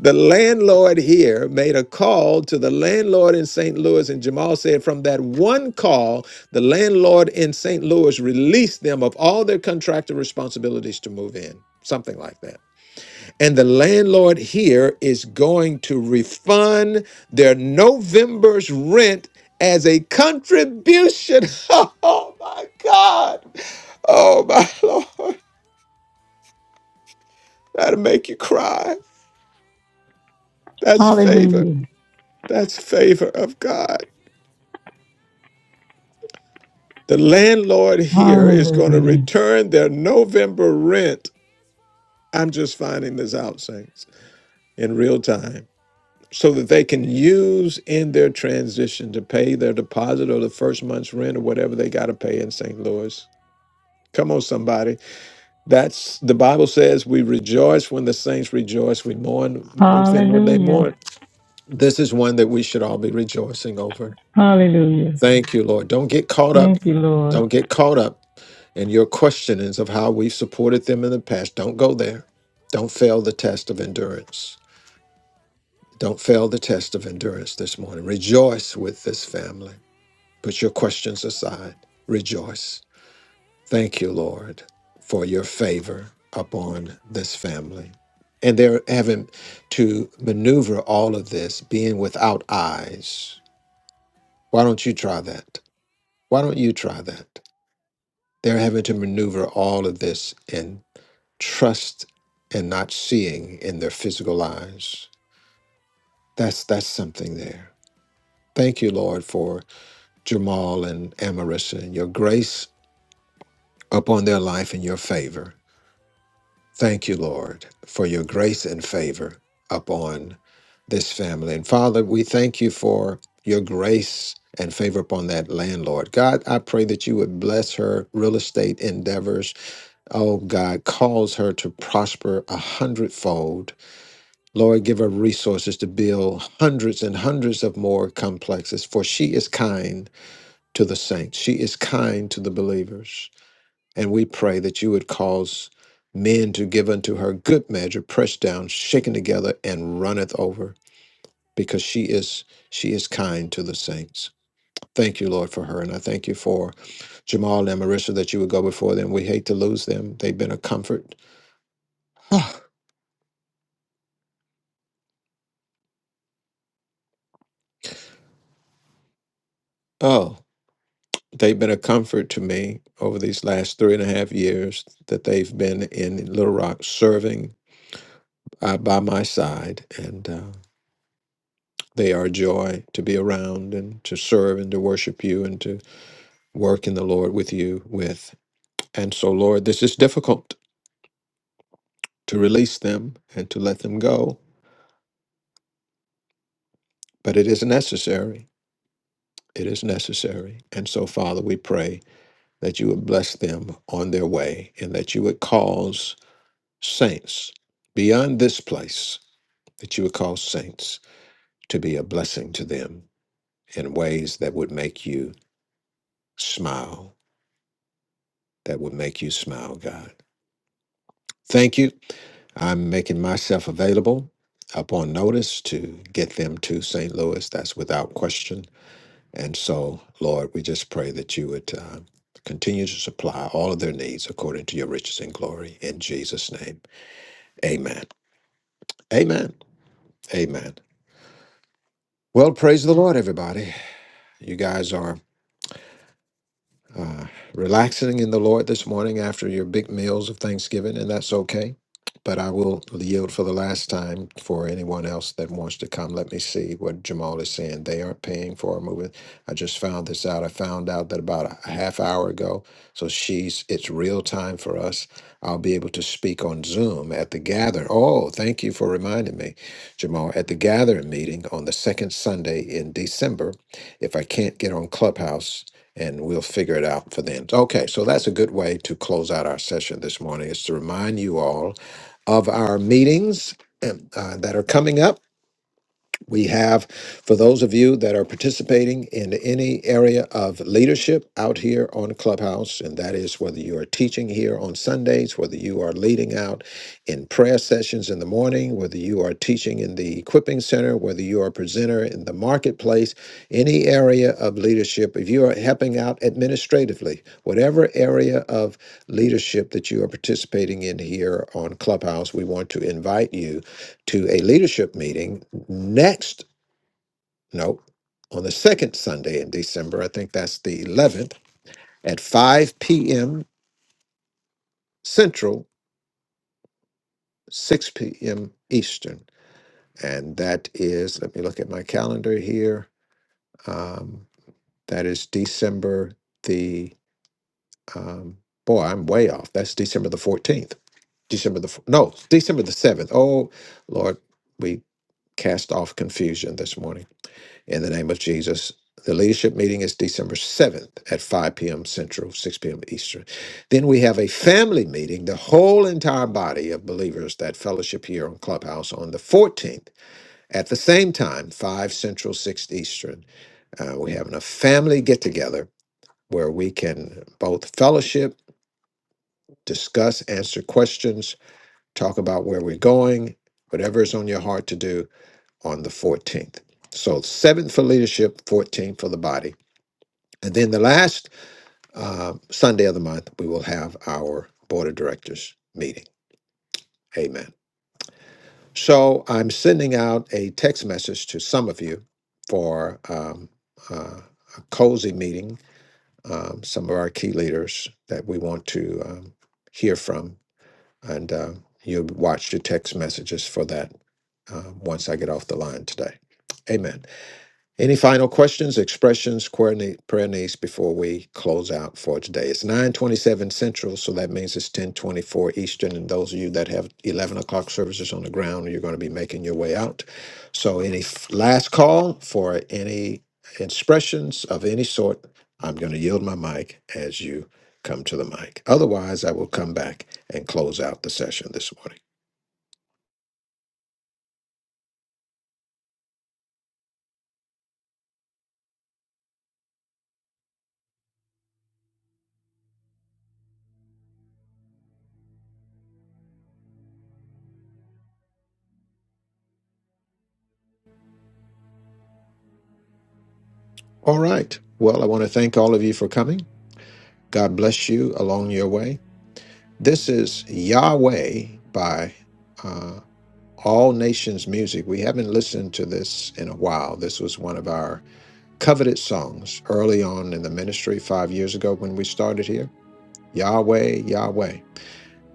Speaker 1: the landlord here made a call to the landlord in St. Louis, and Jamal said, From that one call, the landlord in St. Louis released them of all their contractual responsibilities to move in, something like that. And the landlord here is going to refund their November's rent as a contribution. Oh my God. Oh my Lord. That'll make you cry. That's favor.
Speaker 4: Hallelujah.
Speaker 1: That's favor of God. The landlord here is going to
Speaker 4: Hallelujah.
Speaker 1: return their November rent. I'm just finding this out, Saints in real time so that they can use in their transition to pay their deposit or the first month's rent or whatever they got to pay in St. Louis. Come on, somebody. That's the Bible says we rejoice when the saints rejoice. We mourn with them when they
Speaker 4: Hallelujah.
Speaker 1: mourn. This is one that we should all be rejoicing over.
Speaker 4: Hallelujah.
Speaker 1: Thank you, Lord. Don't get caught up.
Speaker 4: Thank you, Lord.
Speaker 1: Don't get caught up in your questionings of how we've supported them in the past. Don't go there. Don't fail the test of endurance. Don't fail the test of endurance this morning. Rejoice with this family. Put your questions aside. Rejoice. Thank you, Lord, for your favor upon this family. And they're having to maneuver all of this being without eyes. Why don't you try that? Why don't you try that? They're having to maneuver all of this in trust and not seeing in their physical eyes. That's that's something there. Thank you, Lord, for Jamal and Amaris, and your grace upon their life and your favor. Thank you, Lord, for your grace and favor upon this family. And Father, we thank you for your grace and favor upon that landlord. God, I pray that you would bless her real estate endeavors. Oh, God, cause her to prosper a hundredfold. Lord, give her resources to build hundreds and hundreds of more complexes, for she is kind to the saints. She is kind to the believers. And we pray that you would cause men to give unto her good measure, pressed down, shaken together, and runneth over, because she is she is kind to the saints. Thank you, Lord, for her. And I thank you for Jamal and Marissa that you would go before them. We hate to lose them. They've been a comfort. oh, they've been a comfort to me over these last three and a half years that they've been in Little Rock serving uh, by my side. And uh, They are joy to be around and to serve and to worship you and to work in the Lord with you with. And so, Lord, this is difficult to release them and to let them go, but it is necessary. It is necessary. And so, Father, we pray that you would bless them on their way and that you would cause saints beyond this place, that you would cause saints to be a blessing to them in ways that would make you smile, that would make you smile, God. Thank you I'm making myself available upon notice to get them to St. Louis. That's without question. And so, Lord, we just pray that you would uh, continue to supply all of their needs according to your riches and glory. In Jesus' name, amen. Amen. Amen. Well, praise the Lord, everybody. You guys are uh, relaxing in the Lord this morning after your big meals of Thanksgiving, and that's okay. But I will yield for the last time for anyone else that wants to come. Let me see what Jamal is saying. They aren't paying for a movie. I just found this out. I found out that about a half hour ago. So she's it's real time for us. I'll be able to speak on Zoom at the gather. Oh, thank you for reminding me, Jamal. At the gathering meeting on the second Sunday in December, if I can't get on Clubhouse and we'll figure it out for then. Okay, so that's a good way to close out our session this morning is to remind you all of our meetings um, uh, that are coming up. We have, for those of you that are participating in any area of leadership out here on Clubhouse, and that is whether you are teaching here on Sundays, whether you are leading out in prayer sessions in the morning, whether you are teaching in the equipping center, whether you are a presenter in the marketplace, any area of leadership, if you are helping out administratively, whatever area of leadership that you are participating in here on Clubhouse, we want to invite you to a leadership meeting next, no, on the second Sunday in December. I think that's the 11th at 5 p.m. Central, 6 p.m. Eastern. And that is, let me look at my calendar here. Um, that is December the, um, boy, I'm way off. That's December the 14th. December the, f- no, December the 7th. Oh, Lord, we cast off confusion this morning. in the name of Jesus. The leadership meeting is December 7th at 5 p.m. Central, 6 p.m. Eastern. Then we have a family meeting, the whole entire body of believers that fellowship here on Clubhouse on the 14th at the same time, 5 Central, 6 Eastern. Uh, we have a family get together where we can both fellowship, discuss, answer questions, talk about where we're going, whatever is on your heart to do on the 14th. So, 7th for leadership, 14th for the body. And then the last uh, Sunday of the month, we will have our board of directors meeting. Amen. So I'm sending out a text message to some of you for um, uh, a cozy meeting, um, some of our key leaders that we want to um, hear from. And uh, you'll watch your text messages for that uh, once I get off the line today. Amen. Any final questions, expressions, query ne- prayer needs before we close out for today? It's 927 Central, so that means it's 1024 Eastern. And those of you that have 11 o'clock services on the ground, you're going to be making your way out. So any f- last call for any expressions of any sort, I'm going to yield my mic as you come to the mic. Otherwise, I will come back and close out the session this morning. All right. Well, I want to thank all of you for coming. God bless you along your way. This is Yahweh by uh, All Nations Music. We haven't listened to this in a while. This was one of our coveted songs early on in the ministry five years ago when we started here. Yahweh, Yahweh.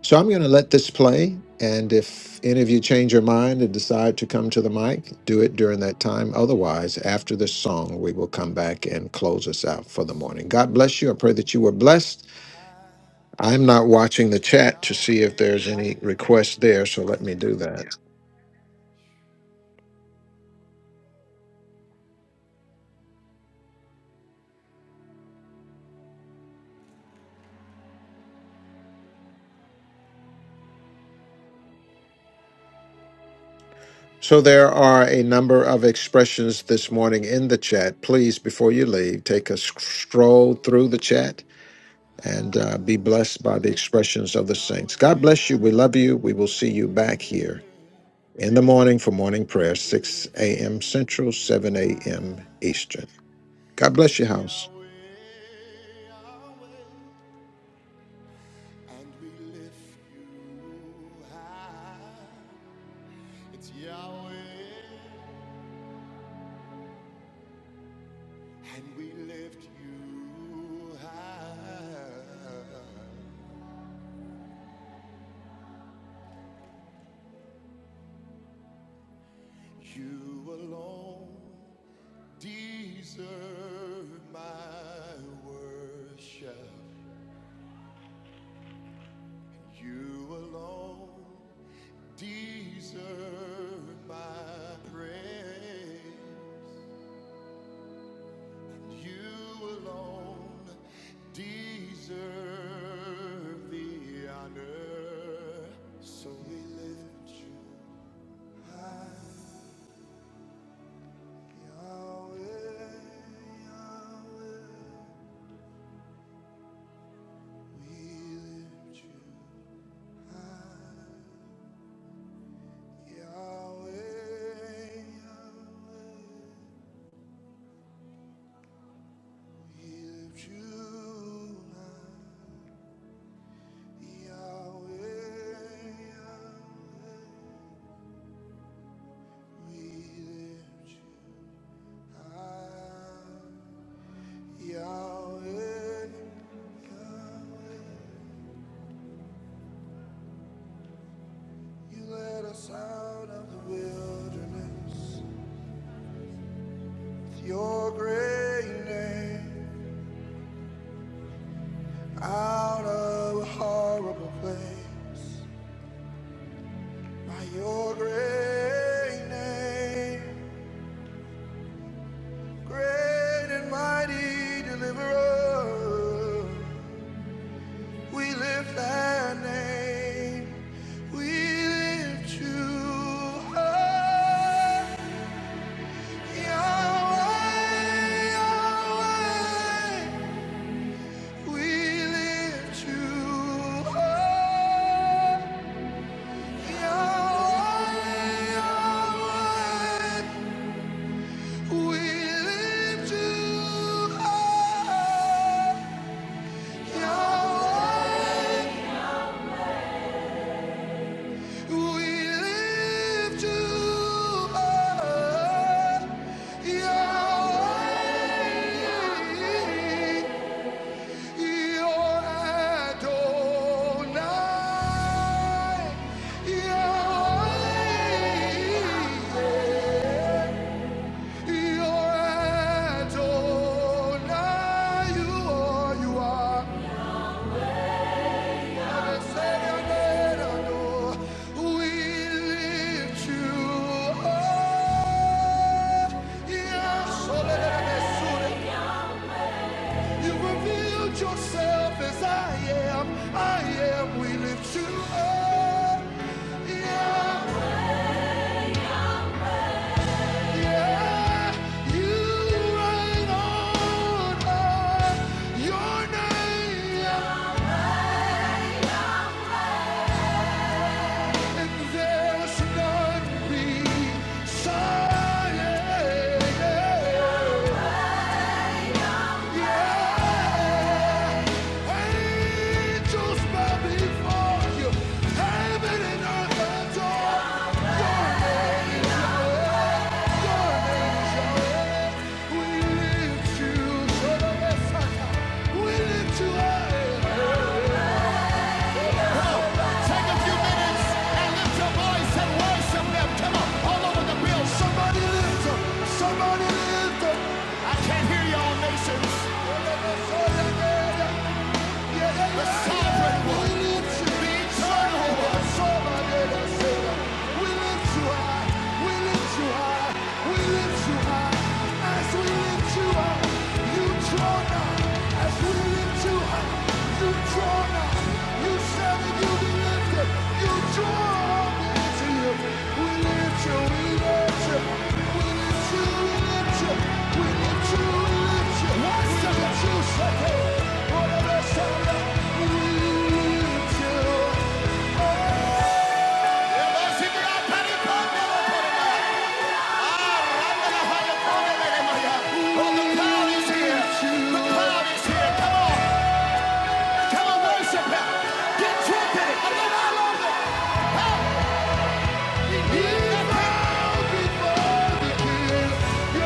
Speaker 1: So I'm going to let this play. And if any of you change your mind and decide to come to the mic, do it during that time. Otherwise, after this song, we will come back and close us out for the
Speaker 2: So
Speaker 1: morning. God
Speaker 2: we
Speaker 1: bless you. I pray that you were blessed.
Speaker 2: hide,
Speaker 1: I'm not watching the
Speaker 2: it's
Speaker 1: chat to
Speaker 2: Yahweh,
Speaker 1: see if there's any requests there, so let me do that. So there are a number of expressions this morning in the chat. Please, before you leave, take a sc- stroll through the chat and uh, be blessed by the expressions of the saints. God bless you. We love you. We will see you back here in the morning for morning prayer, 6 a.m. Central, 7 a.m. Eastern. God bless your house.
Speaker 2: hide, it's Yahweh. And we lift you high. You alone deserve my worship. And you alone deserve my praise. You alone deserve the honor. So we lift you high. Yahweh, Yahweh, we lift you high. Yahweh, Yahweh, we lift you high. Yahweh, Yahweh, we lift you high. Yahweh, Yahweh. You led us out of the wilderness with your great name, out of a horrible place. By your great name, great and mighty deliverer, we lift that name. We lift you high, Yahweh, Yahweh. We lift you up, Yahweh, Yahweh. We lift you up, Yahweh. We lift you up, Yahweh. You're Adonai. You're Adonai. You are, you are. We lift you up. Yes, oh, let it be You revealed yourself as I am. I am. We lift you up. Yeah, yeah. You reign on high. Your name, and there's none beside. Yeah. Angels bow before you. Heaven and earth adore. Your name, your name is holy. We lift you, Shadowbasaka. We lift you Take a few minutes and lift your voice and worship them. Come on, all over the building. Somebody lift them. Somebody lift them. I can't hear y'all nations. the sovereign one, the eternal one. We lift you high, we lift you high, we lift you high. As we lift you high, you draw nigh. As we lift you high, you draw nigh. You said that you'd be We lift you, we out there. Oh, the power is here. The power of worship. Get tripping. I know I love You bow before you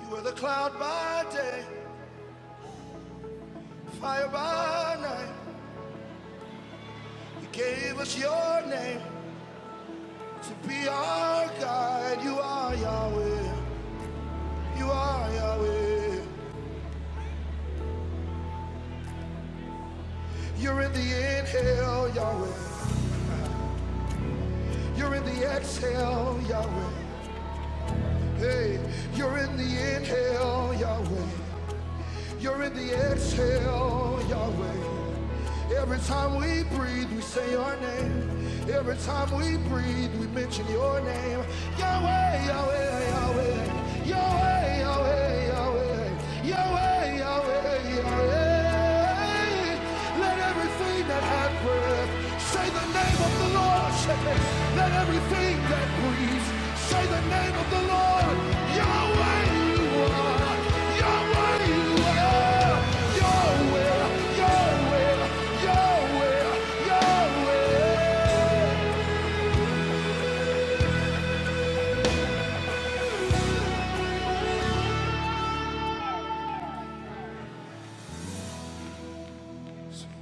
Speaker 2: You were the cloud by day, fire by night. You gave us your name to be our guide. You are Yahweh. You are Yahweh. You're in the inhale, Yahweh. You're in the exhale, Yahweh. Hey, you're in the inhale, Yahweh. You're in the exhale, Yahweh. Every time we breathe, we say your name. Every time we breathe, we mention your name. Yahweh, Yahweh, Yahweh. Yahweh, Yahweh, Yahweh. Yahweh, Yahweh, Yahweh. Let everything that happens Say the name of the Lord, Shepherd. Let everything that breathes. Say the name of the Lord. Yahweh, you are. Yahweh, you are. Yahweh, Yahweh, Yahweh, Yahweh.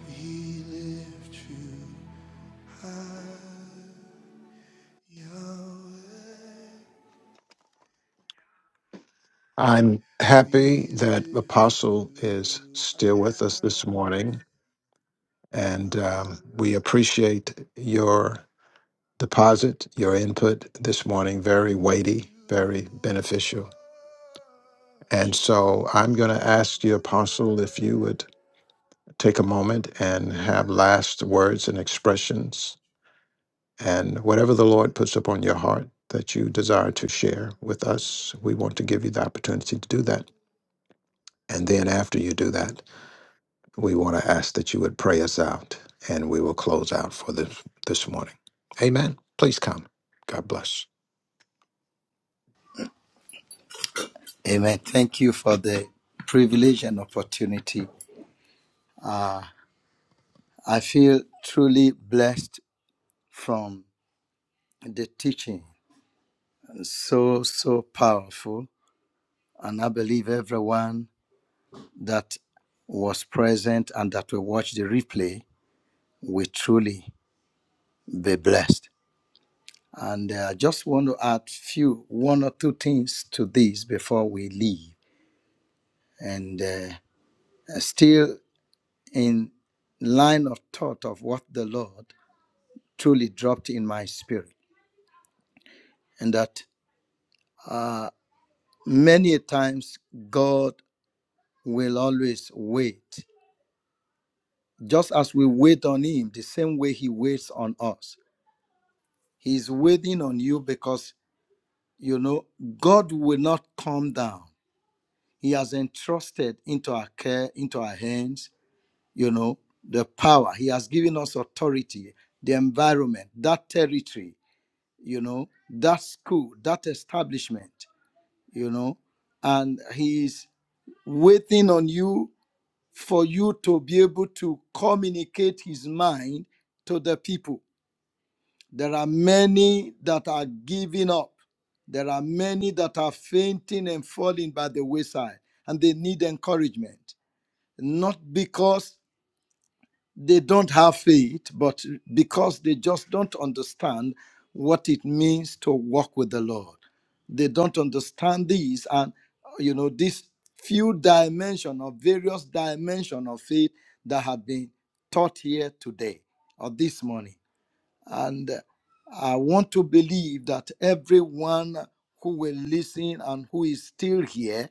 Speaker 2: We lift you high, Yahweh.
Speaker 1: I'm happy
Speaker 2: We
Speaker 1: that
Speaker 2: lift
Speaker 1: Apostle is
Speaker 2: you
Speaker 1: still with us this
Speaker 2: high.
Speaker 1: morning. And um, we
Speaker 2: Yahweh.
Speaker 1: appreciate your deposit, your input this
Speaker 2: We
Speaker 1: morning, very
Speaker 2: lift
Speaker 1: weighty,
Speaker 2: you
Speaker 1: very beneficial.
Speaker 2: high,
Speaker 1: And so I'm going to ask
Speaker 2: Yahweh.
Speaker 1: you, Apostle, if you would take a moment and have last
Speaker 2: We
Speaker 1: words and
Speaker 2: lift
Speaker 1: expressions and whatever the Lord puts upon your heart that you desire to share with us. We want to give you the
Speaker 2: high,
Speaker 1: opportunity to do
Speaker 2: Yahweh,
Speaker 1: that.
Speaker 2: Yahweh.
Speaker 1: And then after you do that, We want to ask that you would pray us out, and we will close out for this this morning. Amen. Please come. God bless.
Speaker 9: Amen. Thank you for the privilege and opportunity. I feel truly blessed from the teaching. So, so powerful. And I believe everyone that was present and that will watch the replay will truly be blessed. And uh, I uh, just want to add few, one or two things to this before we leave. And uh, still in line of thought of what the Lord truly dropped in my spirit. and that uh, many times God will always wait. Just as we wait on Him, the same way He waits on us. He's waiting on you because, you know, God will not come down. He has entrusted into our care, into our hands, you know, the power. He has given us authority, the environment, that territory, you know, that school, that establishment, you know, and He's waiting on you for you to be able to communicate his mind to the people. There are many that are giving up. There are many that are fainting and falling by the wayside, and they need encouragement. Not because they don't have faith, but because they just don't understand what it means to walk with the Lord. They don't understand these and you know this few dimension or various dimension of faith that have been taught here today or this morning. And uh, I want to believe that everyone who will listen and who is still here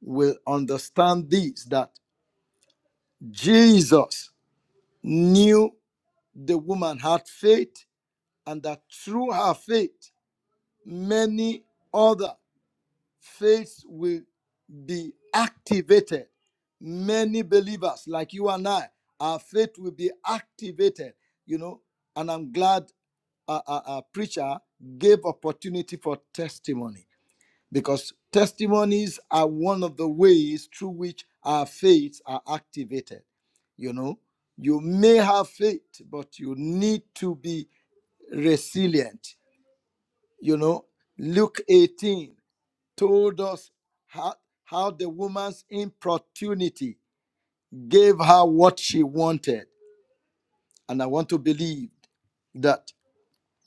Speaker 9: will understand this that Jesus knew the woman had faith and that through her faith many other faiths will be activated many believers like you and i our faith will be activated you know and i'm glad a, a, a preacher gave opportunity for testimony because testimonies are one of the ways through which our faiths are activated you know you may have faith but you need to be resilient. You know, Luke 18 told us how, how the woman's importunity gave her what she wanted. And I want to believe that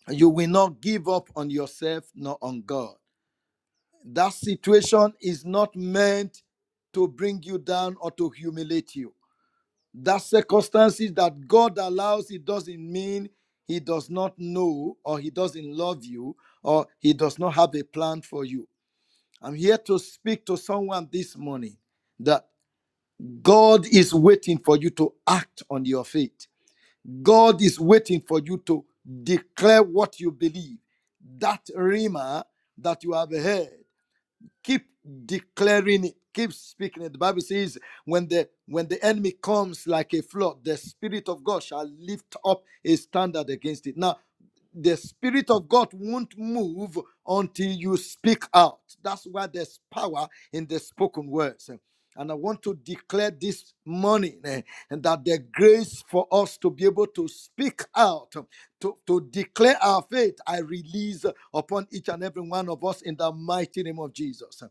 Speaker 9: you will not give up on yourself nor on God. That situation is not meant to bring you down or to humiliate you. That circumstances that God allows, it doesn't mean He does not know or He doesn't love you or He does not have a plan for you. I'm here to speak to someone this morning that God is waiting for you to act on your faith. God is waiting for you to declare what you believe. That rima that you have heard, keep declaring it keep speaking it the bible says when the when the enemy comes like a flood the spirit of god shall lift up a standard against it now the spirit of god won't move until you speak out that's why there's power in the spoken words and i want to declare this morning eh, that the grace for us to be able to speak out to, to declare our faith i release upon each and every one of us in the mighty name of jesus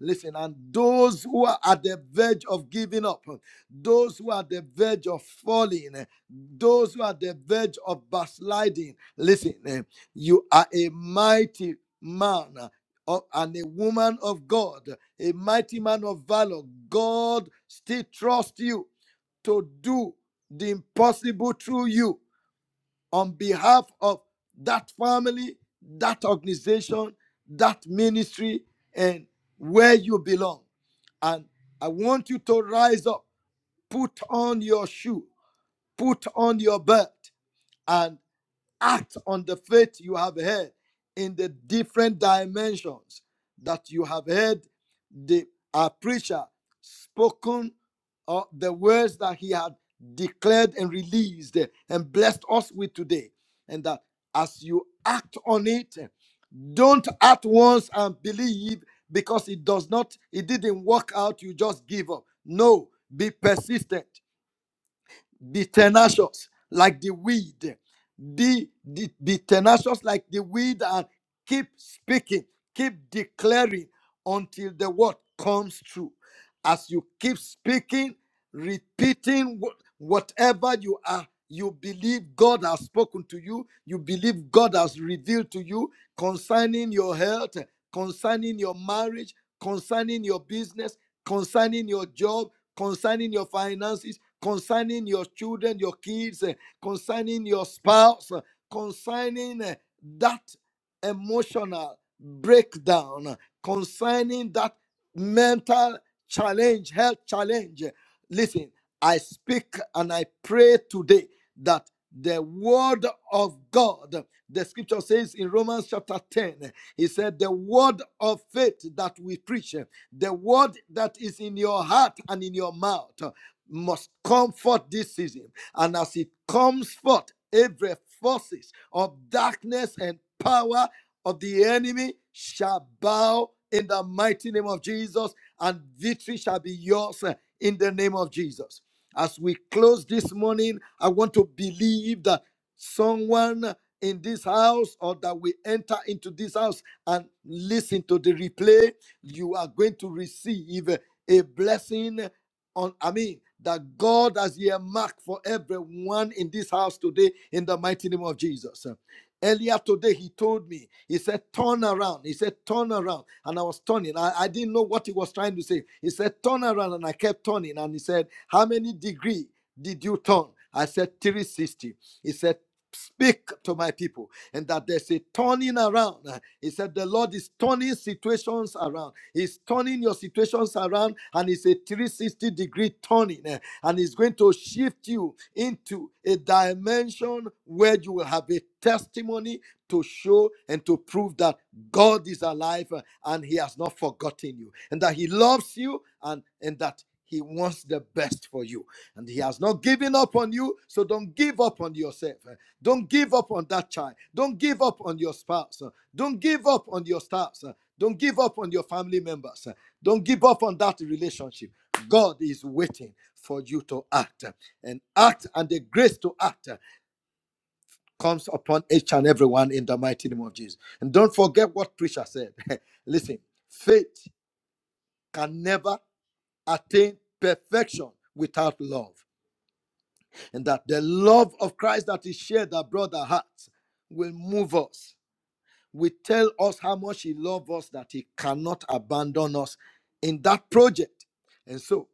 Speaker 9: listen and those who are at the verge of giving up those who are at the verge of falling those who are at the verge of backsliding Listen, eh, you are a mighty man uh, and a woman of God, a mighty man of valor. God still trusts you to do the impossible through you on behalf of that family, that organization, that ministry, and where you belong. And I want you to rise up, put on your shoe, put on your belt, and act on the faith you have heard in the different dimensions that you have heard the our preacher spoken uh, the words that he had declared and released eh, and blessed us with today and that as you act on it eh, don't act once and believe because it does not it didn't work out you just give up no be persistent be tenacious like the weed. Be, be, be tenacious like the weed and keep speaking, keep declaring until the word comes true. As you keep speaking, repeating wh- whatever you are, you believe God has spoken to you, you believe God has revealed to you concerning your health, concerning your marriage, concerning your business, concerning your job, concerning your finances concerning your children, your kids, eh, concerning your spouse, eh, concerning eh, that emotional breakdown, eh, concerning that mental challenge, health challenge. eh, Listen, I speak and I pray today that the word of God, the scripture says in Romans chapter 10, he said, The word of faith that we preach, eh, the word that is in your heart and in your mouth must come forth this season. And as it comes forth, every forces of darkness and power of the enemy shall bow in the mighty name of Jesus, and victory shall be yours uh, in the name of Jesus. As we close this morning, I want to believe that someone in this house or that we enter into this house and listen to the replay, you are going to receive uh, a blessing on I mean that God has earmarked for everyone in this house today in the mighty name of Jesus. Earlier today, he told me, he said, turn around. He said, turn around. And I was turning. I, I didn't know what he was trying to say. He said, turn around. And I kept turning. And he said, how many degree did you turn? I said, 360. He said, speak to my people. And that there's a turning around. He said, the Lord is turning situations around. He's turning your situations around and it's a 360 degree turning eh, and it's going to shift you into a dimension where you will have a testimony to show and to prove that God is alive eh, and he has not forgotten you and that he loves you and, and that he wants the best for you and he has not given up on you so don't give up on yourself eh. don't give up on that child don't give up on your spouse eh. don't give up on your spouse eh. Don't give up on your family members. Don't give up on that relationship. God is waiting for you to act. And act and the grace to act comes upon each and everyone in the mighty name of Jesus. And don't forget what preacher said. Listen, faith can never attain perfection without love. And that the love of Christ that is shared abroad our hearts will move us will tell us how much He loves us, that He cannot abandon us in that project. And so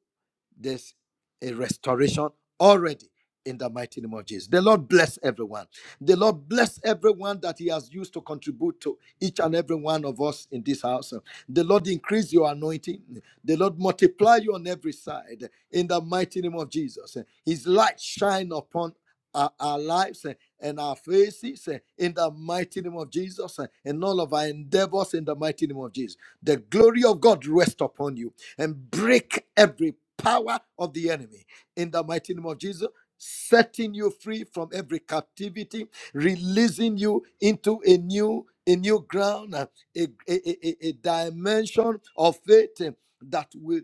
Speaker 9: there's a restoration already in the mighty name of Jesus. The Lord bless everyone. The Lord bless everyone that He has used to contribute to each and every one of us in this house. The Lord increase your anointing. The Lord multiply you on every side in the mighty name of Jesus. His light shine upon our, our lives eh, and our faces eh, in the mighty name of Jesus eh, and all of our endeavors in the mighty name of Jesus. The glory of God rest upon you and break every power of the enemy in the mighty name of Jesus. Setting you free from every captivity, releasing you into a new a new ground, uh, a, a, a, a dimension of faith uh, that will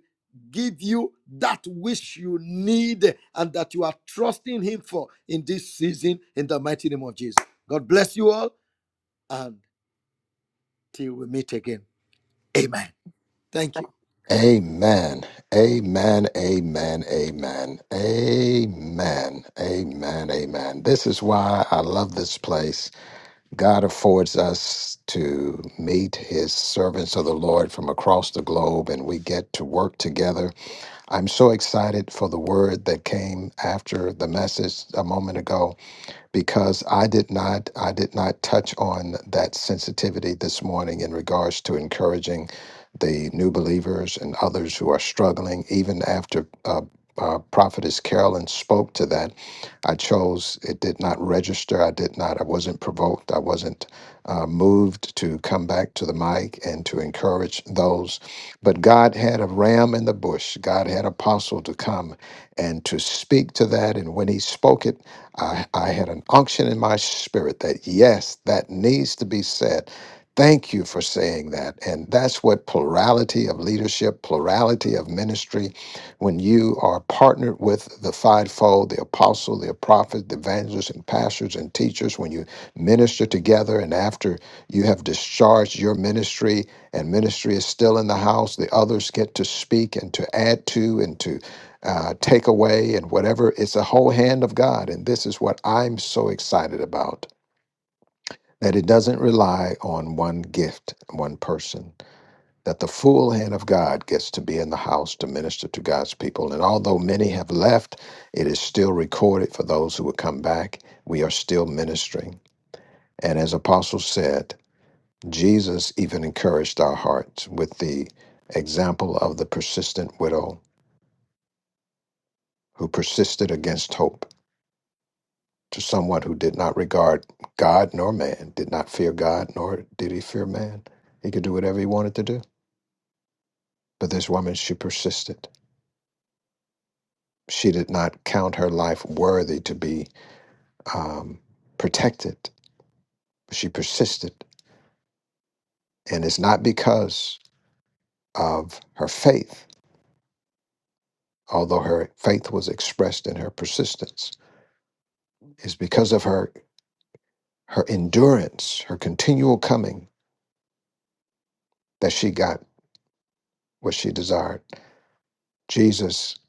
Speaker 9: give you that which you need and that you are trusting Him for in this season. In the mighty name of Jesus, God bless you all, and till we meet again. Amen. Thank you.
Speaker 1: Amen. Amen. Amen. Amen. Amen. Amen. Amen. This is why I love this place. God affords us to meet his servants of the Lord from across the globe and we get to work together. I'm so excited for the word that came after the message a moment ago because I did not I did not touch on that sensitivity this morning in regards to encouraging the new believers and others who are struggling. Even after uh, uh, Prophetess Carolyn spoke to that, I chose it did not register. I did not. I wasn't provoked. I wasn't uh, moved to come back to the mic and to encourage those. But God had a ram in the bush. God had Apostle to come and to speak to that. And when he spoke it I, I had an unction in my spirit that, yes, that needs to be said. Thank you for saying that. And that's what plurality of leadership, plurality of ministry, when you are partnered with the fivefold, the apostle, the prophet, the evangelist, and pastors and teachers, when you minister together and after you have discharged your ministry and ministry is still in the house, the others get to speak and to add to and to uh, take away and whatever. It's a whole hand of God. And this is what I'm so excited about that it doesn't rely on one gift, one person, that the full hand of God gets to be in the house to minister to God's people. And although many have left, it is still recorded for those who will come back. We are still ministering. And as Apostle said, Jesus even encouraged our hearts with the example of the persistent widow who persisted against hope to someone who did not regard God nor man, did not fear God nor did he fear man. He could do whatever he wanted to do. But this woman, she persisted. She did not count her life worthy to be um, protected. She persisted. And it's not because of her faith, although her faith was expressed in her persistence, it's because of her, her endurance, her continual coming, that she got what she desired. Jesus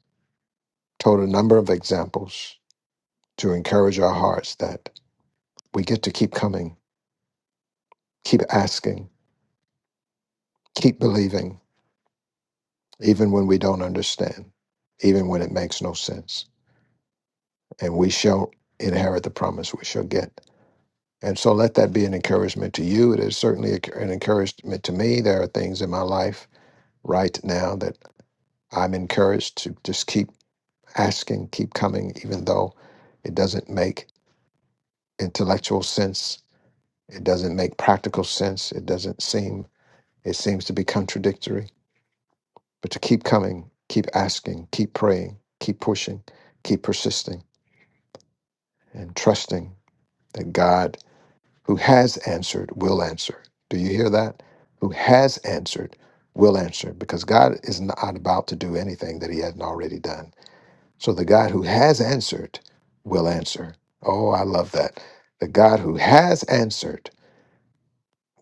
Speaker 1: told a number of examples to encourage our hearts that we get to keep coming, keep asking, keep believing, even when we don't understand, even when it makes no sense. And we shall inherit the promise we shall get. And so let that be an encouragement to you. It is certainly an encouragement to me. There are things in my life right now that I'm encouraged to just keep asking, keep coming, even though it doesn't make intellectual sense. It doesn't make practical sense. It doesn't seem It seems to be contradictory, but to keep coming, keep asking, keep praying, keep pushing, keep persisting, and trusting that God, who has answered, will answer. Do you hear that? Who has answered, will answer, because God is not about to do anything that He hasn't already done. So the God who has answered will answer. Oh, I love that. The God who has answered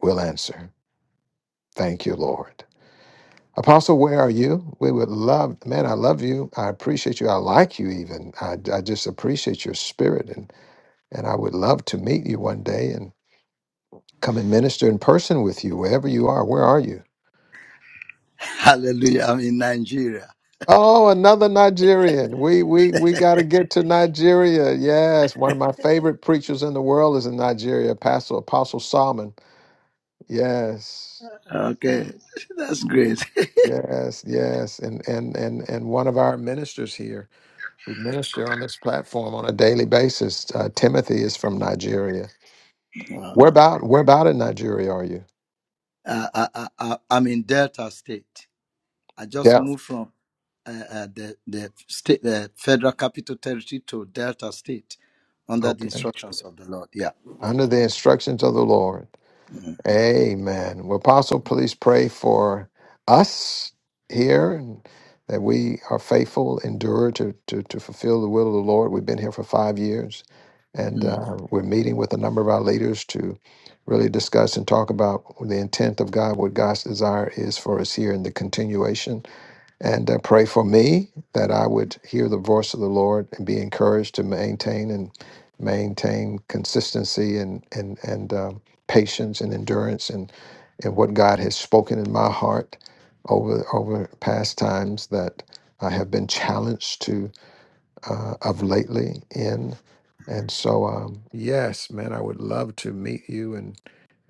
Speaker 1: will answer. Thank you, Lord. Apostle, where are you? We would love, man, I love you. I appreciate you. I like you even. I, I just appreciate your spirit. And, and I would love to meet you one day and come and minister in person with you, wherever you are. Where are you?
Speaker 9: Hallelujah. I'm in Nigeria.
Speaker 1: Oh, another Nigerian. We we we got to get to Nigeria. Yes, one of my favorite preachers in the world is in Nigeria, Pastor Apostle Solomon. Yes.
Speaker 9: Okay, that's great.
Speaker 1: Yes, yes. And and and and one of our ministers here who minister on this platform on a daily basis. Uh, Timothy is from Nigeria.
Speaker 9: Wow.
Speaker 1: Where about where about in Nigeria are you?
Speaker 9: Uh, I, I, I, I'm in Delta State. I just
Speaker 1: Yeah.
Speaker 9: moved from uh, uh, the the state, the federal capital territory to Delta State, under the
Speaker 1: Okay.
Speaker 9: instructions of the Lord. Yeah.
Speaker 1: Under the instructions of the Lord.
Speaker 9: Mm.
Speaker 1: Amen. Well, Apostle, please pray for us here and that we are faithful, endure to, to, to fulfill the will of the Lord. We've been here for five years and
Speaker 9: Mm.
Speaker 1: uh, we're meeting with a number of our leaders to really discuss and talk about the intent of God, what God's desire is for us here in the continuation and uh, pray for me that I would hear the voice of the Lord and be encouraged to maintain and maintain consistency and and and um, patience and endurance and and what God has spoken in my heart over over past times that I have been challenged to uh, of lately in. And so, um, yes, man, I would love to meet you and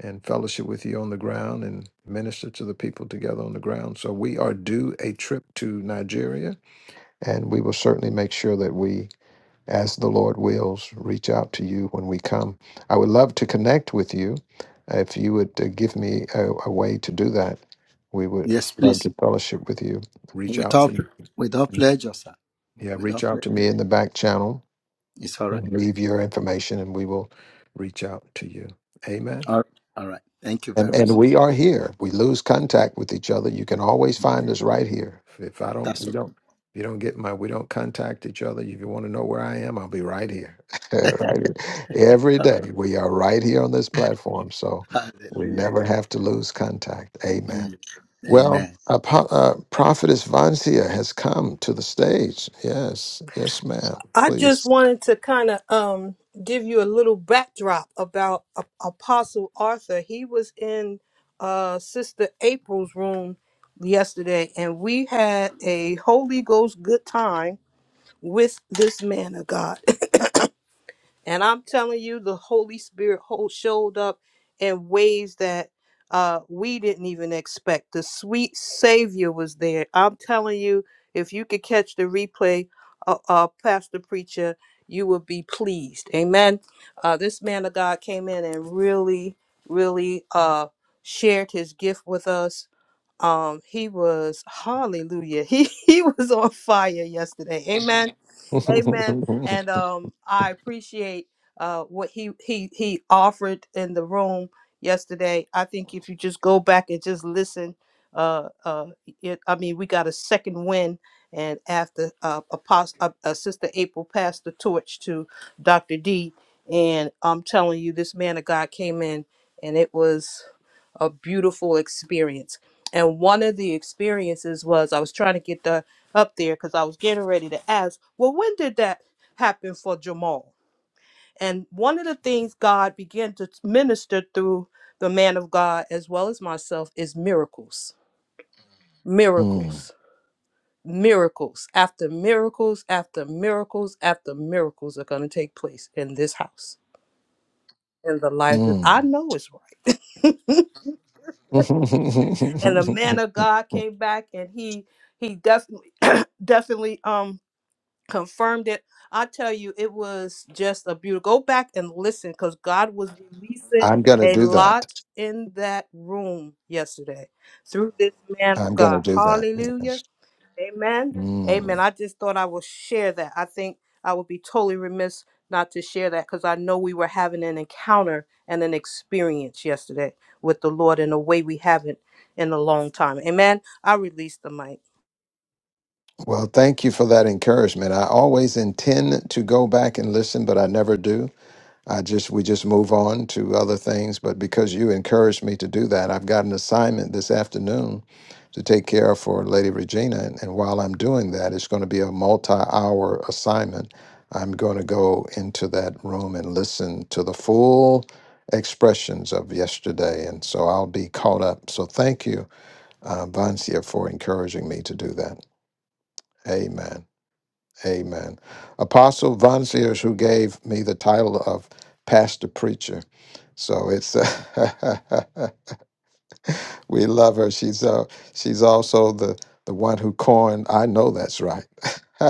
Speaker 1: and fellowship with you on the ground and minister to the people together on the ground. So we are due a trip to Nigeria, and we will certainly make sure that we, as the Lord wills, reach out to you when we come. I would love to connect with you. If you would uh, give me a, a way to do that, we would
Speaker 9: Yes,
Speaker 1: love
Speaker 9: please.
Speaker 1: to fellowship with you. Reach out to
Speaker 9: Without without
Speaker 1: me.
Speaker 9: pleasure, sir.
Speaker 1: Yeah, reach
Speaker 9: Without
Speaker 1: out to
Speaker 9: pleasure,
Speaker 1: me in the back channel.
Speaker 9: it's all right.
Speaker 1: Thank you. Leave your information, and we will reach out to you. Amen.
Speaker 9: All, all right. Thank you very
Speaker 1: And and
Speaker 9: much.
Speaker 1: we are here. We lose contact with each other. You can always find us right here. If if I don't,
Speaker 9: That's
Speaker 1: we don't. If you don't get my, we don't contact each other. If you want to know where I am, I'll be right here. right here. Every
Speaker 9: okay.
Speaker 1: day we are right here on this platform. So we
Speaker 9: Hallelujah.
Speaker 1: never have to lose contact. Amen.
Speaker 9: Mm.
Speaker 1: Well,
Speaker 9: Amen.
Speaker 1: uh, Po- uh, Prophetess Vancia has come to the stage. Yes, yes, ma'am.
Speaker 11: I just
Speaker 1: Please.
Speaker 11: wanted to kind of um, give you a little backdrop about A- Apostle Arthur. He was in uh, Sister April's room yesterday, and we had a Holy Ghost good time with this man of God. And I'm telling you, the Holy Spirit hold, showed up in ways that uh, we didn't even expect. The sweet Savior was there. I'm telling you, if you could catch the replay, uh, uh, Pastor Preacher, you would be pleased. Amen. Uh, this man of God came in and really, really uh, shared his gift with us. Um, he was hallelujah. He he was on fire yesterday. Amen. Amen. And um, I appreciate uh, what he he he offered in the room yesterday. I think if you just go back and just listen, uh, uh, it, I mean, we got a second win. And after uh, Apostle, uh, uh, Sister April passed the torch to Dr. D, and I'm telling you, this man of God came in, and it was a beautiful experience. And one of the experiences was I was trying to get the up there because I was getting ready to ask, well, when did that happen for Jamal? And one of the things God began to minister through the man of God as well as myself is miracles,
Speaker 1: Mm,
Speaker 11: miracles, miracles after miracles after miracles after miracles are going to take place in this house in the life that I know is right. And the man
Speaker 1: mm.
Speaker 11: of God came back and he he definitely. definitely um confirmed it. I tell you, it was just a beautiful. Go back and listen, because God was releasing
Speaker 1: I'm going to
Speaker 11: a
Speaker 1: do that.
Speaker 11: lot in that room yesterday through this man of
Speaker 1: I'm going to
Speaker 11: God.
Speaker 1: do that.
Speaker 11: Hallelujah.
Speaker 1: Yes.
Speaker 11: Amen. Amen.
Speaker 1: Mm.
Speaker 11: I just thought I would share that. I think I would be totally remiss not to share that because I know we were having an encounter and an experience yesterday with the Lord in a way we haven't in a long time. Amen. I release the mic.
Speaker 1: Well, thank you for that encouragement. I always intend to go back and listen, but I never do. I just we just move on to other things, but because you encouraged me to do that, I've got an assignment this afternoon to take care of for Lady Regina, and, and while I'm doing that, it's going to be a multi-hour assignment. I'm going to go into that room and listen to the full expressions of yesterday, and so I'll be caught up. So thank you, uh, Vancia, for encouraging me to do that. Amen. Amen. Apostle Von Sears, who gave me the title of pastor preacher. So it's uh, we love her. She's uh, she's also the the one who coined I know that's right.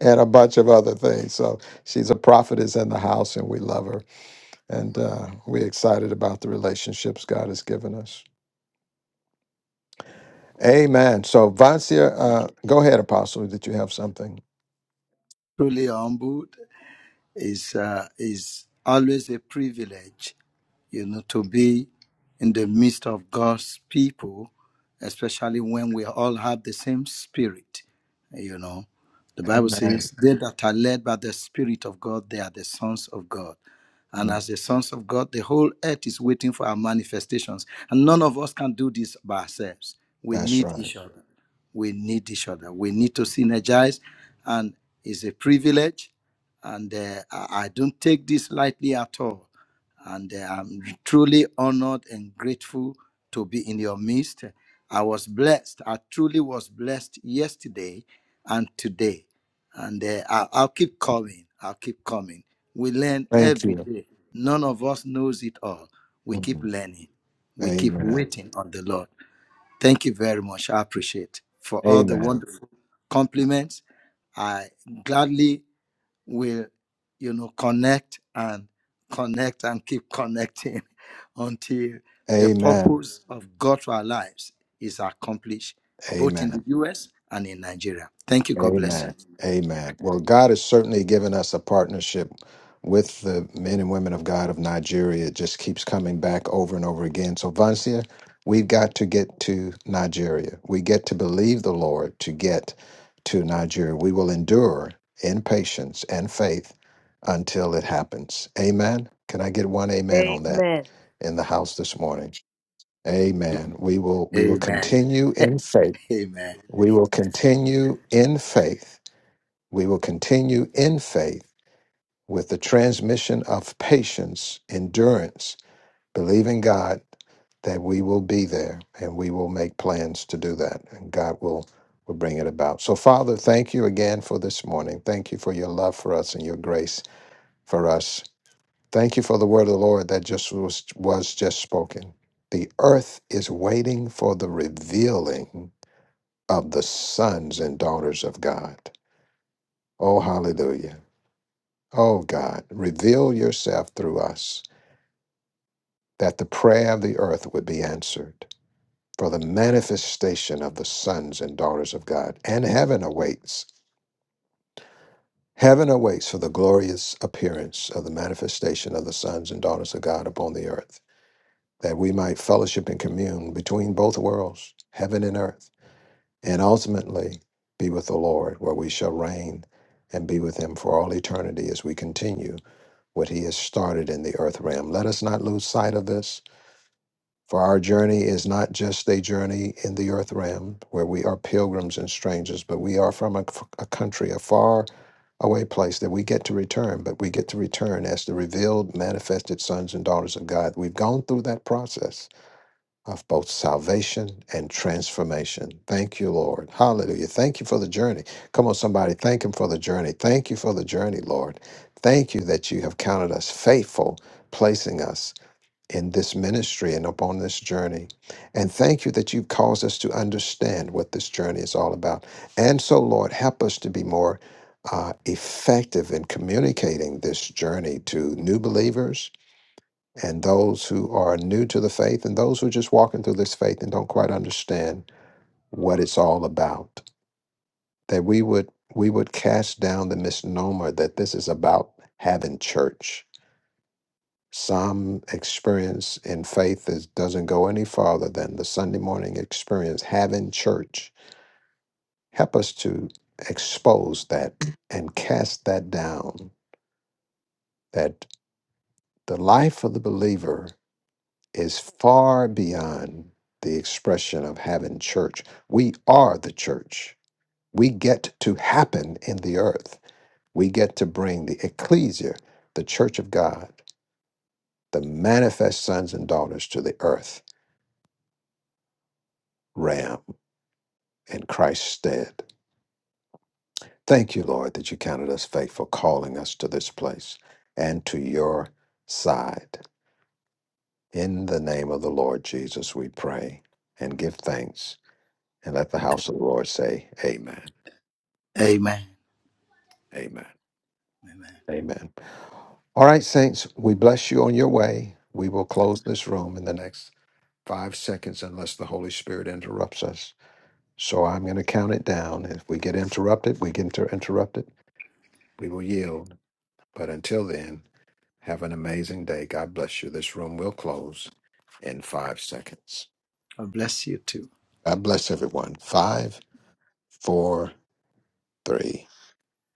Speaker 1: and a bunch of other things. So she's a prophetess in the house, and we love her. And uh, we're excited about the relationships God has given us. Amen. So, Vancia, uh, go ahead, Apostle. Did you have something?
Speaker 9: Truly humbled is uh, is always a privilege you know, to be in the midst of God's people, especially when we all have the same spirit. You know, the Bible
Speaker 1: Amen.
Speaker 9: says, They that are led by the Spirit of God, they are the sons of God. And
Speaker 1: Mm,
Speaker 9: as the sons of God, the whole earth is waiting for our manifestations. And none of us can do this by ourselves. We
Speaker 1: That's
Speaker 9: need
Speaker 1: right.
Speaker 9: each other. We need each other. We need to synergize. And it's a privilege. And uh, I I don't take this lightly at all and uh, I'm truly honored and grateful to be in your midst. I was blessed. I truly was blessed yesterday and today. And uh, I- I'll keep coming. I'll keep coming. We learn
Speaker 1: Thank
Speaker 9: every
Speaker 1: you.
Speaker 9: day. None of us knows it all. We keep
Speaker 1: Mm,
Speaker 9: learning. We keep
Speaker 1: Amen.
Speaker 9: waiting on the Lord. Thank you very much. I appreciate for all the
Speaker 1: Amen.
Speaker 9: wonderful compliments. I gladly will you know connect and connect and keep connecting until the
Speaker 1: Amen.
Speaker 9: purpose of God for our lives is accomplished both in
Speaker 1: Amen.
Speaker 9: the US and in Nigeria. Thank you. God bless you.
Speaker 1: Amen. Amen. Well, God has certainly given us a partnership with the men and women of God of Nigeria. It just keeps coming back over and over again. So, Vancia, we've got to get to Nigeria. We get to believe the Lord to get to Nigeria. We will endure in patience and faith until it happens. Amen. Can I get one amen on that
Speaker 11: Amen.
Speaker 1: in the house this morning? Amen. We will we will
Speaker 9: Amen.
Speaker 1: continue in faith.
Speaker 9: Amen.
Speaker 1: We will continue in faith we will continue in faith with the transmission of patience, endurance, believing God that we will be there and we will make plans to do that and God will will bring it about. So Father, thank you again for this morning. Thank you for your love for us and your grace for us. Thank you for the word of the Lord that just was, was just spoken. The earth is waiting for the revealing of the sons and daughters of God. Oh hallelujah. Oh God, reveal yourself through us that the prayer of the earth would be answered. For the manifestation of the sons and daughters of God and heaven awaits. Heaven awaits for the glorious appearance of the manifestation of the sons and daughters of God upon the earth, that we might fellowship and commune between both worlds, heaven and earth, and ultimately be with the Lord, where we shall reign and be with him for all eternity as we continue what he has started in the earth realm. Let us not lose sight of this, for our journey is not just a journey in the earth realm where we are pilgrims and strangers, but we are from a, a country, a far away place that we get to return, but we get to return as the revealed, manifested sons and daughters of God. We've gone through that process of both salvation and transformation. Thank you, Lord. Hallelujah. Thank you for the journey. Come on, somebody. Thank Him for the journey. Thank you for the journey, Lord. Thank you that you have counted us faithful, placing us in this ministry and upon this journey. And thank you that you've caused us to understand what this journey is all about. And so, Lord, help us to be more uh, effective in communicating this journey to new believers and those who are new to the faith and those who are just walking through this faith and don't quite understand what it's all about that we would we would cast down the misnomer that this is about having church some experience in faith is, doesn't go any farther than the sunday morning experience having church help us to expose that and cast that down that the life of the believer is far beyond the expression of having church. We are the church. We get to happen in the earth. We get to bring the ecclesia, the church of God, the manifest sons and daughters to the earth ram in Christ's stead. Thank you, Lord, that you counted us faithful, calling us to this place and to your side. In the name of the Lord Jesus, we pray and give thanks. And let the house of the Lord say, Amen.
Speaker 9: Amen.
Speaker 1: Amen.
Speaker 9: Amen.
Speaker 1: Amen. All right, saints, we bless you on your way. We will close this room in the next five seconds unless the Holy Spirit interrupts us. So I'm going to count it down. If we get interrupted, we get inter- interrupted. We will yield. But until then, have an amazing day. God bless you. This room will close in five seconds.
Speaker 9: God bless you too.
Speaker 1: God bless everyone. Five, four, three,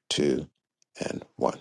Speaker 1: two, and one.